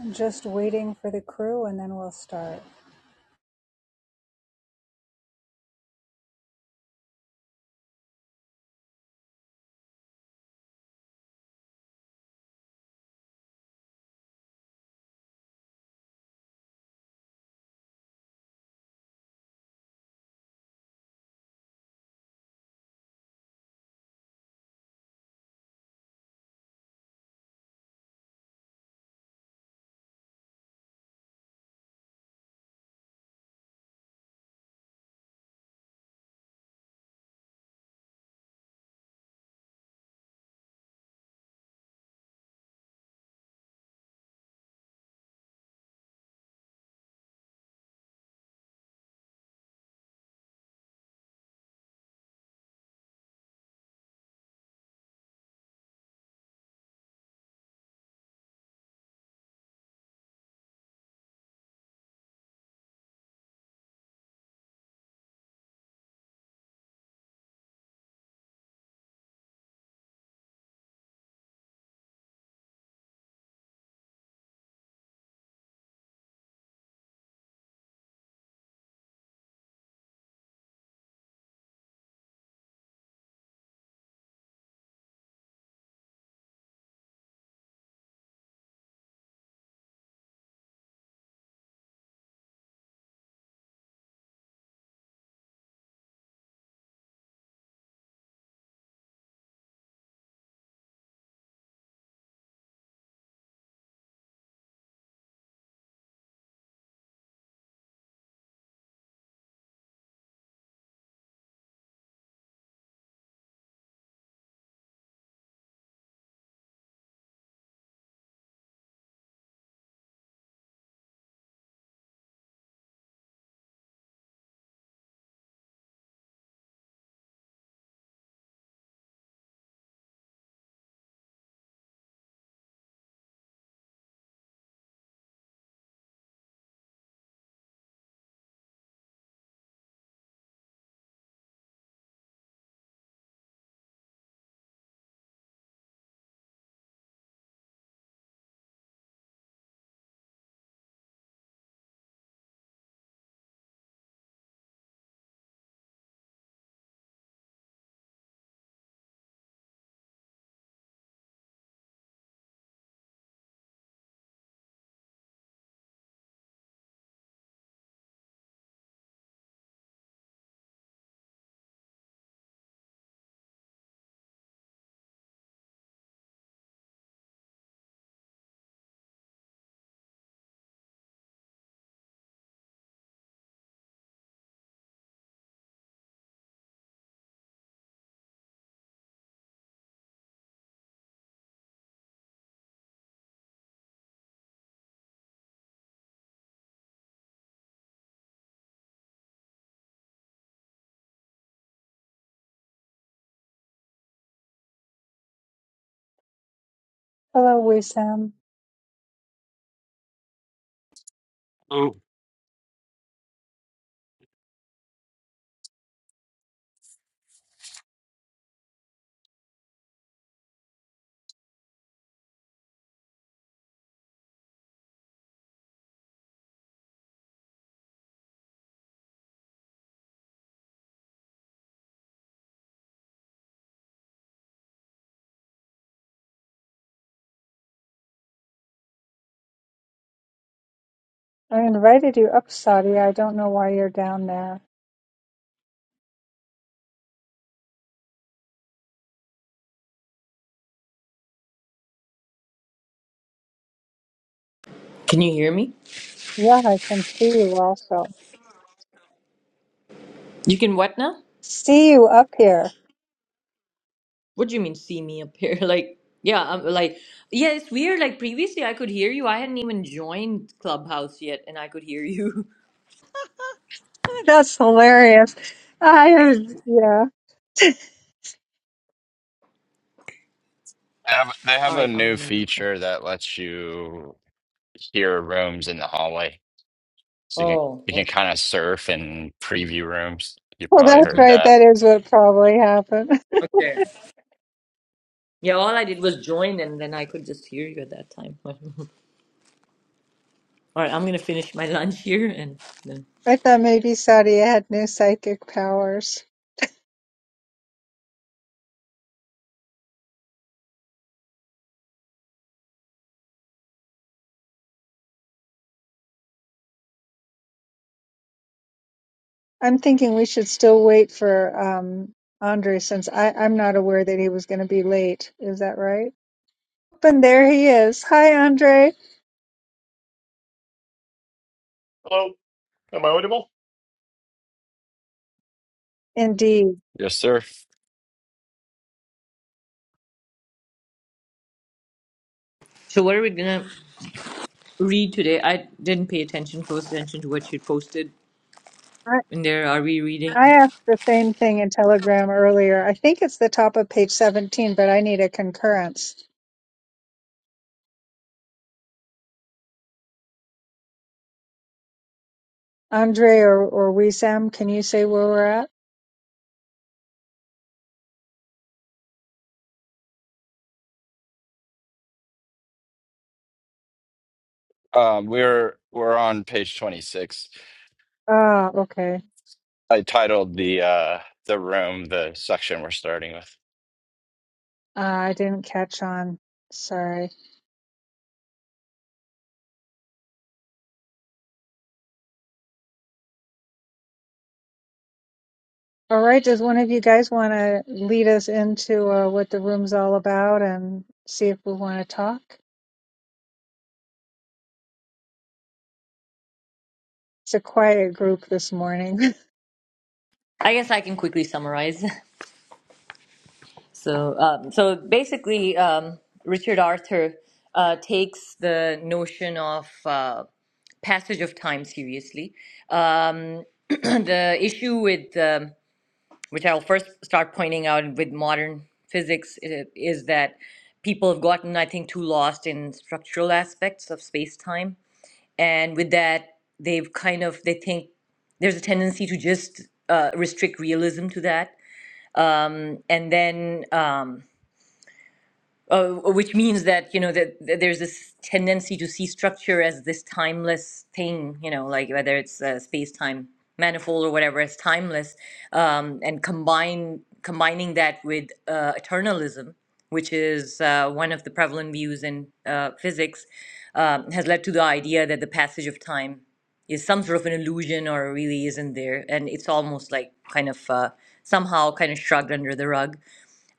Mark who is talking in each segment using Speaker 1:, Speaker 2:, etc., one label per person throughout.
Speaker 1: I'm Just waiting for the crew and then we'll start. Hello, Wissam.
Speaker 2: Oh,
Speaker 1: I invited you up, Saudi. I don't know why you're down there.
Speaker 3: Can you hear me?
Speaker 1: Yeah, I can see you also.
Speaker 3: You can what now?
Speaker 1: See you up here.
Speaker 3: What do you mean see me up here? Like yeah, I'm like yeah, it's weird. Like previously I could hear you. I hadn't even joined Clubhouse yet and I could hear you.
Speaker 1: That's hilarious. I yeah.
Speaker 2: They have, they
Speaker 3: All
Speaker 2: have a
Speaker 3: right, I'm
Speaker 2: new
Speaker 3: going to mute.
Speaker 2: feature that lets you hear rooms in the hallway, so you can
Speaker 3: Oh,
Speaker 2: you can
Speaker 3: okay.
Speaker 2: kind of surf and preview rooms. You
Speaker 1: Well,
Speaker 2: probably
Speaker 1: that's
Speaker 3: Mhm,
Speaker 2: heard
Speaker 1: right.
Speaker 2: that.
Speaker 1: That is what probably happened.
Speaker 3: okay. Yeah, all I did was join and then I could just hear you at that time. all right, I'm going to finish my lunch here and then
Speaker 1: I thought maybe Saudi had new psychic powers. I'm thinking we should still wait for um, Andre since I, I'm not aware that he was going to be late. Is that right? And there he is. Hi, Andre.
Speaker 4: Hello, am I audible?
Speaker 1: Indeed.
Speaker 2: Yes, sir.
Speaker 3: So what are we going to read today? I didn't pay attention close attention to what you posted
Speaker 1: I,
Speaker 3: in there. Are we reading?
Speaker 1: I asked the same thing in Telegram earlier. I think it's the top of page 17, but I need a concurrence. Andre or, or Wissam, can you say where we're at?
Speaker 2: Um, we're we're on page 26.
Speaker 1: Ah, okay.
Speaker 2: I titled the uh the room the section we're starting with.
Speaker 1: Uh, I didn't catch on. Sorry. All right. Does one of you guys want to lead us into uh, what the room's all about and see if we want to talk? It's a quiet group this morning.
Speaker 3: I guess I can quickly summarize. So, um, so basically, um, Richard Arthur uh, takes the notion of uh, passage of time seriously. Um, the issue with um, which I'll first start pointing out with modern physics i- is that people have gotten, I think, too lost in structural aspects of space time, and with that, they've kind of they think there's a tendency to just uh, restrict realism to that, um, and then. Um, uh, which means that you know that that there's this tendency to see structure as this timeless thing you know like whether it's uh, space-time manifold or whatever as timeless um, and combine combining that with uh, eternalism which is uh, one of the prevalent views in uh, physics um, has led to the idea that the passage of time is some sort of an illusion or really isn't there and it's almost like kind of uh, somehow kind of shrugged under the rug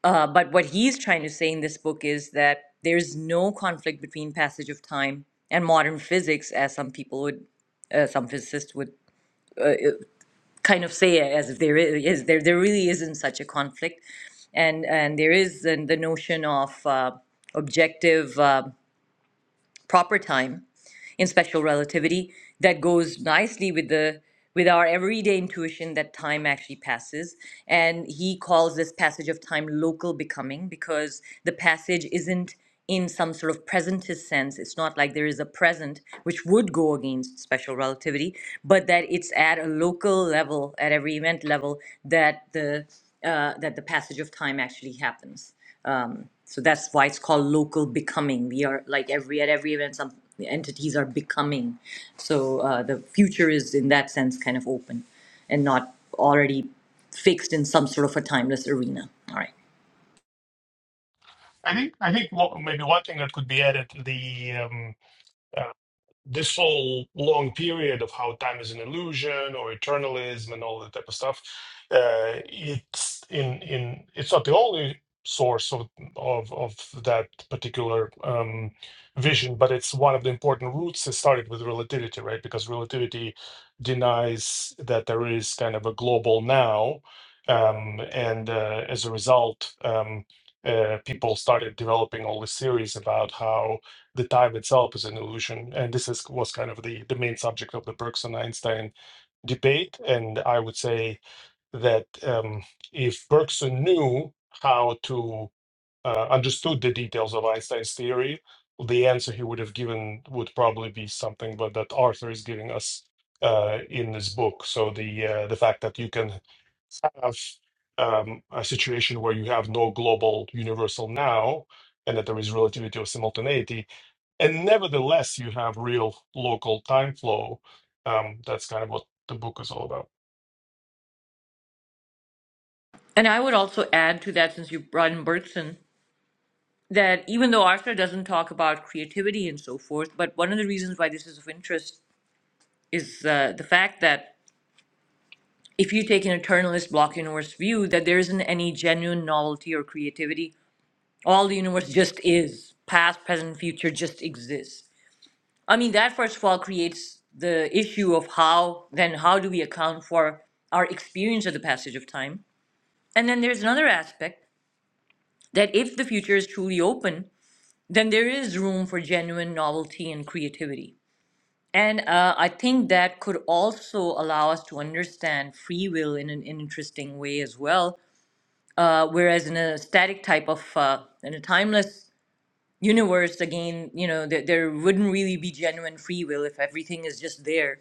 Speaker 3: uh, but what he's trying to say in this book is that there's no conflict between passage of time and modern physics, as some people would, uh, some physicists would kind of say, as if there really is. There, there really isn't such a conflict, and and there is the, the notion of uh, objective uh, proper time in special relativity that goes nicely with the with our everyday intuition that time actually passes and he calls this passage of time local becoming because the passage isn't in some sort of presentist sense it's not like there is a present which would go against special relativity but that it's at a local level at every event level that the uh, that the passage of time actually happens um, so that's why it's called local becoming. We are like every at every event, some entities are becoming. So uh, the future is in that sense kind of open, and not already fixed in some sort of a timeless arena. All right.
Speaker 4: I think I think what, maybe one thing that could be added to the um, uh, this whole long period of how time is an illusion or eternalism and all that type of stuff uh, it's in in it's not the only source of of, of that particular um, vision but it's one of the important roots that started with relativity right because relativity denies that there is kind of a global now um, and uh, as a result um, uh, people started developing all these theories about how the time itself is an illusion. And this is was kind of the, the main subject of the Bergson Einstein debate. And I would say that um, if Bergson knew how to uh, understood the details of Einstein's theory, the answer he would have given would probably be something but that Arthur is giving us uh, in this book. So the uh, the fact that you can have um, a situation where you have no global universal now, and that there is relativity of simultaneity, and nevertheless, you have real local time flow. Um, that's kind of what the book is all about.
Speaker 3: And I would also add to that, since you brought in Bergson, that even though Arthur doesn't talk about creativity and so forth, but one of the reasons why this is of interest is uh, the fact that if you take an eternalist block universe view, that there isn't any genuine novelty or creativity all the universe just is past present future just exists i mean that first of all creates the issue of how then how do we account for our experience of the passage of time and then there's another aspect that if the future is truly open then there is room for genuine novelty and creativity and uh, i think that could also allow us to understand free will in an interesting way as well uh, whereas in a static type of uh, in a timeless universe again you know there, there wouldn't really be genuine free will if everything is just there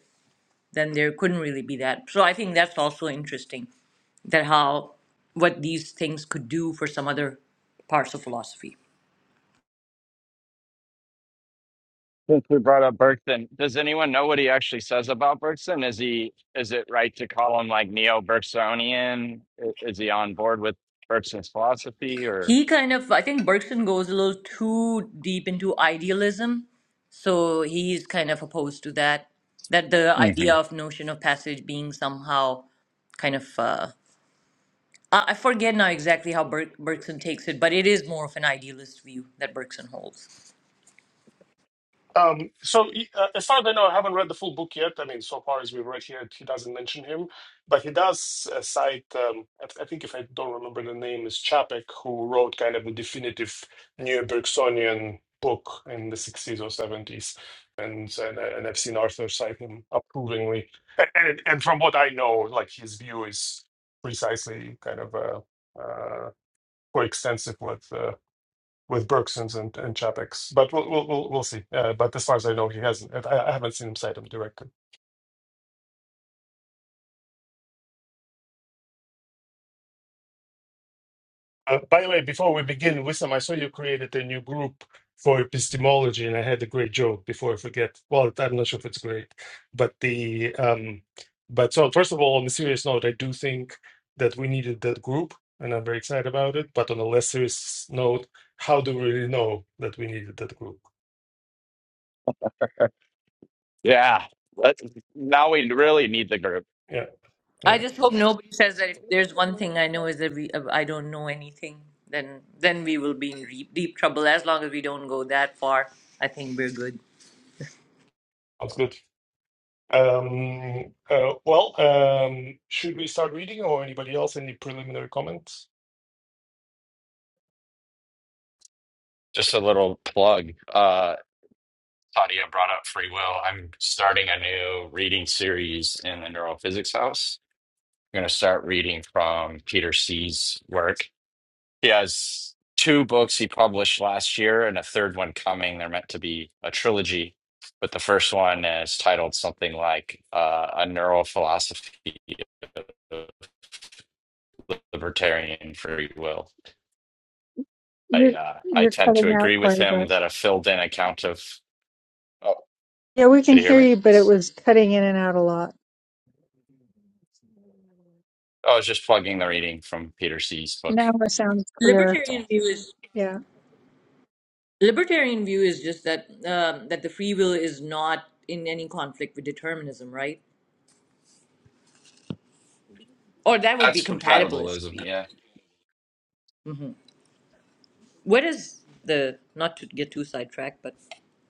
Speaker 3: then there couldn't really be that so i think that's also interesting that how what these things could do for some other parts of philosophy
Speaker 2: Since we brought up Bergson, does anyone know what he actually says about Bergson? Is he is it right to call him like neo-Bergsonian? I- Is he on board with Bergson's philosophy or?
Speaker 3: he kind of i think bergson goes a little too deep into idealism so he's kind of opposed to that that the idea of notion of passage being somehow kind of uh, Uh, I forget now exactly how Berg- Bergson takes it, but it is more of an idealist view that Bergson holds.
Speaker 4: Um, so, uh, as far as I know, I haven't read the full book yet. I mean, so far as we have read here, he doesn't mention him, but he does uh, cite, um, I, th- I think if I don't remember the name, is Chapek, who wrote kind of the definitive neo Bergsonian book in the 60s or 70s. And, and, uh, and I've seen Arthur cite him approvingly. And, and, and from what I know, like his view is precisely kind of uh, uh, coextensive with. uh, with Bergsons and and Chapek's. But we'll we'll we'll, we'll see. Uh, but as far as I know, he hasn't. I, I haven't seen him cite him directly. Uh, by the way, before we begin, Wissam, I saw you created a new group for epistemology, and I had a great joke before I forget. Well, I'm not sure if it's great, but the um, but so first of all, on a serious note, I do think that we needed that group, and I'm very excited about it. But on a less serious note, how do we really know that we needed that group?
Speaker 2: Yeah. That's, now we really need the group.
Speaker 4: Yeah, yeah.
Speaker 3: I just hope nobody says that if there's one thing I know is that we, uh, I don't know anything, then then we will be in deep, deep trouble. As long as we don't go that far, I think we're good.
Speaker 4: Sounds good. Um, uh, well, um, should we start reading or anybody else any preliminary comments?
Speaker 2: Just a little plug. Uh, Tadia brought up free will. I'm starting a new reading series in the neurophysics house. I'm going to start reading from Peter C's work. He has two books he published last year and a third one coming. They're meant to be a trilogy, but the first one is titled something like uh, A Neurophilosophy of Libertarian Free Will I
Speaker 1: you're
Speaker 2: uh, I
Speaker 1: you're
Speaker 2: tend
Speaker 1: cutting
Speaker 2: to
Speaker 1: out
Speaker 2: agree
Speaker 1: quite
Speaker 2: with
Speaker 1: a
Speaker 2: him
Speaker 1: bit.
Speaker 2: that a filled-in account of. Oh,
Speaker 1: Yeah, we can
Speaker 2: can you hear
Speaker 1: hear
Speaker 2: me?
Speaker 1: you, but it was cutting in and out a lot.
Speaker 2: Oh, I was just plugging the reading from Peter C's book.
Speaker 1: Now it sounds clear.
Speaker 2: That's
Speaker 3: Libertarian
Speaker 2: all.
Speaker 3: view is
Speaker 1: Yeah.
Speaker 3: libertarian view is just that um, that the free will is not in any conflict with determinism, right? Or that would be
Speaker 2: That's
Speaker 3: compatibilist
Speaker 2: compatibilism.
Speaker 3: view.
Speaker 2: Yeah,
Speaker 3: What is the not to get too sidetracked, but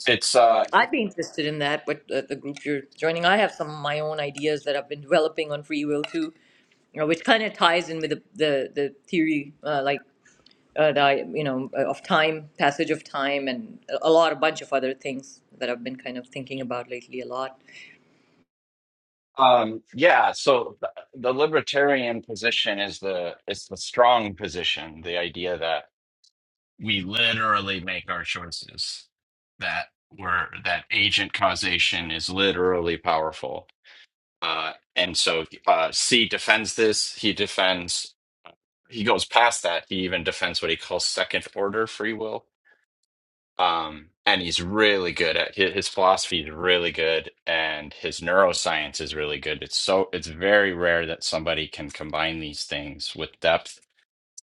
Speaker 2: it's uh,
Speaker 3: I'd be interested in that, but uh, the group you're joining, I have some of my own ideas that I've been developing on free will too, you know, which kind of ties in with the the, the theory, uh, like uh, the I- you know uh, of time, passage of time, and a a lot, a bunch of other things that I've been kind of thinking about lately a lot.
Speaker 2: um, yeah. So th- the libertarian position is the it's the strong position. The idea that we literally make our choices. That we're that agent causation is literally powerful. Uh, and so uh, C defends this. He defends he goes past that. He even defends what he calls second order free will. Um, and he's really good at his, his philosophy is really good, and his neuroscience is really good. It's so it's very rare that somebody can combine these things with depth,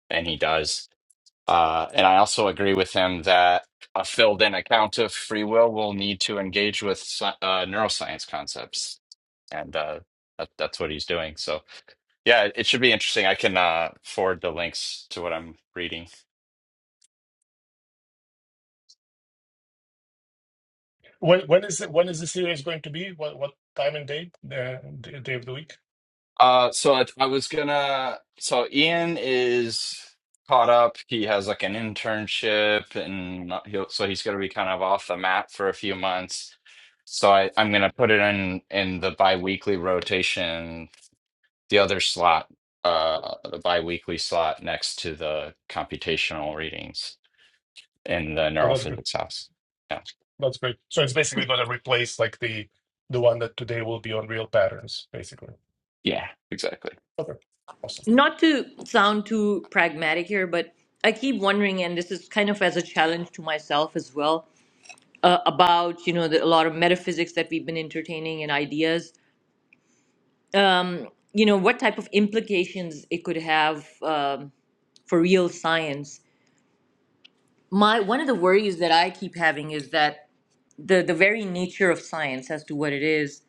Speaker 2: and he does. Uh, and I also agree with him that a filled-in account of free will will need to engage with sci- uh, neuroscience concepts, and uh, that, that's what he's doing. So yeah, it should be interesting. I can uh, forward the links to what I'm reading
Speaker 4: When when is it, when is the series going to be? What what time and date? Uh, d- day of the week?
Speaker 2: Uh, so I, I was gonna. So Ian is caught up. He has like an internship, and not- he'll so he's gonna be kind of off the map for a few months. So I, I'm gonna put it in in the biweekly rotation, the other slot, uh, the biweekly slot next to the computational readings in the
Speaker 4: Oh, that's good.
Speaker 2: neurophysics house. Yeah,
Speaker 4: That's great. So it's basically going to replace like the the one that today will be on Real Patterns, basically.
Speaker 2: yeah, exactly.
Speaker 4: Okay, awesome.
Speaker 3: Not to sound too pragmatic here, but I keep wondering, and this is kind of as a challenge to myself as well, uh, about you know the, a lot of metaphysics that we've been entertaining and ideas um, you know, what type of implications it could have um, for real science. My one of the worries that I keep having is that the the very nature of science as to what it is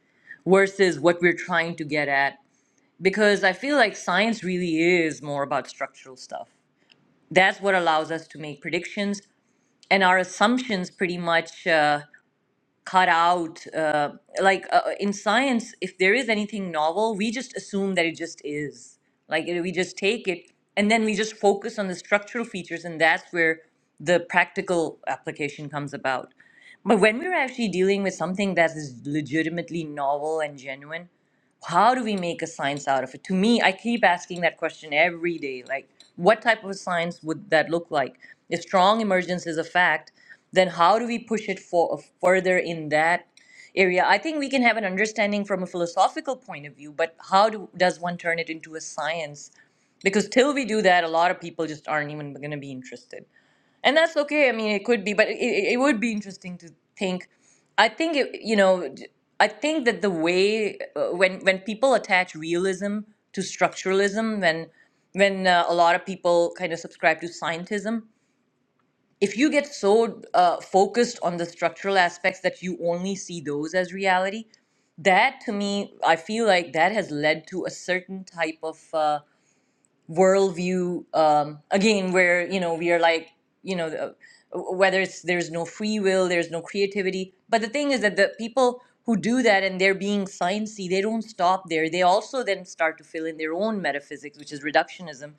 Speaker 3: versus what we're trying to get at, because I feel like science really is more about structural stuff. That's what allows us to make predictions, and our assumptions pretty much. Uh, cut out uh, like uh, in science if there is anything novel we just assume that it just is like you know, we just take it and then we just focus on the structural features and that's where the practical application comes about but when we're actually dealing with something that is legitimately novel and genuine how do we make a science out of it to me i keep asking that question every day like what type of a science would that look like if strong emergence is a fact then how do we push it for uh, further in that area i think we can have an understanding from a philosophical point of view but how do, does one turn it into a science because till we do that a lot of people just aren't even going to be interested and that's okay. I mean, it could be, but it, it it would be interesting to think. I think it, you know, d- I think that the way uh, when when people attach realism to structuralism, when when uh, a lot of people kind of subscribe to scientism, if you get so uh, focused on the structural aspects that you only see those as reality, that to me, I feel like that has led to a certain type of uh, worldview um, again where you know we are like you know the, whether it's there's no free will there's no creativity but the thing is that the people who do that and they're being sciencey they don't stop there they also then start to fill in their own metaphysics which is reductionism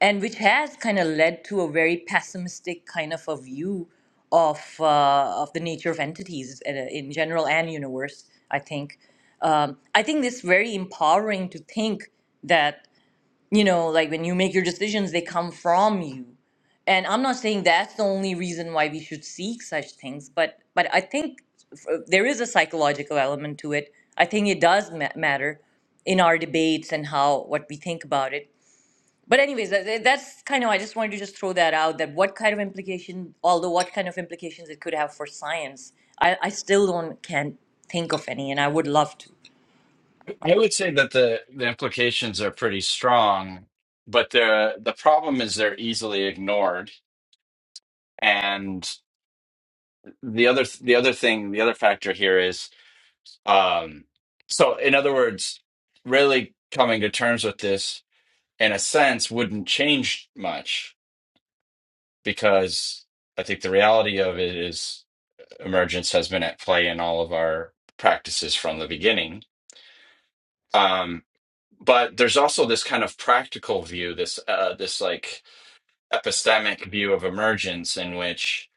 Speaker 3: and which has kind of led to a very pessimistic kind of a view of uh, of the nature of entities in, in general and universe i think um, i think this very empowering to think that you know like when you make your decisions they come from you and i'm not saying that's the only reason why we should seek such things but but i think f- uh, there is a psychological element to it i think it does ma- matter in our debates and how what we think about it but anyways that, that- that's kind of i just wanted to just throw that out that what kind of implication although what kind of implications it could have for science i, I still don't can't think of any and i would love to
Speaker 2: I would say that the the implications are pretty strong, but the the problem is they're easily ignored. And the other the other thing, the other factor here is um so in other words, really coming to terms with this in a sense wouldn't change much because I think the reality of it is emergence has been at play in all of our practices from the beginning. Um but there's also this kind of practical view, this uh this like epistemic view of emergence in which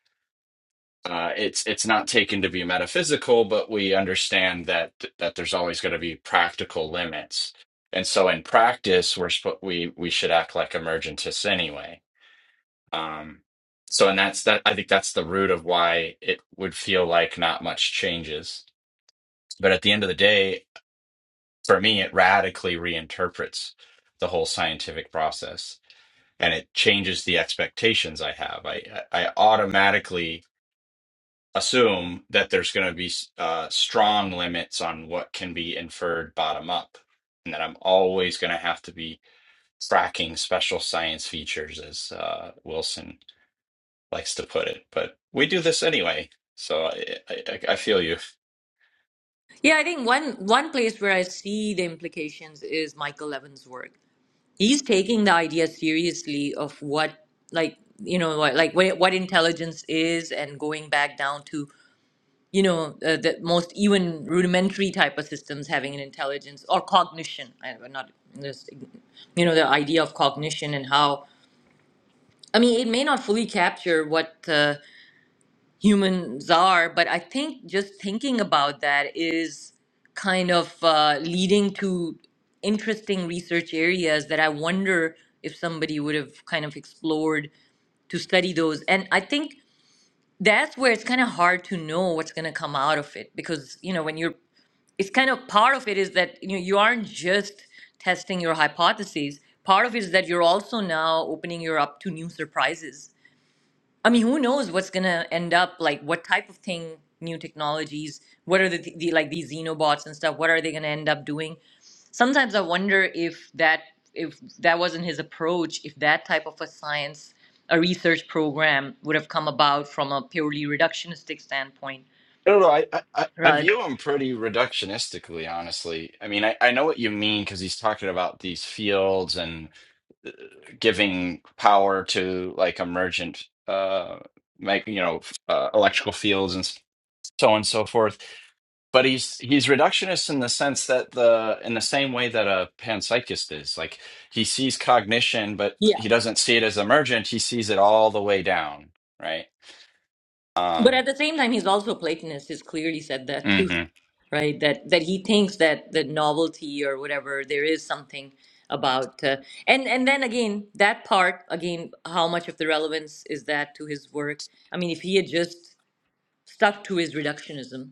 Speaker 2: uh, it's it's not taken to be metaphysical, but we understand that that there's always going to be practical limits, and so in practice, we're sp- we we should act like emergentists anyway. Um, so, and that's that. I think that's the root of why it would feel like not much changes, but at the end of the day, for me, it radically reinterprets the whole scientific process, and it changes the expectations I have. I I I automatically assume that there's going to be uh, strong limits on what can be inferred bottom up, and that I'm always going to have to be tracking special science features, as uh, Wilson likes to put it. But we do this anyway, so I, I, I feel you.
Speaker 3: Yeah, I think one one place where I see the implications is Michael Levin's work. He's taking the idea seriously of what, like you know, what, like what, what intelligence is, and going back down to you know uh, the most even rudimentary type of systems having an intelligence or cognition. I, I'm not just you know the idea of cognition and how. I mean, it may not fully capture what. uh, humans are. But I think just thinking about that is kind of uh, leading to interesting research areas that I wonder if somebody would have kind of explored to study those. And I think that's where it's kind of hard to know what's going to come out of it because, you know, when you're, it's kind of part of it is that, you know, you aren't just testing your hypotheses. Part of it is that you're also now opening your up to new surprises I mean, who knows what's gonna end up like? What type of thing? New technologies? What are the, the like these xenobots and stuff? What are they gonna end up doing? Sometimes I wonder if that if that wasn't his approach, if that type of a science, a research program would have come about from a purely reductionistic standpoint,
Speaker 2: I don't know. I, I I I
Speaker 3: Right.
Speaker 2: view him pretty reductionistically, honestly. I mean, I, I know what you mean because he's talking about these fields and giving power to like emergent, uh, make you know, uh, electrical fields and so on and so forth. But he's he's reductionist in the sense that the in the same way that a panpsychist is. Like he sees cognition, but
Speaker 3: Yeah,
Speaker 2: he doesn't see it as emergent. He sees it all the way down, right?
Speaker 3: but
Speaker 2: Um,
Speaker 3: at the same time, he's also a Platonist. He's clearly said that too.
Speaker 2: hmm
Speaker 3: right that that he thinks that the novelty or whatever there is something about uh, and and then again that part again how much of the relevance is that to his work i mean if he had just stuck to his reductionism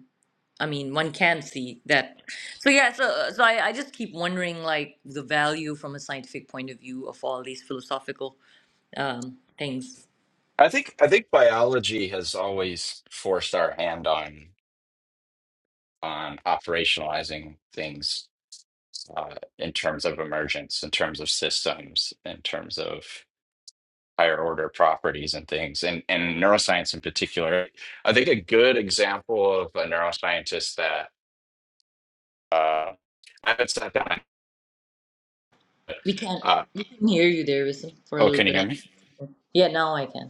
Speaker 3: i mean one can see that so yeah so uh, so i, I just keep wondering like the value from a scientific point of view of all these philosophical um, things
Speaker 2: I think I think biology has always forced our hand on on operationalizing things uh, in terms of emergence, in terms of systems, in terms of higher order properties and things and and neuroscience in particular i think a good example of a neuroscientist that uh i haven't sat down
Speaker 3: we can't
Speaker 2: uh
Speaker 3: we can hear you there Wisdom, for a
Speaker 2: oh
Speaker 3: little
Speaker 2: can you hear
Speaker 3: bit
Speaker 2: me
Speaker 3: yeah now i can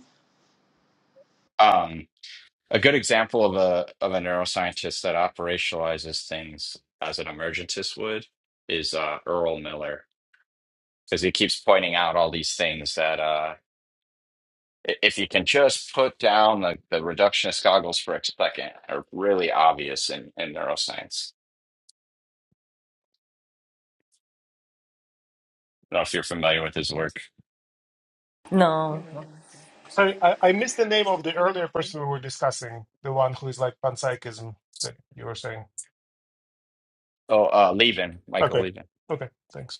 Speaker 2: um a good example of a of a neuroscientist that operationalizes things as an emergentist would is uh earl miller because he keeps pointing out all these things that uh i- if you can just put down the, the reductionist goggles for a second are really obvious in, in neuroscience. I don't know if you're familiar with his work.
Speaker 3: no
Speaker 4: So I, I missed the name of the earlier person we were discussing, the one who is like panpsychism that you were saying.
Speaker 2: Oh, uh, Levin, Michael
Speaker 4: Okay,
Speaker 2: Levin.
Speaker 4: okay, thanks.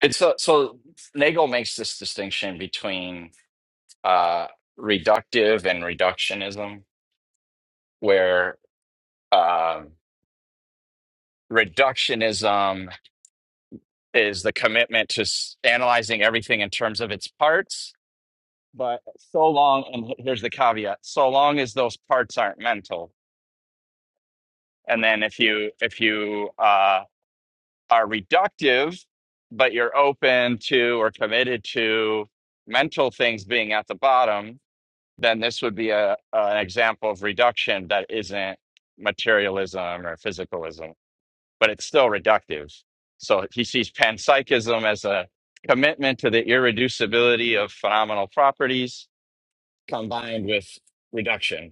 Speaker 2: It's uh, so Nagel makes this distinction between uh, reductive and reductionism, where um reductionism is the commitment to s- analyzing everything in terms of its parts, but so long, and he- here's the caveat: so long as those parts aren't mental. And then if you if you uh, are reductive, but you're open to or committed to mental things being at the bottom then this would be a an example of reduction that isn't materialism or physicalism, but it's still reductive. So he sees panpsychism as a commitment to the irreducibility of phenomenal properties combined with reduction.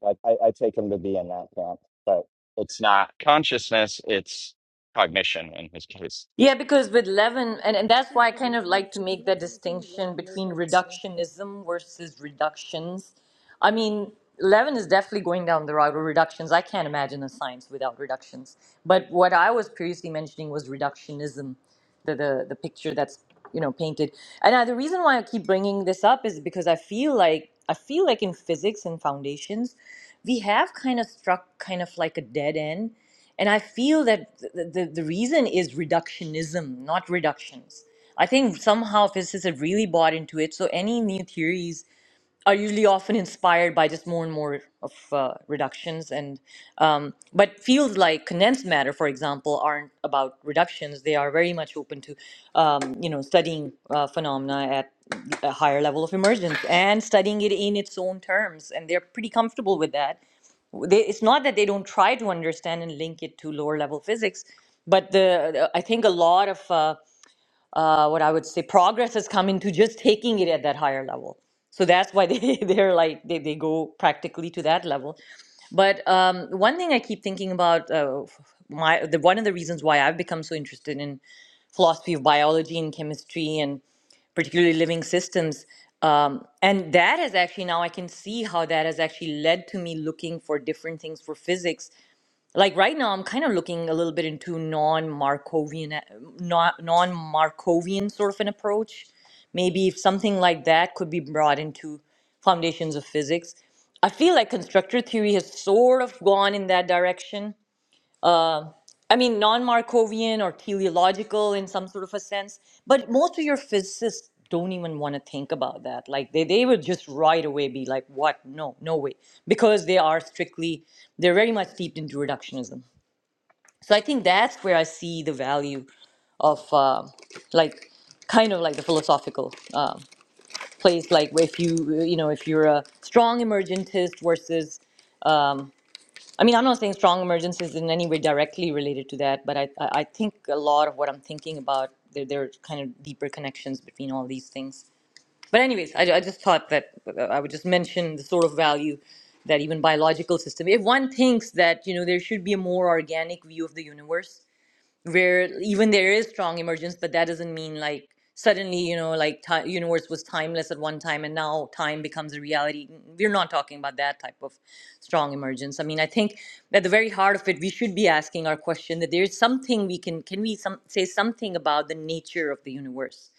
Speaker 2: Like I, I take him to be in that camp, but it's not consciousness; it's cognition in his case.
Speaker 3: Yeah, because with Levin, and, and that's why I kind of like to make that distinction between reductionism versus reductions. I mean, Levin is definitely going down the route of reductions. I can't imagine a science without reductions. But what I was previously mentioning was reductionism the the, the picture that's you know painted. And uh, the reason why I keep bringing this up is because I feel like I feel like in physics and foundations, we have kind of struck kind of like a dead end. And I feel that the, the, the reason is reductionism, not reductions. I think somehow physicists have really bought into it. So any new theories are usually often inspired by just more and more of uh, reductions and um, but fields like condensed matter for example aren't about reductions they are very much open to um, you know studying uh, phenomena at a higher level of emergence and studying it in its own terms and they're pretty comfortable with that they, it's not that they don't try to understand and link it to lower level physics but the i think a lot of uh, uh, what I would say progress has come into just taking it at that higher level. So that's why they, they're like they, they go practically to that level. But um, one thing I keep thinking about uh, f- my the one of the reasons why I've become so interested in philosophy of biology and chemistry and particularly living systems. Um, and that has actually now I can see how that has actually led to me looking for different things for physics like right now i'm kind of looking a little bit into non-markovian non- non-markovian sort of an approach maybe if something like that could be brought into foundations of physics i feel like constructor theory has sort of gone in that direction i mean non-markovian or teleological in some sort of a sense but most of your physicists don't even want to think about that like they, they would just right away be like what no no way because they are strictly they're very much steeped into reductionism so I think that's where I see the value of uh, like kind of like the philosophical uh, place, like if you you know if you're a strong emergentist versus I mean I'm not saying strong emergence is in any way directly related to that, but I I I think a lot of what I'm thinking about there there are kind of deeper connections between all these things. But anyways, I, I just thought that uh, I would just mention the sort of value that even biological system if one thinks that you know there should be a more organic view of the universe where even there is strong emergence but that doesn't mean like suddenly you know like ti universe was timeless at one time and now time becomes a reality we're not talking about that type of strong emergence i mean i think at the very heart of it we should be asking our question that there's something we can can we some, say something about the nature of the universe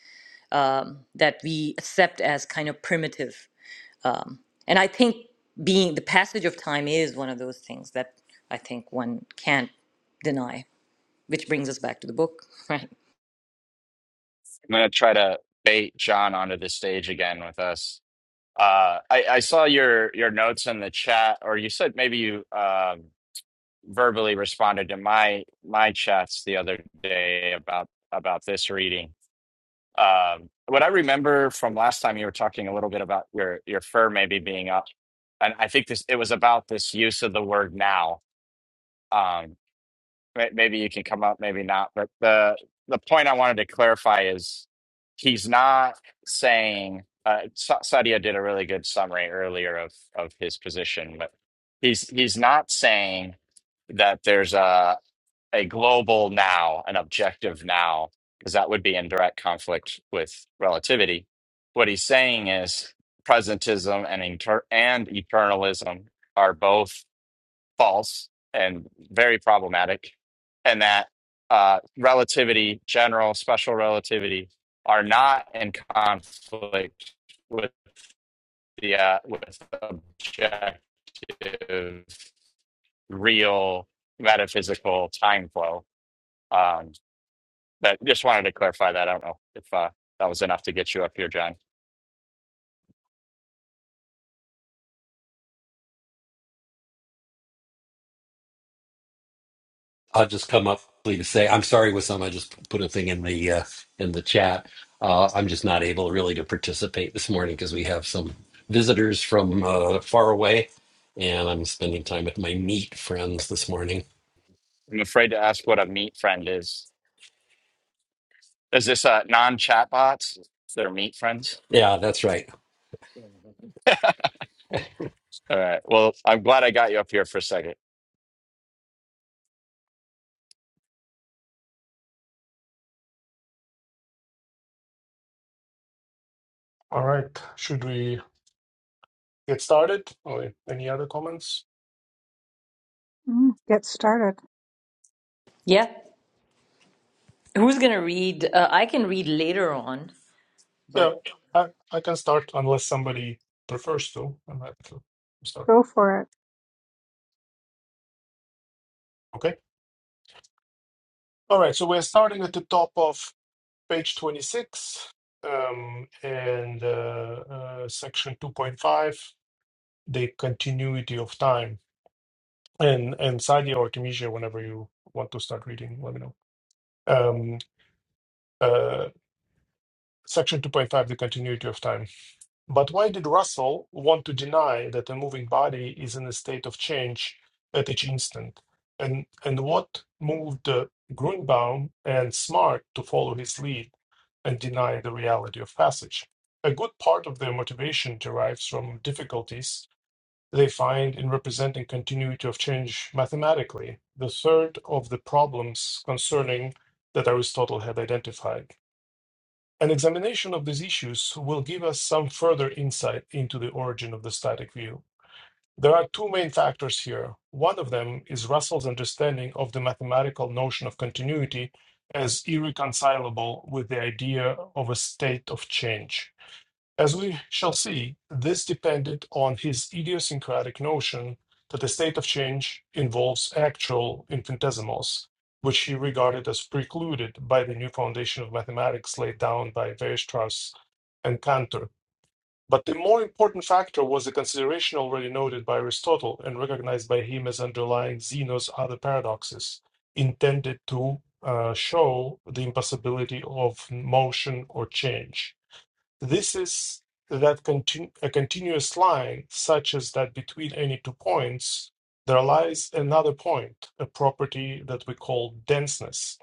Speaker 3: um, that we accept as kind of primitive um, and i think being the passage of time is one of those things that i think one can't deny which brings us back to the book, right?
Speaker 2: I'm gonna try to bait John onto the stage again with us. Uh, I, I saw your your notes in the chat, or you said maybe you um, verbally responded to my my chats the other day about about this reading. Um, what I remember from last time, you were talking a little bit about your your fur maybe being up, and I think this it was about this use of the word now. Um, may- maybe you can come up, maybe not. But the the point I wanted to clarify is he's not saying uh, Sa- Sadia did a really good summary earlier of of his position, but he's he's not saying that there's a a global now, an objective now, because that would be in direct conflict with relativity. What he's saying is presentism and inter- and eternalism are both false and very problematic, and that uh, relativity, general special relativity, are not in conflict with the uh, with objective, real metaphysical time flow. Um, but just wanted to clarify that. I don't know if uh, that was enough to get you up here, John.
Speaker 5: I'll just come up quickly to say I'm sorry, Wissam. I just put a thing in the uh, in the chat. Uh, I'm just not able really to participate this morning because we have some visitors from uh, far away, and I'm spending time with my meat friends this morning.
Speaker 2: I'm afraid to ask what a meat friend is. Is this uh, non-chatbots? They're meat friends.
Speaker 5: Yeah, that's right.
Speaker 2: All right. Well, I'm glad I got you up here for a second.
Speaker 4: All right, should we get started? Or any other comments?
Speaker 1: Mm, get started.
Speaker 3: Yeah. Who's going to read? Uh, I can read later on,
Speaker 4: Yeah,
Speaker 3: but
Speaker 4: I I can start unless somebody prefers to. I'm happy to start.
Speaker 1: Go for it.
Speaker 4: Okay. All right, so we're starting at the top of page 26 um, and uh, uh, section 2.5, the continuity of time. And, and Sadia or Tunisia, whenever you want to start reading, let me know. Um, uh, section 2.5, the continuity of time. But why did Russell want to deny that a moving body is in a state of change at each instant? And, and what moved uh, Grunbaum and Smart to follow his lead? and deny the reality of passage. A good part of their motivation derives from difficulties they find in representing continuity of change mathematically, the third of the problems concerning that Aristotle had identified. An examination of these issues will give us some further insight into the origin of the static view. There are two main factors here. One of them is Russell's understanding of the mathematical notion of continuity as irreconcilable with the idea of a state of change. As we shall see, this depended on his idiosyncratic notion that a state of change involves actual infinitesimals, which he regarded as precluded by the new foundation of mathematics laid down by Weierstrass and Cantor but the more important factor was the consideration already noted by Aristotle and recognized by him as underlying Zeno's other paradoxes, intended to uh, show the impossibility of motion or change. This is that contin- a continuous line, such as that between any two points, there lies another point, a property that we call denseness.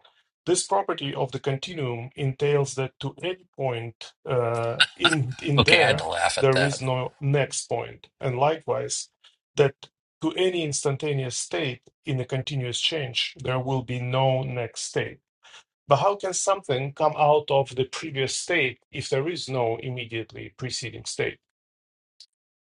Speaker 4: This property of the continuum entails that to any point uh, in in
Speaker 5: Okay, I had
Speaker 4: there,
Speaker 5: to laugh at
Speaker 4: there is
Speaker 5: that.
Speaker 4: no next point, and likewise that to any instantaneous state in a continuous change, there will be no next state. But how can something come out of the previous state if there is no immediately preceding state?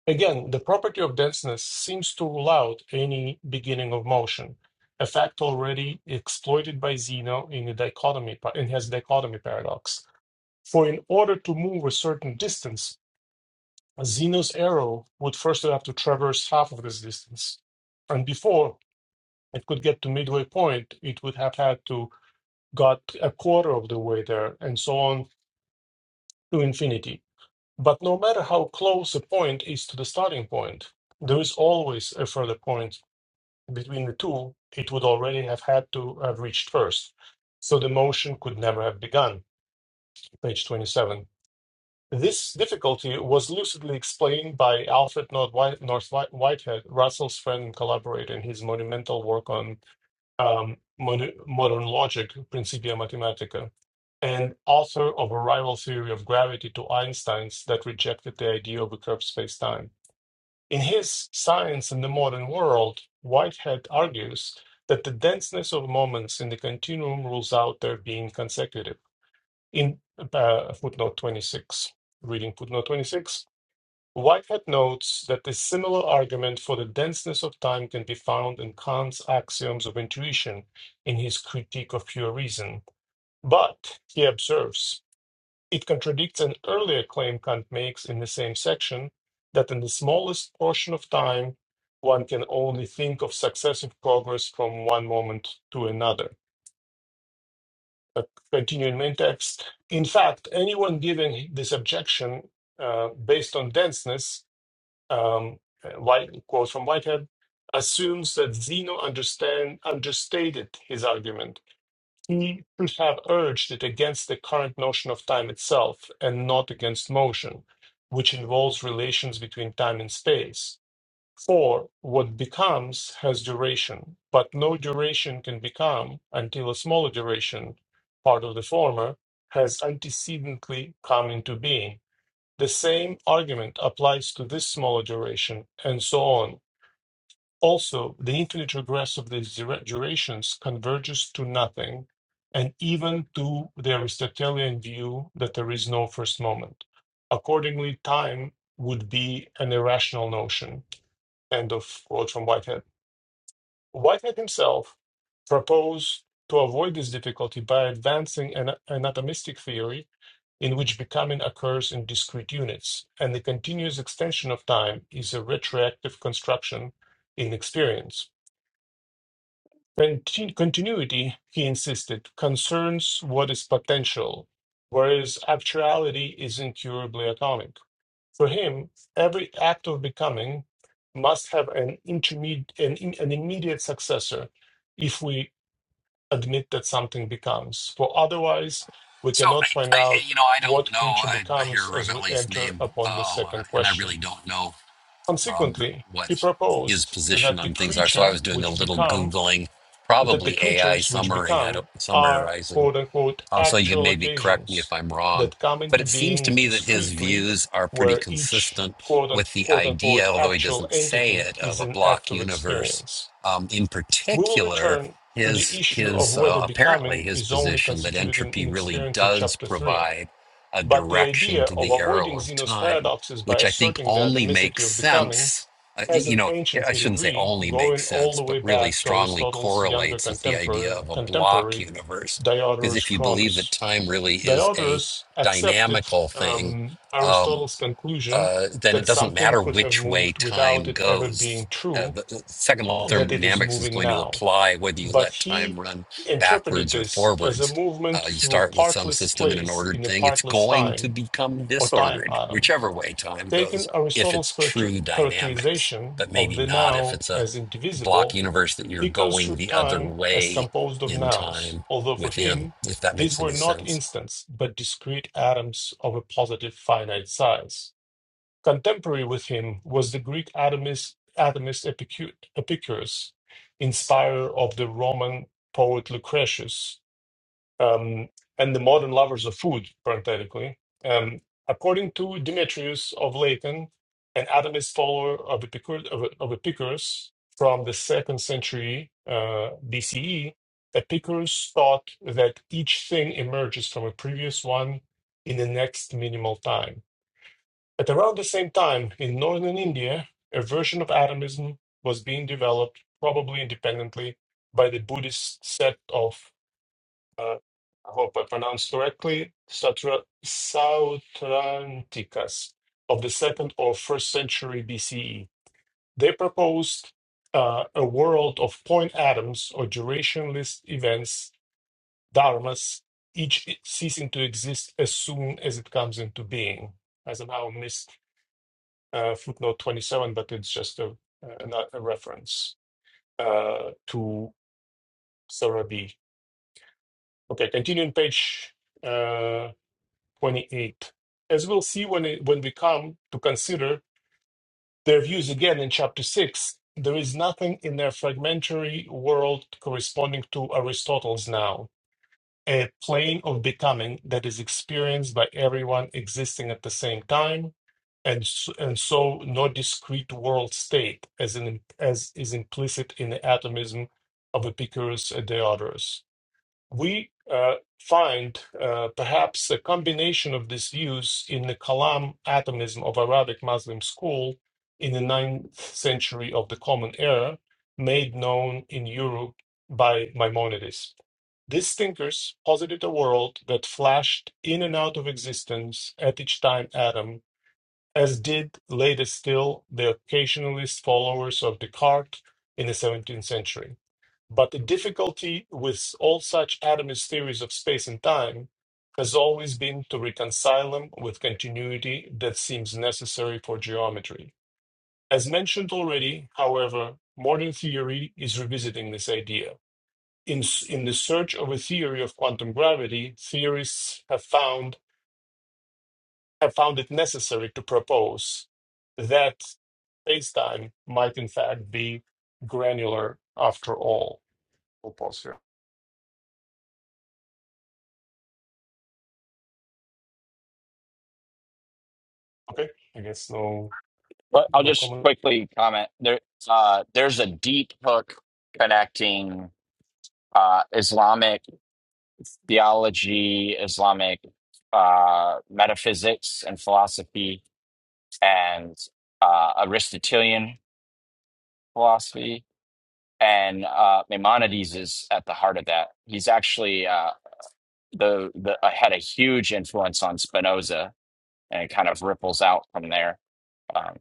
Speaker 4: Again, the property of denseness seems to rule out any beginning of motion, a fact already exploited by Zeno in the dichotomy in his dichotomy paradox. For in order to move a certain distance, Zeno's arrow would first have to traverse half of this distance. And before it could get to midway point, it would have had to got a quarter of the way there, and so on to infinity. But no matter how close a point is to the starting point, there is always a further point between the two it would already have had to have reached first. So the motion could never have begun. Page 27. This difficulty was lucidly explained by Alfred North Whitehead, Russell's friend and collaborator in his monumental work on um, mon- modern logic, Principia Mathematica, and author of a rival theory of gravity to Einstein's that rejected the idea of a curved spacetime. In his Science in the Modern World, Whitehead argues that the denseness of moments in the continuum rules out their being consecutive. In uh, footnote 26, reading footnote 26, Whitehead notes that a similar argument for the denseness of time can be found in Kant's axioms of intuition in his Critique of Pure Reason. But, he observes, it contradicts an earlier claim Kant makes in the same section that in the smallest portion of time, one can only think of successive progress from one moment to another. But continuing in text, in fact, anyone giving this objection uh, based on denseness um, White, quotes from Whitehead, assumes that Zeno understand, understated his argument. He could have urged it against the current notion of time itself and not against motion, which involves relations between time and space. For what becomes has duration, but no duration can become until a smaller duration, part of the former, has antecedently come into being the same argument applies to this smaller duration, and so on. Also, the infinite regress of these dura- durations converges to nothing, and even to the Aristotelian view that there is no first moment. Accordingly, time would be an irrational notion. End of quote from Whitehead. Whitehead himself proposed to avoid this difficulty by advancing an an atomistic theory in which becoming occurs in discrete units, and the continuous extension of time is a retroactive construction in experience. Contin- continuity, he insisted, concerns what is potential, whereas actuality is incurably atomic. For him, every act of becoming must have an intermediate, an, an immediate successor. if we admit that something becomes, for otherwise we
Speaker 5: So I,
Speaker 4: cannot find
Speaker 5: I
Speaker 4: out
Speaker 5: you know, I don't
Speaker 4: what
Speaker 5: know.
Speaker 4: creature
Speaker 5: I, I hear
Speaker 4: becomes as we
Speaker 5: Ravelli's
Speaker 4: enter
Speaker 5: name
Speaker 4: upon the
Speaker 5: uh, a lot,
Speaker 4: second
Speaker 5: and I
Speaker 4: question.
Speaker 5: really don't know um,
Speaker 4: Consequently,
Speaker 5: what
Speaker 4: he
Speaker 5: his
Speaker 4: proposed
Speaker 5: position
Speaker 4: that the
Speaker 5: on things are. So I was
Speaker 4: creature
Speaker 5: doing a
Speaker 4: which
Speaker 5: little
Speaker 4: become
Speaker 5: googling,
Speaker 4: that the
Speaker 5: probably AI
Speaker 4: creatures which
Speaker 5: summarizing. I don't
Speaker 4: become are
Speaker 5: summarizing.
Speaker 4: quote unquote
Speaker 5: Um, so you can
Speaker 4: actual
Speaker 5: maybe correct me if
Speaker 4: occasions
Speaker 5: I'm wrong,
Speaker 4: that come
Speaker 5: but
Speaker 4: into
Speaker 5: it seems to
Speaker 4: being
Speaker 5: me that his
Speaker 4: discreetly
Speaker 5: views are pretty
Speaker 4: where each
Speaker 5: consistent
Speaker 4: quote unquote,
Speaker 5: with the
Speaker 4: quote
Speaker 5: idea,
Speaker 4: unquote
Speaker 5: although he
Speaker 4: actual
Speaker 5: doesn't say
Speaker 4: entity
Speaker 5: it, of
Speaker 4: is
Speaker 5: a
Speaker 4: an act
Speaker 5: block
Speaker 4: of
Speaker 5: universe.
Speaker 4: experience.
Speaker 5: Um, in
Speaker 4: We will
Speaker 5: particular,
Speaker 4: return to the
Speaker 5: his
Speaker 4: issue of
Speaker 5: his
Speaker 4: whether
Speaker 5: uh,
Speaker 4: becoming
Speaker 5: apparently his
Speaker 4: is only
Speaker 5: position that
Speaker 4: constituted in,
Speaker 5: entropy
Speaker 4: in
Speaker 5: really
Speaker 4: experience in
Speaker 5: does
Speaker 4: chapter 3.
Speaker 5: provide a
Speaker 4: But the
Speaker 5: direction
Speaker 4: idea
Speaker 5: to
Speaker 4: of
Speaker 5: the arrow
Speaker 4: avoiding
Speaker 5: of
Speaker 4: Zeno's
Speaker 5: time,
Speaker 4: paradoxes by
Speaker 5: which I think
Speaker 4: asserting the
Speaker 5: only
Speaker 4: atomicity
Speaker 5: makes
Speaker 4: of becoming
Speaker 5: sense. Uh, y-
Speaker 4: has
Speaker 5: you
Speaker 4: an
Speaker 5: know, yeah,
Speaker 4: ancient
Speaker 5: I shouldn't say
Speaker 4: pedigree
Speaker 5: only
Speaker 4: going
Speaker 5: makes
Speaker 4: all
Speaker 5: sense,
Speaker 4: the
Speaker 5: but
Speaker 4: way
Speaker 5: really
Speaker 4: back to
Speaker 5: strongly
Speaker 4: Aristotle's younger
Speaker 5: correlates with the idea
Speaker 4: contemporary,
Speaker 5: of a block
Speaker 4: contemporary
Speaker 5: universe because
Speaker 4: Diodorus
Speaker 5: if you believe that
Speaker 4: Cronus.
Speaker 5: time really is a
Speaker 4: Diodorus accepted
Speaker 5: dynamical thing,
Speaker 4: um,
Speaker 5: um,
Speaker 4: Aristotle's conclusion
Speaker 5: uh, then it
Speaker 4: that
Speaker 5: doesn't
Speaker 4: something
Speaker 5: matter
Speaker 4: could have
Speaker 5: which way
Speaker 4: moved without
Speaker 5: time
Speaker 4: it ever
Speaker 5: goes.
Speaker 4: being
Speaker 5: Uh,
Speaker 4: true,
Speaker 5: the the second law of
Speaker 4: that it is
Speaker 5: thermodynamics is
Speaker 4: moving
Speaker 5: going to
Speaker 4: now
Speaker 5: apply whether you
Speaker 4: but
Speaker 5: let
Speaker 4: he
Speaker 5: time run
Speaker 4: interpreted
Speaker 5: backwards or
Speaker 4: this as a
Speaker 5: forwards. Uh,
Speaker 4: movement
Speaker 5: you
Speaker 4: through
Speaker 5: start with some
Speaker 4: partless
Speaker 5: system in an
Speaker 4: place
Speaker 5: ordered
Speaker 4: in a
Speaker 5: thing, it's
Speaker 4: partless
Speaker 5: going to
Speaker 4: time
Speaker 5: become
Speaker 4: or time
Speaker 5: disordered,
Speaker 4: atom.
Speaker 5: whichever way time
Speaker 4: Taking
Speaker 5: goes, if
Speaker 4: Aristotle's
Speaker 5: it's
Speaker 4: character-
Speaker 5: true dynamics,
Speaker 4: characterization
Speaker 5: but
Speaker 4: of
Speaker 5: maybe
Speaker 4: the
Speaker 5: not if
Speaker 4: now
Speaker 5: it's a
Speaker 4: as
Speaker 5: block
Speaker 4: indivisible,
Speaker 5: universe that you're
Speaker 4: he
Speaker 5: going
Speaker 4: construed
Speaker 5: the other
Speaker 4: time as
Speaker 5: way
Speaker 4: composed of
Speaker 5: in
Speaker 4: nows,
Speaker 5: time
Speaker 4: although for
Speaker 5: within,
Speaker 4: him
Speaker 5: if that
Speaker 4: these
Speaker 5: makes
Speaker 4: were
Speaker 5: any
Speaker 4: not
Speaker 5: sense.
Speaker 4: instants but discrete atoms of a positive finite size. Contemporary with him was the Greek atomist, atomist Epicu- Epicurus, inspirer of the Roman poet Lucretius, um, and the modern lovers of food, parenthetically. Um, according to Demetrius of Latin, an atomist follower of, Epicur- of, of Epicurus from the second century uh, BCE, Epicurus thought that each thing emerges from a previous one in the next minimal time at around the same time, in northern India, a version of atomism was being developed, probably independently, by the Buddhist sect of, uh, I hope I pronounced correctly, Satra- Sautrantikas of the second or first century BCE. They proposed uh, a world of point atoms or durationless events, dharmas, each ceasing to exist as soon as it comes into being. Eisenhower missed uh, footnote 27, but it's just a, a, not a reference uh, to Sorabi. Okay, continuing page uh, 28. As we'll see when, it, when we come to consider their views again in chapter 6, there is nothing in their fragmentary world corresponding to Aristotle's now a plane of becoming that is experienced by everyone existing at the same time, and s- and so no discrete world state as an as is implicit in the atomism of Epicurus and Diodorus. We uh, find uh, perhaps a combination of these views in the Kalam atomism of Arabic Muslim school in the ninth century of the Common Era, made known in Europe by Maimonides. These thinkers posited a world that flashed in and out of existence at each time atom, as did later still the occasionalist followers of Descartes in the 17th century. But the difficulty with all such atomist theories of space and time has always been to reconcile them with continuity that seems necessary for geometry. As mentioned already, however, modern theory is revisiting this idea. In, s- in the search of a theory of quantum gravity, theorists have found, have found it necessary to propose that spacetime might in fact be granular after all. We'll pause here. Okay, I guess no
Speaker 2: But I'll
Speaker 4: no
Speaker 2: just
Speaker 4: comment.
Speaker 2: quickly comment. There, uh, there's a deep hook connecting uh, Islamic theology, Islamic uh, metaphysics and philosophy, and uh, Aristotelian philosophy. And uh, Maimonides is at the heart of that. He's actually uh, the, the uh, had a huge influence on Spinoza, and it kind of ripples out from there. Um,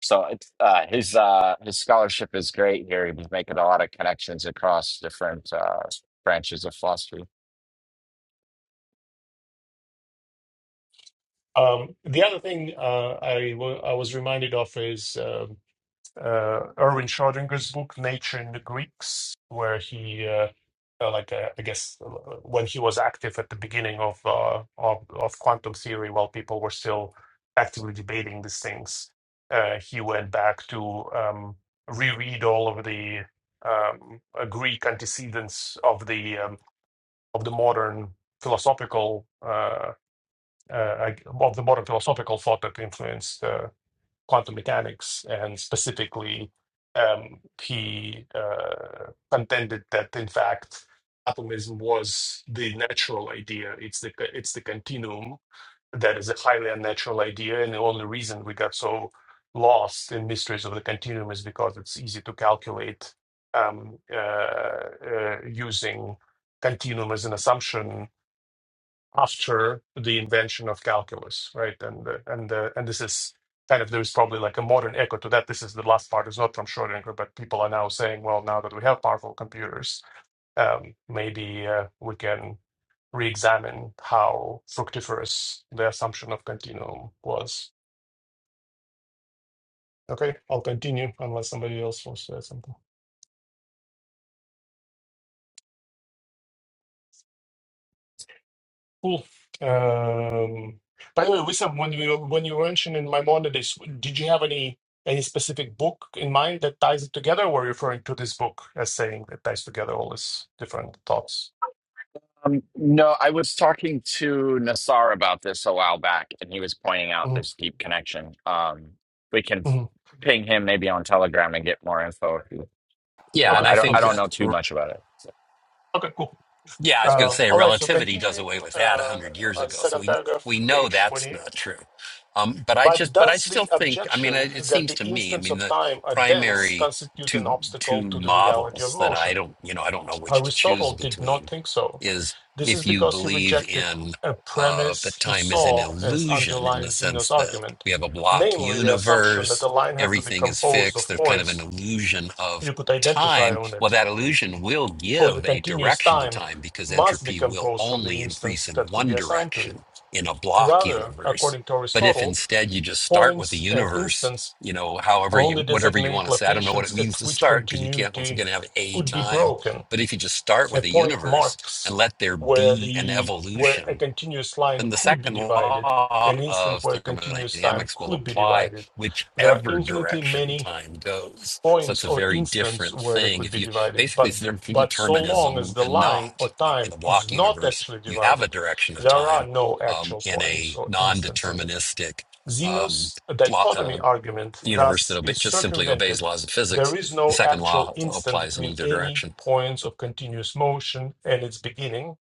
Speaker 2: So it's, uh, his uh, his scholarship is great here. He was making a lot of connections across different uh, branches of philosophy.
Speaker 4: Um, the other thing uh, I wa- I was reminded of is um, uh, Erwin Schrödinger's book Nature in the Greeks, where he uh, uh, like uh, I guess uh, when he was active at the beginning of, uh, of of quantum theory, while people were still actively debating these things, uh, he went back to um, reread all of the um, uh, Greek antecedents of the um, of the modern philosophical uh, uh, of the modern philosophical thought that influenced. Uh, quantum mechanics, and specifically, um, he uh, contended that in fact atomism was the natural idea. It's the it's the continuum that is a highly unnatural idea, and the only reason we got so lost in mysteries of the continuum is because it's easy to calculate um, uh, uh, using continuum as an assumption after the invention of calculus, right? And the, and the, and this is kind of there's probably like a modern echo to that. This is the last part is not from Schrodinger, but people are now saying, well, now that we have powerful computers, um, maybe uh, we can re-examine how fructiferous the assumption of continuum was. Okay, I'll continue unless somebody else wants to add something. Cool. Um, by the way, Wissam, when you when you were mentioning Maimonides, did you have any any specific book in mind that ties it together, or were you referring to this book as saying that ties together all these different thoughts?
Speaker 2: Um, no, I was talking to Nassar about this a while back, and he was pointing out
Speaker 4: hmm
Speaker 2: this deep connection. Um, we can
Speaker 4: hmm
Speaker 2: ping him maybe on Telegram and get more info. You
Speaker 5: Yeah, and
Speaker 2: want?
Speaker 4: Okay,
Speaker 5: I
Speaker 2: I don't.
Speaker 4: that's
Speaker 2: I
Speaker 5: think
Speaker 4: good.
Speaker 2: don't know too
Speaker 5: uh,
Speaker 2: much about it.
Speaker 4: Okay, cool.
Speaker 5: Yeah, I was going to
Speaker 4: Uh,
Speaker 5: say
Speaker 4: all right, so
Speaker 5: relativity does
Speaker 4: continuing,
Speaker 5: away with that a
Speaker 4: uh,
Speaker 5: hundred years
Speaker 4: uh,
Speaker 5: ago, so
Speaker 4: second
Speaker 5: we we
Speaker 4: paragraph,
Speaker 5: know
Speaker 4: page
Speaker 5: that's
Speaker 4: 28.
Speaker 5: not true. Um, but I
Speaker 4: But
Speaker 5: just, but I
Speaker 4: does
Speaker 5: still
Speaker 4: the
Speaker 5: think. I mean,
Speaker 4: objection
Speaker 5: it, it
Speaker 4: that
Speaker 5: seems
Speaker 4: the
Speaker 5: to me. I
Speaker 4: instants
Speaker 5: mean,
Speaker 4: of
Speaker 5: the
Speaker 4: time are dense
Speaker 5: primary
Speaker 4: constitute an
Speaker 5: two two
Speaker 4: obstacle to the reality of
Speaker 5: models that I
Speaker 4: motion?
Speaker 5: don't, you know, I don't know which to choose
Speaker 4: Aristotle did not
Speaker 5: between
Speaker 4: think so.
Speaker 5: is
Speaker 4: This is
Speaker 5: if you
Speaker 4: because he
Speaker 5: believe
Speaker 4: rejected
Speaker 5: in
Speaker 4: a
Speaker 5: uh, that
Speaker 4: premise he
Speaker 5: time is an
Speaker 4: saw as
Speaker 5: illusion in the
Speaker 4: underlying
Speaker 5: sense
Speaker 4: Zeno's
Speaker 5: that
Speaker 4: argument,
Speaker 5: we have a block
Speaker 4: namely the assumption that
Speaker 5: universe,
Speaker 4: a line had to be
Speaker 5: everything is
Speaker 4: composed
Speaker 5: fixed.
Speaker 4: of
Speaker 5: There's kind of an
Speaker 4: points
Speaker 5: illusion of
Speaker 4: you could identify
Speaker 5: time,
Speaker 4: on
Speaker 5: well,
Speaker 4: it,
Speaker 5: that illusion will
Speaker 4: or the
Speaker 5: give a
Speaker 4: continuous
Speaker 5: direction to
Speaker 4: time
Speaker 5: time because
Speaker 4: must be
Speaker 5: entropy will
Speaker 4: composed from the
Speaker 5: only increase
Speaker 4: instance
Speaker 5: in
Speaker 4: that could
Speaker 5: one
Speaker 4: be assigned to it.
Speaker 5: direction in a block
Speaker 4: Rather,
Speaker 5: universe.
Speaker 4: according to
Speaker 5: But if
Speaker 4: Aristotle,
Speaker 5: instead you just start with a
Speaker 4: points and
Speaker 5: universe,
Speaker 4: instance
Speaker 5: you know, however you,
Speaker 4: only
Speaker 5: whatever you want
Speaker 4: designate
Speaker 5: to say, I don't know what it
Speaker 4: locations at
Speaker 5: means to
Speaker 4: which
Speaker 5: start because you can't, once
Speaker 4: continuity
Speaker 5: again, have a
Speaker 4: could be
Speaker 5: time.
Speaker 4: broken
Speaker 5: But if you just start
Speaker 4: A
Speaker 5: with a
Speaker 4: point
Speaker 5: universe and
Speaker 4: marks
Speaker 5: let there
Speaker 4: where
Speaker 5: be an
Speaker 4: the where a
Speaker 5: evolution,
Speaker 4: continuous line
Speaker 5: then the
Speaker 4: could be
Speaker 5: second
Speaker 4: divided,
Speaker 5: law
Speaker 4: an instant
Speaker 5: of
Speaker 4: where continuous time
Speaker 5: thermodynamics will
Speaker 4: could be
Speaker 5: apply
Speaker 4: divided. There are
Speaker 5: whichever
Speaker 4: infinitely
Speaker 5: direction
Speaker 4: many
Speaker 5: time goes. So it's
Speaker 4: points
Speaker 5: a
Speaker 4: or
Speaker 5: very
Speaker 4: instants
Speaker 5: different
Speaker 4: where they
Speaker 5: thing.
Speaker 4: could
Speaker 5: If
Speaker 4: be
Speaker 5: you
Speaker 4: divided,
Speaker 5: basically
Speaker 4: but
Speaker 5: it's the difference between
Speaker 4: but so long
Speaker 5: determinism
Speaker 4: as the
Speaker 5: and
Speaker 4: line
Speaker 5: not.
Speaker 4: or
Speaker 5: Like, In
Speaker 4: time
Speaker 5: a block
Speaker 4: is not
Speaker 5: universe,
Speaker 4: actually
Speaker 5: you have a
Speaker 4: divided,
Speaker 5: direction of
Speaker 4: there are
Speaker 5: time.
Speaker 4: no
Speaker 5: Um,
Speaker 4: actual
Speaker 5: in
Speaker 4: points
Speaker 5: a
Speaker 4: or instants in it.
Speaker 5: non-deterministic um,
Speaker 4: Zeno's
Speaker 5: block, uh,
Speaker 4: dichotomy argument
Speaker 5: universe that
Speaker 4: thus
Speaker 5: obe-
Speaker 4: is
Speaker 5: just simply obeys
Speaker 4: circumvented.
Speaker 5: laws of
Speaker 4: There
Speaker 5: physics,
Speaker 4: is
Speaker 5: the
Speaker 4: no
Speaker 5: second
Speaker 4: actual
Speaker 5: law
Speaker 4: instant
Speaker 5: applies in
Speaker 4: between
Speaker 5: either
Speaker 4: any
Speaker 5: direction.
Speaker 4: points of continuous motion and its beginning,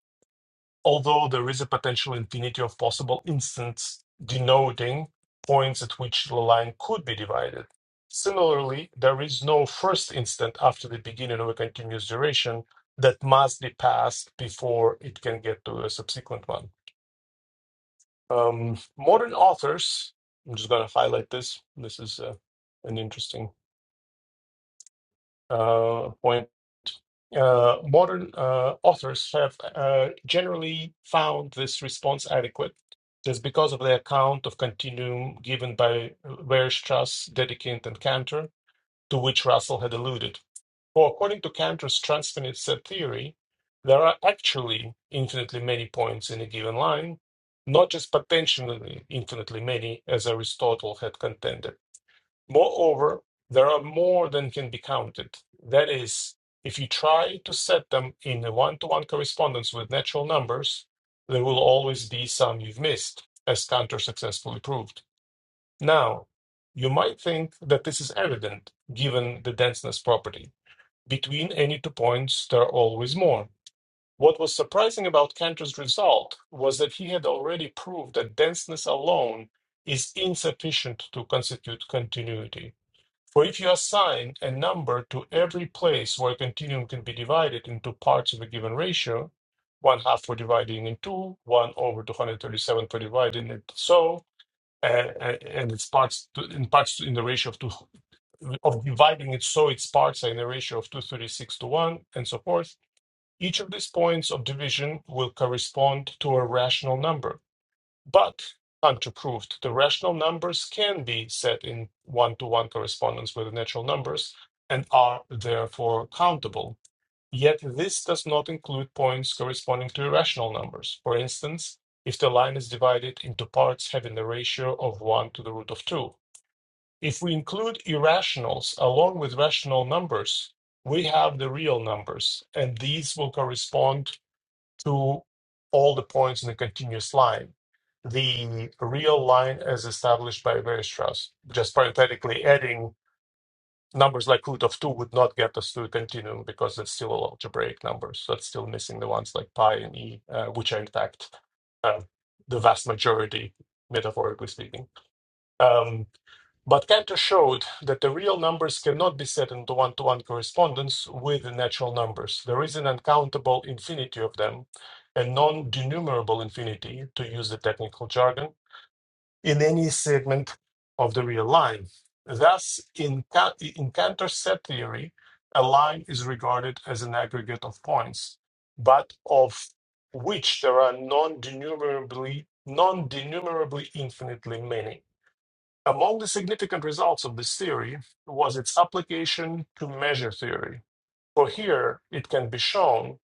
Speaker 4: although there is a potential infinity of possible instants denoting points at which the line could be divided. Similarly, there is no first instant after the beginning of a continuous duration that must be passed before it can get to a subsequent one. Um, modern authors, I'm just going to highlight this. This is uh, an interesting uh, point. Uh, modern uh, authors have uh, generally found this response adequate just because of the account of continuum given by Weierstrass, Dedekind, and Cantor, to which Russell had alluded. For according to Cantor's transfinite set theory, there are actually infinitely many points in a given line, not just potentially infinitely many, as Aristotle had contended. Moreover, there are more than can be counted. That is, if you try to set them in a one to one correspondence with natural numbers, there will always be some you've missed, as Cantor successfully proved. Now, you might think that this is evident given the denseness property. Between any two points, there are always more. What was surprising about Cantor's result was that he had already proved that denseness alone is insufficient to constitute continuity. For if you assign a number to every place where a continuum can be divided into parts of a given ratio, one half for dividing in two, one over 237 for dividing it so, uh, uh, and it's parts to, in parts in the ratio of 2 of dividing it so its parts are in a ratio of 236 to 1 and so forth. Each of these points of division will correspond to a rational number. But, Hunter proved, the rational numbers can be set in one to one correspondence with the natural numbers and are therefore countable. Yet, this does not include points corresponding to irrational numbers. For instance, if the line is divided into parts having the ratio of 1 to the root of 2, if we include irrationals along with rational numbers, we have the real numbers, and these will correspond to all the points in the continuous line. The real line as established by Weierstrass. Just parenthetically adding numbers like root of 2 would not get us to a continuum because it's still algebraic numbers. That's still missing the ones like pi and e, uh, which are in fact uh, the vast majority, metaphorically speaking. Um, but Cantor showed that the real numbers cannot be set into one to one correspondence with the natural numbers. There is an uncountable infinity of them, a non denumerable infinity, to use the technical jargon, in any segment of the real line. Thus, in, Ca- in Cantor's set theory, a line is regarded as an aggregate of points, but of which there are non denumerably non denumerably infinitely many. Among the significant results of this theory was its application to measure theory. For here, it can be shown,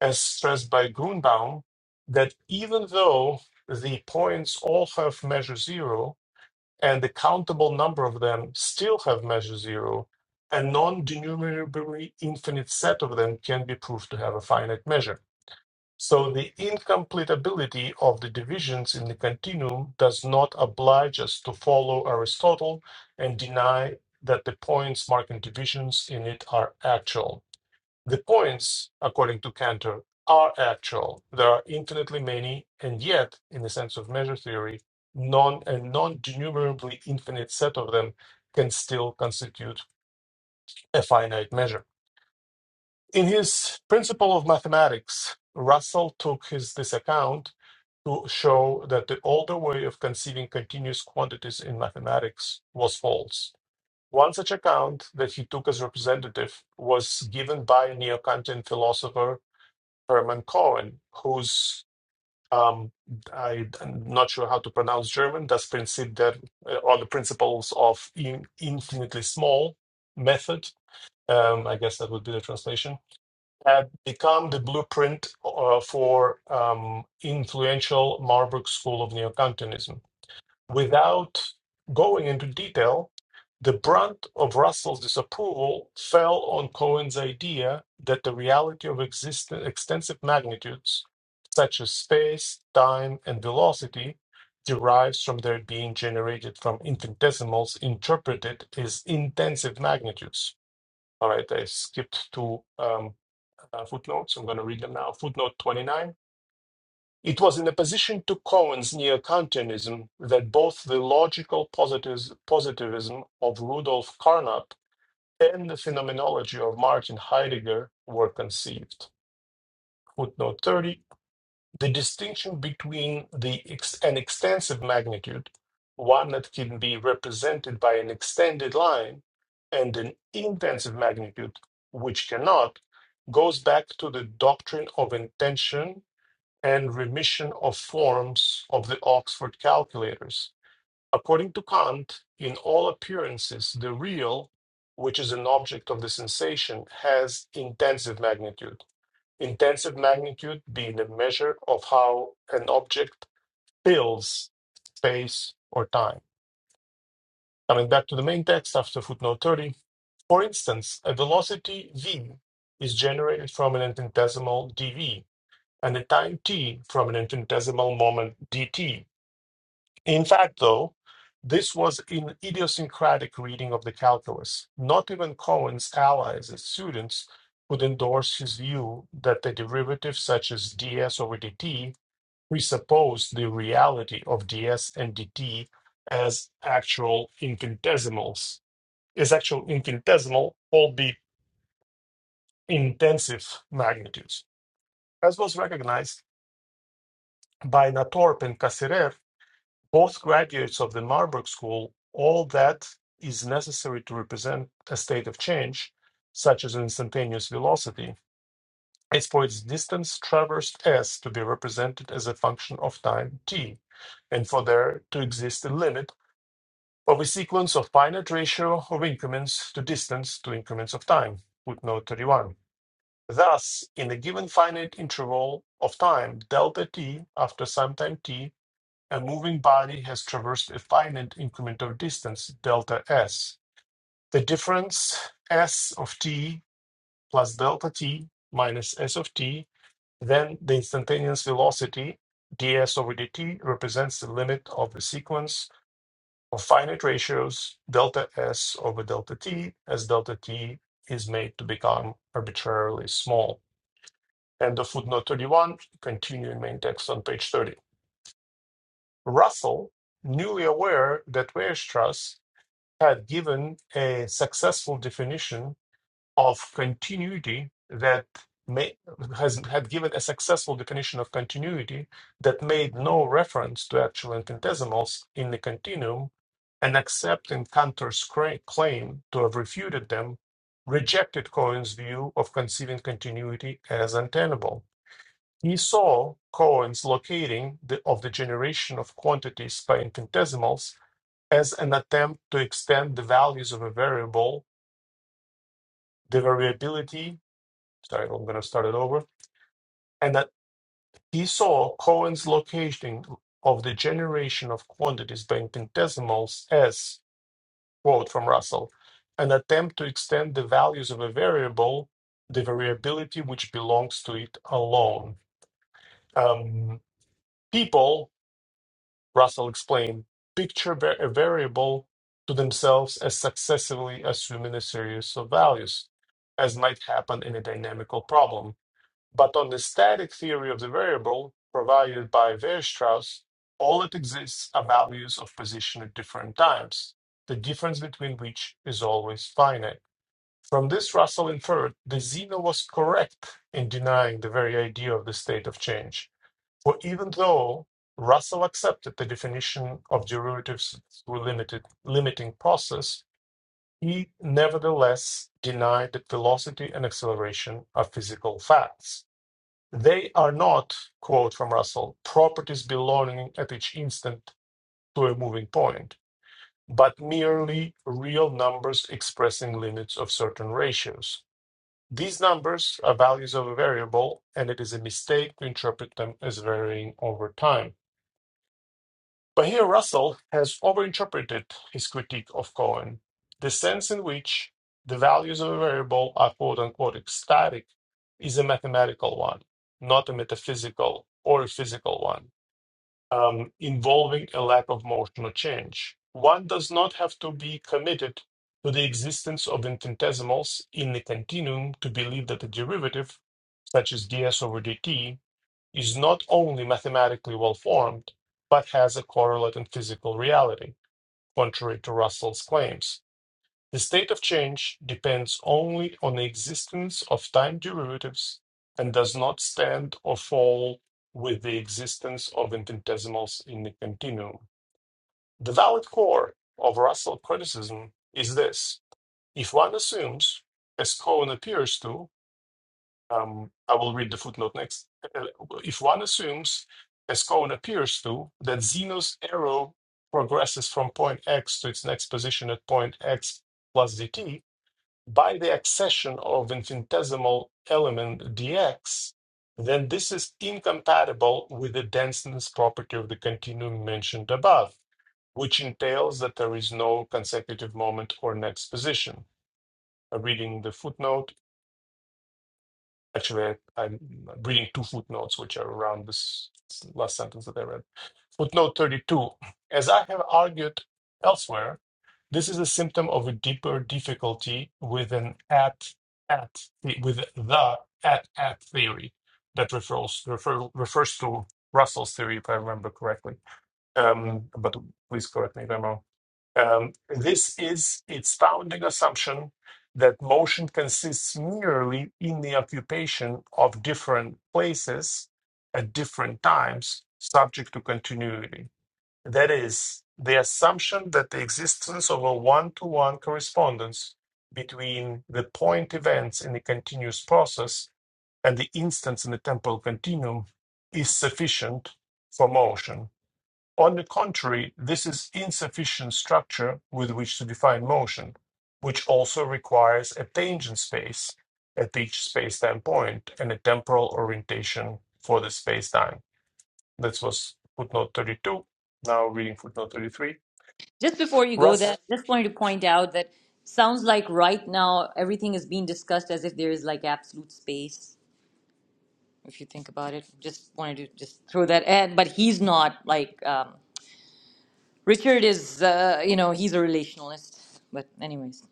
Speaker 4: as stressed by Grunbaum, that even though the points all have measure zero and the countable number of them still have measure zero, a non denumerably infinite set of them can be proved to have a finite measure. So the incompletability of the divisions in the continuum does not oblige us to follow Aristotle and deny that the points marking divisions in it are actual. The points, according to Cantor, are actual. There are infinitely many, and yet, in the sense of measure theory, non and non-denumerably infinite set of them can still constitute a finite measure. In his Principle of Mathematics, Russell took his this account to show that the older way of conceiving continuous quantities in mathematics was false. One such account that he took as representative was given by neo-Kantian philosopher Hermann Cohen, whose um, I, am not sure how to pronounce German, das Prinzip der, uh, or the principles of in, infinitely small method. Um, I guess that would be the translation have become the blueprint uh, for um, influential Marburg school of neokantianism. Without going into detail, the brunt of Russell's disapproval fell on Cohen's idea that the reality of existen- extensive magnitudes, such as space, time, and velocity, derives from their being generated from infinitesimals interpreted as intensive magnitudes. All right, I skipped to um, uh, footnotes. I'm going to read them now. Footnote 29. It was in opposition to Cohen's neo-Kantianism that both the logical positives, positivism of Rudolf Carnap and the phenomenology of Martin Heidegger were conceived. Footnote 30. The distinction between the ex- an extensive magnitude, one that can be represented by an extended line, and an intensive magnitude, which cannot, goes back to the doctrine of intention and remission of forms of the Oxford calculators. According to Kant, in all appearances, the real, which is an object of the sensation, has intensive magnitude. Intensive magnitude being the measure of how an object fills space or time. Coming back to the main text after footnote 30, for instance, a velocity v is generated from an infinitesimal dv and a time t from an infinitesimal moment dt In fact, though, this was an idiosyncratic reading of the calculus. Not even Cohen's allies and students would endorse his view that a derivative such as ds over dt presupposed the reality of ds and dt as actual infinitesimals, as actual infinitesimal, albeit intensive magnitudes, as was recognized by Natorp and Cassirer both graduates of the Marburg School, all that is necessary to represent a state of change, such as instantaneous velocity, is for its distance traversed s to be represented as a function of time t, and for there to exist a limit of a sequence of finite ratio of increments to distance to increments of time. Footnote 31. Thus, in a given finite interval of time, delta t after some time t a moving body has traversed a finite increment of distance, delta s. The difference s of t plus delta t minus s of t, then the instantaneous velocity ds over dt represents the limit of the sequence of finite ratios delta s over delta t as delta t is made to become arbitrarily small. End of footnote 31, continuing main text on page 30. Russell, newly aware that Weierstrass had given a successful definition of continuity that may, has had given a successful definition of continuity that made no reference to actual infinitesimals in the continuum, and accepting Cantor's cra- claim to have refuted them, rejected Cohen's view of conceiving continuity as untenable. He saw Cohen's locating the, of the generation of quantities by infinitesimals as an attempt to extend the values of a variable, the variability. Sorry, I'm going to start it over. And that he saw Cohen's location of the generation of quantities by infinitesimals as, quote from Russell, an attempt to extend the values of a variable, the variability which belongs to it alone. Um, people Russell explained, picture va- a variable to themselves as successively assuming a series of values, as might happen in a dynamical problem. But on the static theory of the variable provided by Weierstrass, all that exists are values of position at different times, the difference between which is always finite. From this, Russell inferred that Zeno was correct in denying the very idea of the state of change for even though Russell accepted the definition of derivatives through limited limiting process, he nevertheless denied that velocity and acceleration are physical facts. They are not, quote from Russell, properties belonging at each instant to a moving point, but merely real numbers expressing limits of certain ratios. These numbers are values of a variable, and it is a mistake to interpret them as varying over time. But here Russell has overinterpreted his critique of Cohen, the sense in which the values of a variable are quote unquote static is a mathematical one, not a metaphysical or a physical one, um, involving a lack of motion or change. One does not have to be committed to the existence of infinitesimals in the continuum to believe that a derivative, such as ds over dt, is not only mathematically well formed, but has a correlate in physical reality, contrary to Russell's claims. The state of change depends only on the existence of time derivatives and does not stand or fall with the existence of infinitesimals in the continuum. The valid core of Russell criticism is this if one assumes, as Cohen appears to, um, I will read the footnote next. Uh, uh, If one assumes, as Cohen appears to, that Zeno's arrow progresses from point X to its next position at point X plus dt by the accession of infinitesimal element dx, then this is incompatible with the denseness property of the continuum mentioned above, which entails that there is no consecutive moment or next position. Uh, Reading the footnote, Actually, I, I'm reading two footnotes, which are around this last sentence that I read. Footnote 32 As I have argued elsewhere, this is a symptom of a deeper difficulty with an at, at, with the at, at theory that refers, refer, refers to Russell's theory, if I remember correctly. Um, but please correct me if I'm wrong. Um, this is its founding assumption that motion consists merely in the occupation of different places at different times, subject to continuity. That is, the assumption that the existence of a one to one correspondence between the point events in the continuous process and the instants in the temporal continuum is sufficient for motion on the contrary, this is insufficient structure with which to define motion, which also requires a tangent space at each space-time point and a temporal orientation for the space-time. This was footnote 32. Now reading footnote 33.
Speaker 3: just before you go there,
Speaker 4: Russ,
Speaker 3: I just wanted to point out that sounds like right now everything is being discussed as if there is like absolute space, if you think about it. Just wanted to just throw that in. But he's not like um, Richard is, uh, you know, he's a relationalist. But, anyways.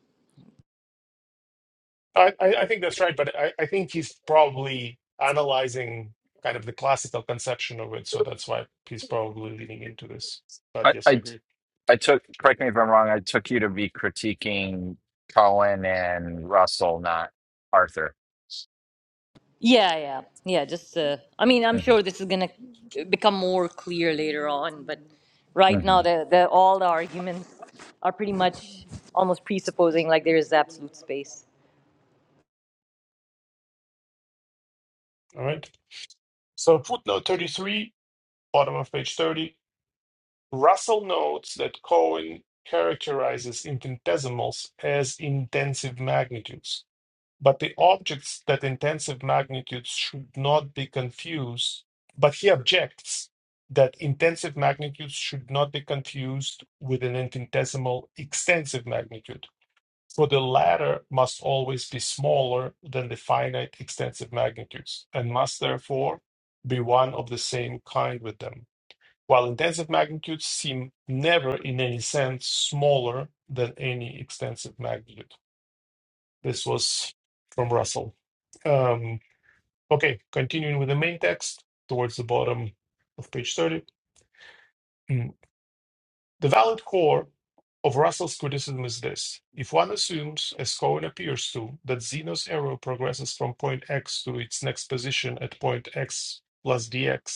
Speaker 4: I, I I think that's right, but I, I think he's probably analyzing kind of the classical conception of it, so that's why he's probably leaning into this. But
Speaker 2: I,
Speaker 4: yes, I
Speaker 2: I
Speaker 4: agree.
Speaker 2: I took. Correct me if I'm wrong. I took you to be critiquing Colin and Russell, not Arthur.
Speaker 3: Yeah, yeah, yeah. Just, uh, I mean, I'm
Speaker 2: hmm
Speaker 3: sure this is gonna become more clear later on, but right
Speaker 2: hmm
Speaker 3: now, the the all the arguments are pretty much almost presupposing like there is absolute space.
Speaker 4: All right. So footnote 33, bottom of page 30 Russell notes that Cohen characterizes infinitesimals as intensive magnitudes, but the objects that intensive magnitudes should not be confused, but he objects that intensive magnitudes should not be confused with an infinitesimal extensive magnitude, for the latter must always be smaller than the finite extensive magnitudes and must therefore be one of the same kind with them while intensive magnitudes seem never in any sense smaller than any extensive magnitude. This was from Russell. Um, okay, continuing with the main text towards the bottom of page 30. Mm. The valid core of Russell's criticism is this. If one assumes, as Cohen appears to, that Zeno's arrow progresses from point X to its next position at point X plus dx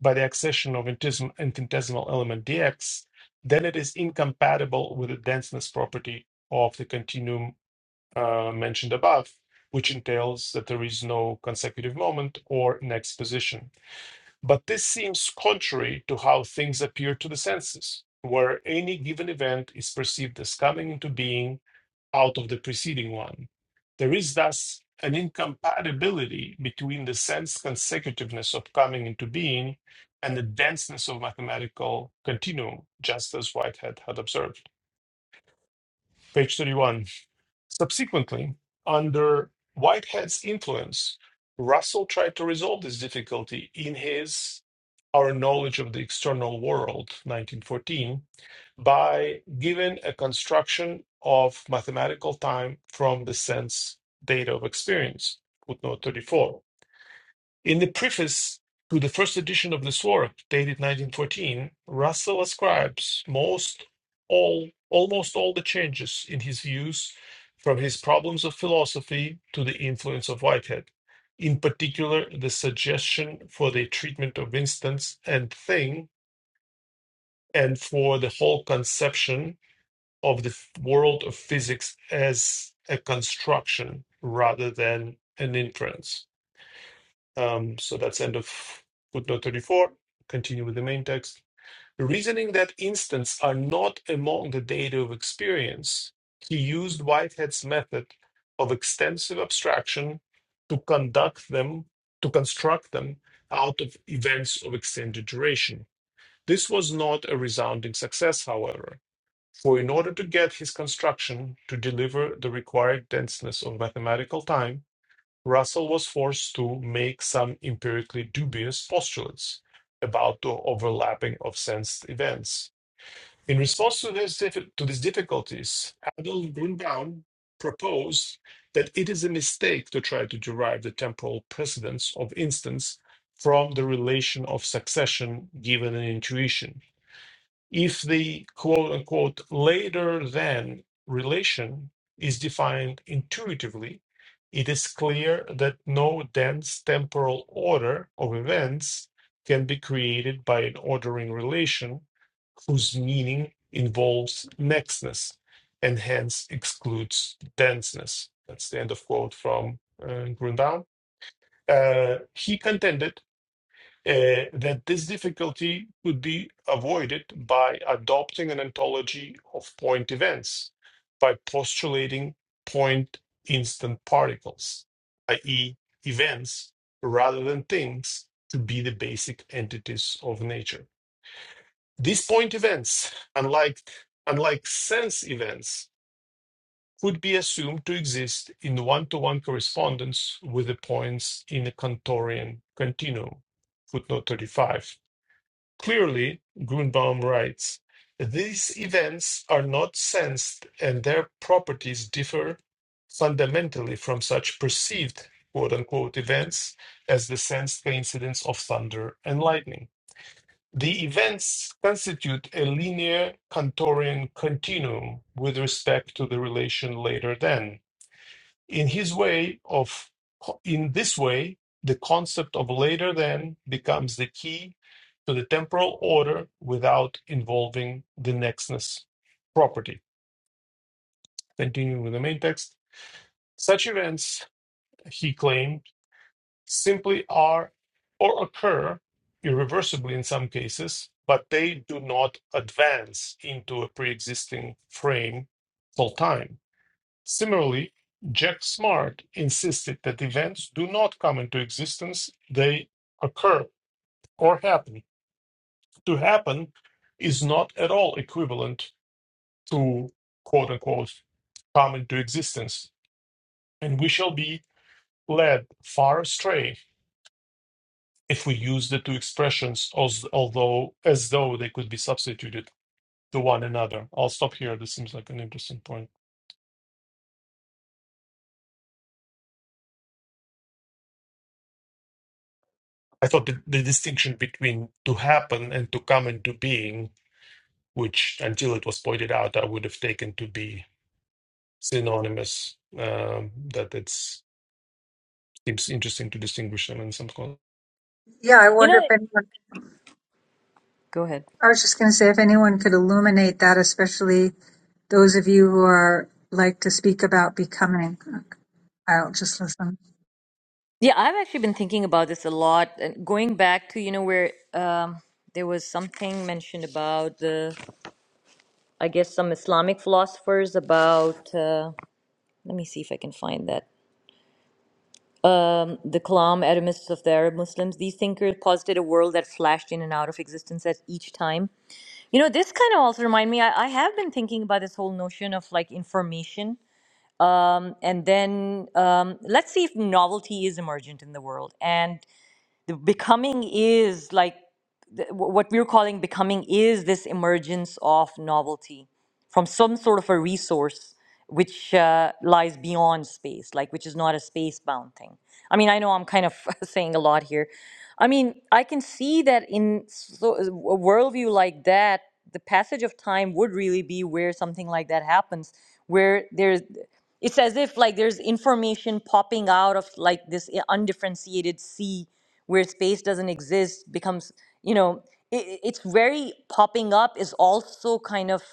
Speaker 4: by the accession of intes- infinitesimal element dx, then it is incompatible with the denseness property of the continuum uh, mentioned above, which entails that there is no consecutive moment or next position. But this seems contrary to how things appear to the senses, where any given event is perceived as coming into being out of the preceding one. There is thus an incompatibility between the sense consecutiveness of coming into being and the denseness of mathematical continuum, just as Whitehead had observed. Page 31. Subsequently, under Whitehead's influence, Russell tried to resolve this difficulty in his Our Knowledge of the External World, 1914, by giving a construction of mathematical time from the sense data of experience, footnote 34. In the preface to the first edition of this work, dated 1914, Russell ascribes most all almost all the changes in his views from his problems of philosophy to the influence of Whitehead. In particular, the suggestion for the treatment of instance and thing and for the whole conception of the world of physics as a construction rather than an inference. Um, so that's end of footnote 34. Continue with the main text. Reasoning that instants are not among the data of experience, he used Whitehead's method of extensive abstraction to conduct them, to construct them out of events of extended duration. This was not a resounding success, however for in order to get his construction to deliver the required denseness of mathematical time, Russell was forced to make some empirically dubious postulates about the overlapping of sensed events. In response to, this, to these difficulties, Adolf Grünbaum proposed that it is a mistake to try to derive the temporal precedence of instance from the relation of succession given in intuition if the quote unquote later than relation is defined intuitively, it is clear that no dense temporal order of events can be created by an ordering relation whose meaning involves nextness and hence excludes denseness. That's the end of quote from uh, Grundahl. Uh, he contended uh, that this difficulty could be avoided by adopting an ontology of point events by postulating point instant particles, i.e., events rather than things, to be the basic entities of nature. These point events, unlike, unlike sense events, could be assumed to exist in one to one correspondence with the points in a Cantorian continuum. Footnote 35 Clearly, Grunbaum writes, these events are not sensed and their properties differ fundamentally from such perceived quote unquote events as the sensed coincidence of thunder and lightning. The events constitute a linear Cantorian continuum with respect to the relation later than in his way of in this way the concept of later than becomes the key to the temporal order without involving the nextness property continuing with the main text such events he claimed simply are or occur irreversibly in some cases but they do not advance into a pre-existing frame called time Similarly, Jack Smart insisted that events do not come into existence, they occur or happen. To happen is not at all equivalent to quote unquote come into existence, and we shall be led far astray if we use the two expressions as, although as though they could be substituted to one another. I'll stop here. This seems like an interesting point. I thought the, the distinction between to happen and to come into being which until it was pointed out, I would have taken to be synonymous. Um, that it seems interesting to distinguish them in some con
Speaker 1: Yeah, I
Speaker 3: You
Speaker 1: wonder if
Speaker 3: know,
Speaker 1: anyone,
Speaker 3: go ahead.
Speaker 1: I was just going to say if anyone could illuminate that, especially those of you who are like to speak about becoming. I'll just listen.
Speaker 3: Yeah, I've actually been thinking about this a lot, and going back to you know where um, there was something mentioned about the, I guess, some Islamic philosophers about. Uh, let me see if I can find that. The Kalam, atomists of the Arab Muslims, these thinkers posited a world that flashed in and out of existence at each time. You know, this kind of also remind me, I, I have been thinking about this whole notion of like information. And then um, let's see if novelty is emergent in the world. And the becoming is like th- what we're calling becoming is this emergence of novelty from some sort of a resource which uh, lies beyond space, like which is not a space bound thing. I mean, I know I'm kind of saying a lot here. I mean, I can see that in so, a worldview like that, the passage of time would really be where something like that happens, where there's it's as if like there's information popping out of like this i- undifferentiated sea where space doesn't exist becomes you know it, it's very popping up is also kind of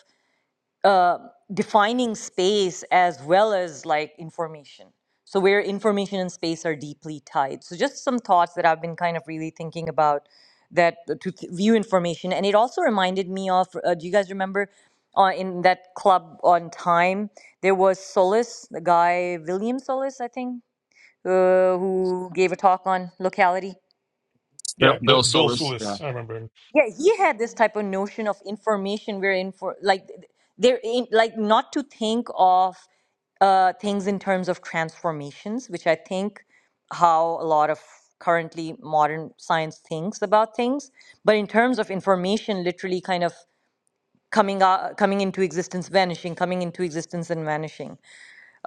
Speaker 3: uh, defining space as well as like information. So, where information and space are deeply tied. So, just some thoughts that I've been kind of really thinking about that uh, to th- view information. And it also reminded me of uh, do you guys remember uh, in that club on time, there was Solis, the guy, William Solis, I think, uh, who gave a talk on locality?
Speaker 2: Bill,
Speaker 4: Yeah,
Speaker 2: Bill
Speaker 4: B- Bill
Speaker 2: Solis.
Speaker 4: Sulis, I remember him.
Speaker 3: yeah he had this type of notion of information we're in for like they're in like not to think of uh, things in terms of transformations which i think how a lot of currently modern science thinks about things but in terms of information literally kind of coming out coming into existence vanishing coming into existence and vanishing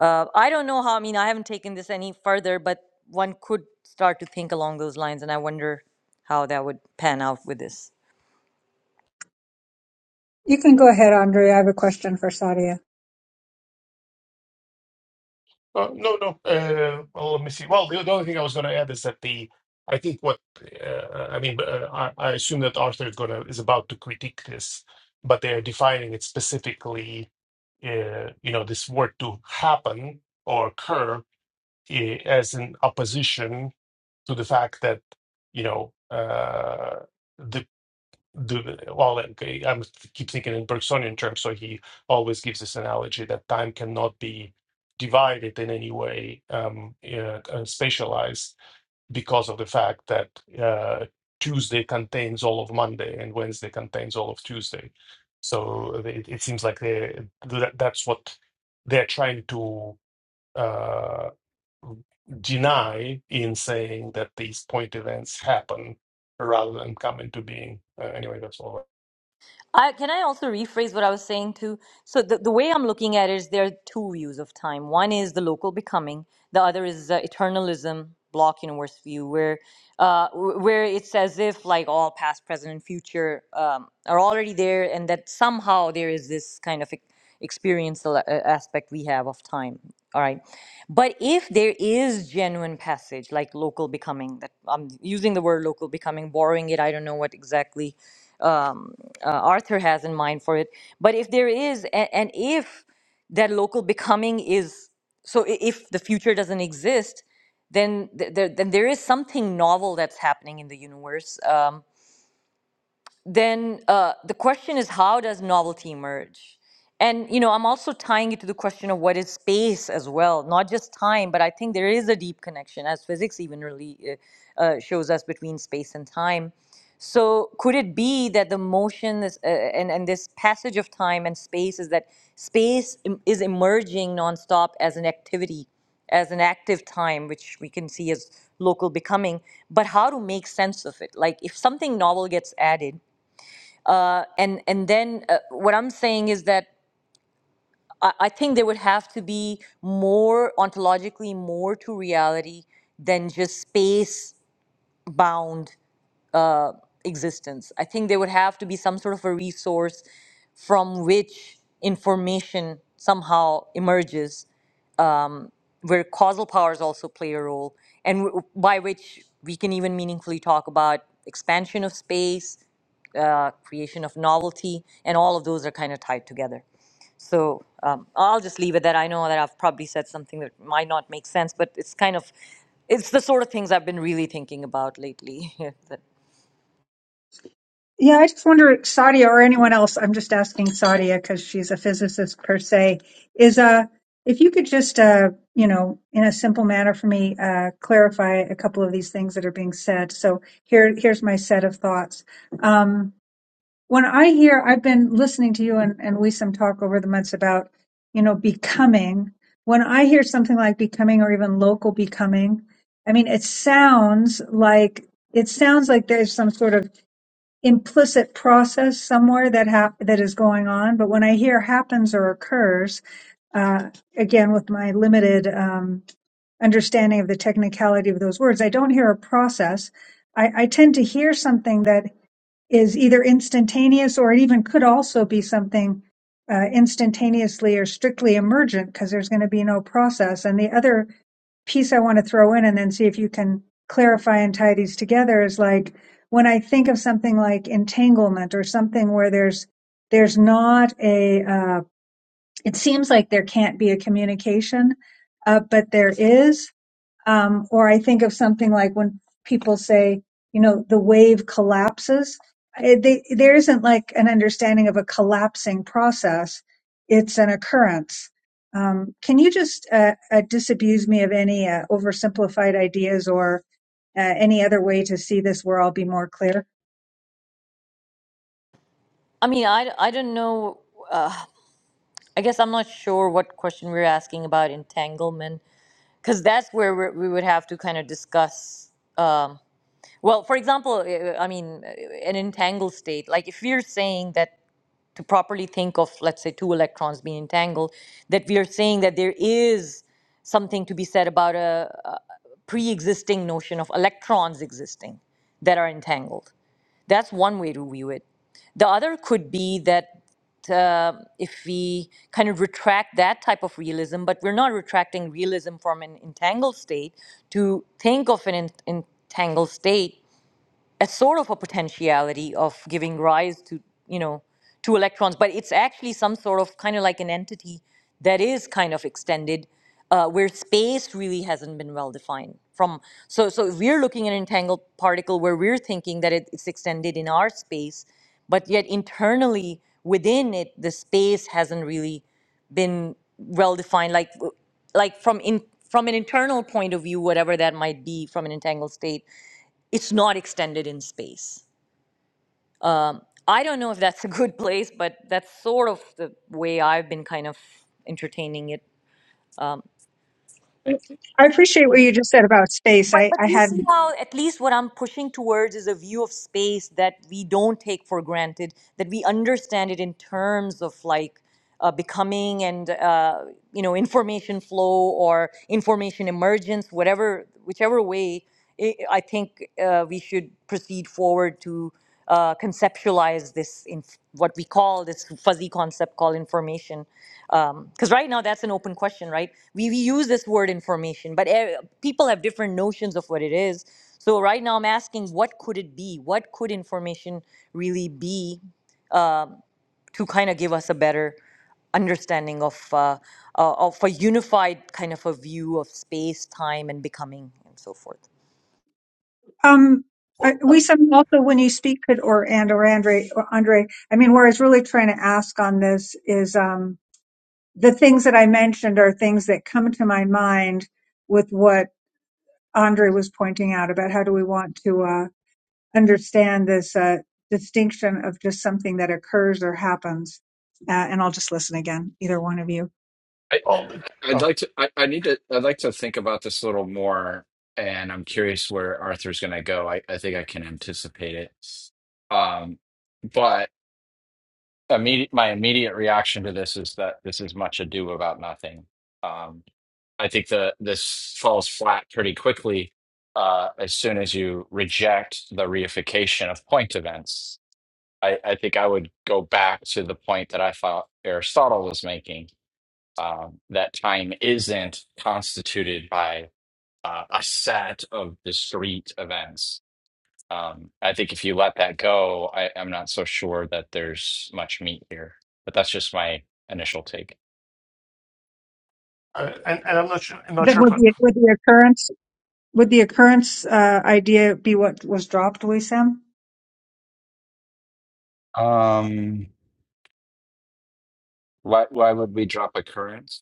Speaker 3: uh, i don't know how i mean i haven't taken this any further but one could start to think along those lines and i wonder how that would pan out with this
Speaker 1: You can go ahead, Andrea. I have a question for Sadia.
Speaker 4: Uh, no, no. Uh, well, let me see. Well, the, the only thing I was going to add is that the I think what uh, I mean, uh, I, I assume that Arthur is going to is about to critique this, but they are defining it specifically. Uh, you know, this word to happen or occur eh, as an opposition to the fact that you know uh, the the well like, I am keep thinking in Bergsonian terms, so he always gives this analogy that time cannot be divided in any way um, uh, uh, spatialized because of the fact that uh, Tuesday contains all of Monday and Wednesday contains all of Tuesday. So it, it seems like they that, that's what they're trying to. Uh, deny in saying that these point events happen rather than come into being. Uh, anyway, that's all.
Speaker 3: I, can I also rephrase what I was saying too? So the, the way I'm looking at it is there are two views of time. One is the local becoming. The other is uh, eternalism, Block universe view, where uh, wh- where it's as if like all past, present, and future um, are already there, and that somehow there is this kind of e- experiential a- a- aspect we have of time. All right, but if there is genuine passage, like local becoming, that I'm using the word local becoming, borrowing it. I don't know what exactly um, uh, Arthur has in mind for it. But if there is, and, and if that local becoming is, so i- if the future doesn't exist, then th- there, then there is something novel that's happening in the universe. Um, then uh, the question is how does novelty emerge and you know i'm also tying it to the question of what is space as well not just time but i think there is a deep connection as physics even really uh, uh, shows us between space and time so could it be that the motion is, uh, and, and this passage of time and space is that space em- is emerging nonstop as an activity as an active time, which we can see as local becoming, but how to make sense of it. Like if something novel gets added, uh, and and then uh, what I'm saying is that I, I think there would have to be more ontologically more to reality than just space bound uh, existence. I think there would have to be some sort of a resource from which information somehow emerges um, where causal powers also play a role, and w- by which we can even meaningfully talk about expansion of space, uh, creation of novelty, and all of those are kind of tied together. So um, I'll just leave it that I know that I've probably said something that might not make sense, but it's kind of it's the sort of things I've been really thinking about lately. that,
Speaker 1: Yeah, I just wonder, Sadia or anyone else, I'm just asking Sadia because she's a physicist per se, is uh, if you could just, uh, you know, in a simple manner for me, uh, clarify a couple of these things that are being said. So here, here's my set of thoughts. Um, when I hear, I've been listening to you and, and Wisam talk over the months about, you know, becoming. When I hear something like becoming or even local becoming, I mean, it sounds like it sounds like there's some sort of implicit process somewhere that hap- that is going on. But when I hear happens or occurs, uh, again with my limited um, understanding of the technicality of those words, I don't hear a process. I, I tend to hear something that is either instantaneous or it even could also be something uh, instantaneously or strictly emergent because there's going to be no process. And the other piece I want to throw in and then see if you can clarify and tie these together is like when I think of something like entanglement or something where there's there's not a uh, it seems like there can't be a communication, uh, but there is um, or I think of something like when people say, you know, the wave collapses. I- they, there isn't like an understanding of a collapsing process. It's an occurrence. Um, can you just uh, uh, disabuse me of any uh, oversimplified ideas or uh, any other way to see this where I'll be more clear?
Speaker 3: I mean, I, I don't know. Uh, I guess I'm not sure what question we're asking about entanglement. because that's where we we would have to kind of discuss. Um, well, for example, eh, eh, I mean, eh, an entangled state. Like if we're saying that to properly think of, let's say, two electrons being entangled, that we are saying that there is something to be said about a, a pre-existing notion of electrons existing that are entangled that's one way to view it. The other could be that uh, if we kind of retract that type of realism, but we're not retracting realism from an entangled state to think of an en- entangled state a sort of a potentiality of giving rise to you know to electrons but it's actually some sort of kind of like an entity that is kind of extended uh, where space really hasn't been well defined from so so if we're looking at an entangled particle where we're thinking that it, it's extended in our space but yet internally within it the space hasn't really been well defined like like from in from an internal point of view whatever that might be from an entangled state it's not extended in space. I don't know if that's a good place, but that's sort of the way I've been kind of entertaining it.
Speaker 1: I appreciate what you just said about space.
Speaker 3: But
Speaker 1: I,
Speaker 3: but
Speaker 1: I
Speaker 3: you see
Speaker 1: hadn't.
Speaker 3: how at least what I'm pushing towards is a view of space that we don't take for granted, that we understand it in terms of like uh, becoming and uh, you know information flow or information emergence, whatever whichever way. I I think uh, we should proceed forward to. uh, conceptualize this in what we call this fuzzy concept called information because right now that's an open question right we, we use this word information but eh, people have different notions of what it is so right now i'm asking what could it be what could information really be um, to kind of give us a better understanding of uh, uh, of a unified kind of a view of space time and becoming and so forth
Speaker 1: Um, I-
Speaker 4: Well,
Speaker 1: we
Speaker 4: uh,
Speaker 1: some also when you speak could or and or Andre or Andre. I mean, where I was really trying to ask on this is. Um, the things that I mentioned are things that come to my mind with what Andre was pointing out about how do we want to uh, understand this uh, distinction of just something that occurs or happens. Uh, and I'll just listen again, either one of you.
Speaker 2: I,
Speaker 4: all the,
Speaker 2: I'd
Speaker 4: uh,
Speaker 2: like to. I, I need to. I'd like to think about this a little more, and I'm curious where Arthur's going to go. I, I think I can anticipate it. Um, but immediate, my immediate reaction to this is that this is much ado about nothing. Um, I think the this falls flat pretty quickly uh, as soon as you reject the reification of point events. I, I think I would go back to the point that I thought Aristotle was making um, that time isn't constituted by uh, a set of discrete events. Um, I think if you let that go, I, I'm not so sure that there's much meat here. But that's just my initial take.
Speaker 4: uh, and, and I'm not sure. I'm not
Speaker 1: Then
Speaker 4: sure,
Speaker 1: would
Speaker 4: but
Speaker 1: the, would the occurrence would the occurrence uh, idea be what was dropped, Sam?
Speaker 2: Um, why why would we drop a current?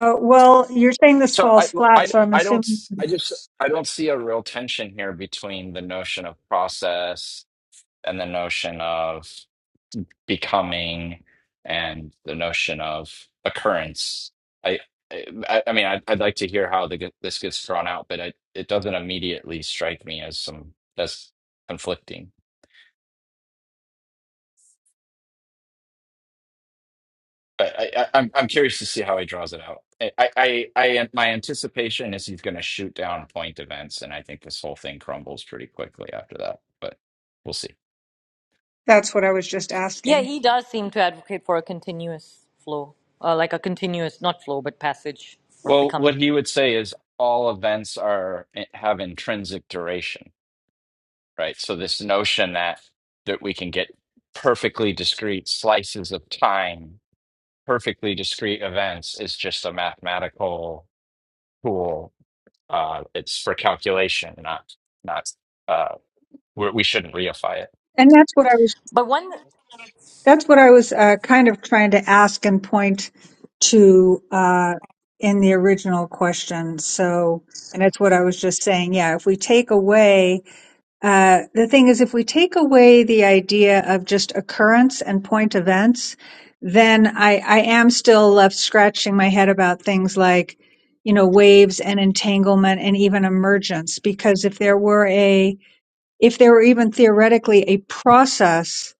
Speaker 1: Uh, well, you're saying this
Speaker 2: So I
Speaker 1: falls flat,
Speaker 2: I
Speaker 1: so I'm
Speaker 2: I don't
Speaker 1: assuming
Speaker 2: s- I just I don't see a real tension here between the notion of process and the notion of becoming and the notion of occurrence. I, I, I mean, I'd, I'd like to hear how the, this gets thrown out, but I, it doesn't immediately strike me as some as conflicting. But I, I, I'm I'm curious to see how he draws it out. I, I, I, I- my anticipation is he's going to shoot down point events, and I think this whole thing crumbles pretty quickly after that. But we'll see.
Speaker 1: That's what I was just
Speaker 3: Yeah,
Speaker 1: asking.
Speaker 3: he does seem to advocate for a continuous flow, uh, like a continuous, not flow, but passage or
Speaker 2: Well, what
Speaker 3: becoming.
Speaker 2: he would say is all events are eh, have intrinsic duration right? So this notion that that we can get perfectly discrete slices of time, perfectly discrete events is just a mathematical tool. Uh, it's for calculation, not not. Uh, we we shouldn't reify it.
Speaker 1: And that's what I was
Speaker 3: But one,
Speaker 1: That's what I was uh, kind of trying to ask and point to uh, in the original question. So, and that's what I was just saying. Yeah, if we take away, uh, the thing is, if we take away the idea of just occurrence and point events, then I, I am still left scratching my head about things like, you know, waves and entanglement and even emergence. Because if there were a, if there were even theoretically a process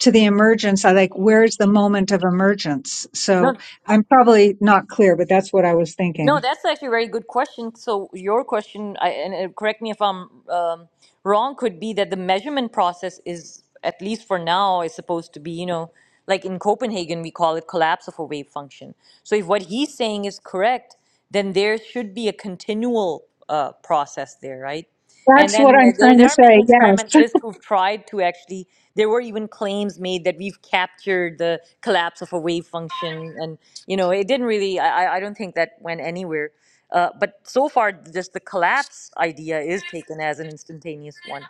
Speaker 1: to the emergence, I like where's the moment of emergence?
Speaker 3: no,
Speaker 1: So I'm probably not clear, but that's what I was
Speaker 3: no,
Speaker 1: thinking.
Speaker 3: that's actually a very good question. So your question, I, and uh, correct me if I'm um, wrong, could be that the measurement process is, at least for now, is supposed to be, you know, like in Copenhagen, we call it collapse of a wave function. So if what he's saying is correct, then there should be a continual uh, process there, right? And
Speaker 1: That's
Speaker 3: then
Speaker 1: what
Speaker 3: uh,
Speaker 1: I'm
Speaker 3: there,
Speaker 1: trying
Speaker 3: there
Speaker 1: to
Speaker 3: are many
Speaker 1: say. Yes.
Speaker 3: experimentalists who've tried to actually, there were even claims made that we've captured the collapse of a wave function. And, you know, it didn't really, I, I I don't think that went anywhere. Uh, but so far, just the collapse idea is taken as an instantaneous one.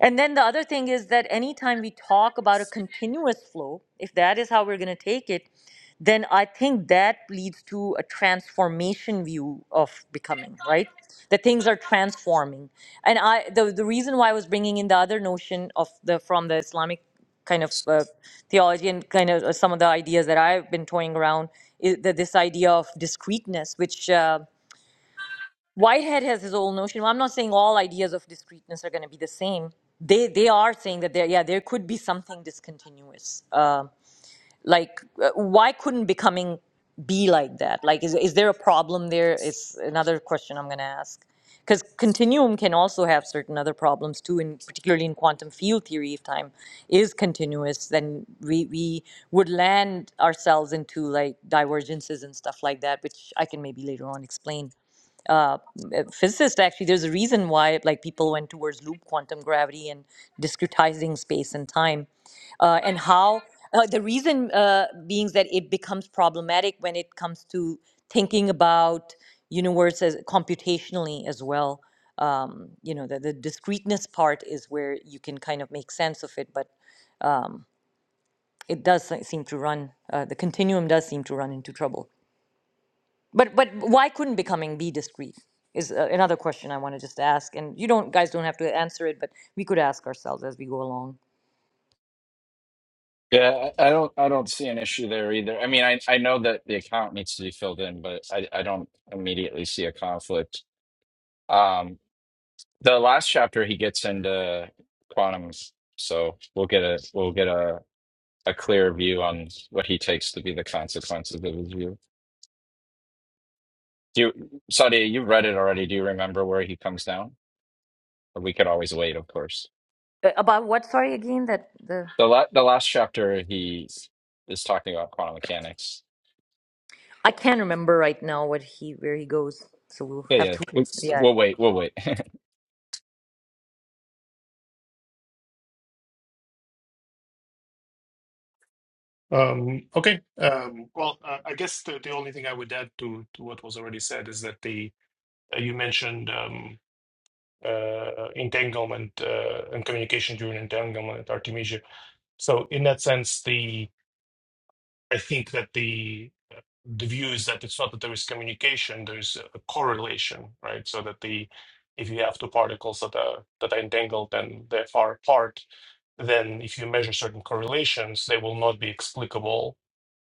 Speaker 3: And then the other thing is that anytime we talk about a continuous flow, if that is how we're going to take it, then I think that leads to a transformation view of becoming, right? That things are transforming. And I the, the reason why I was bringing in the other notion of the from the Islamic kind of uh, theology and kind of uh, some of the ideas that I've been toying around is that this idea of discreteness, which uh, Whitehead has his own notion. Well, I'm not saying all ideas of discreteness are going to be the same. They they are saying that there yeah there could be something discontinuous. Um like uh, why couldn't becoming be like that? Like is is there a problem there? Is another question I'm going to ask because continuum can also have certain other problems too, and particularly in quantum field theory, if time is continuous, then we we would land ourselves into like divergences and stuff like that, which I can maybe later on explain uh, physicist actually there's a reason why like people went towards loop quantum gravity and discretizing space and time uh, and how uh, the reason uh, being that it becomes problematic when it comes to thinking about universes computationally as well um, you know the, the discreteness part is where you can kind of make sense of it but it does se- seem to run uh, the continuum does seem to run into trouble but but why couldn't becoming be discreet is uh, another question I want to just ask. And you don't guys don't have to answer it, but we could ask ourselves as we go along
Speaker 2: Yeah, I I don't I don't see an issue there either. I mean, I I know that the account needs to be filled in, but I I don't immediately see a conflict. Um, the last chapter he gets into quantums, so we'll get a we'll get a a clear view on what he takes to be the consequences of his view. Do you, Sadia, you read it already. Do you remember where he comes down? Or we could always wait, of course.
Speaker 3: uh, about what. Sorry again that the
Speaker 2: The la the last chapter he is talking about quantum mechanics.
Speaker 3: I can't remember right now what he where he goes. So we'll
Speaker 2: Yeah,
Speaker 3: have
Speaker 2: yeah.
Speaker 3: to.
Speaker 2: We'll,
Speaker 3: Yeah.
Speaker 2: we'll wait. We'll wait.
Speaker 4: um, okay. Um, well, uh, I guess the, the only thing I would add to, to what was already said is that the uh, you mentioned um, uh, entanglement uh, and communication during entanglement at Artemisia. So in that sense, the. I think that the the view is that it's not that there is communication, there is a correlation, right? So that the if you have two particles that are that are entangled and they're far apart, then if you measure certain correlations, they will not be explicable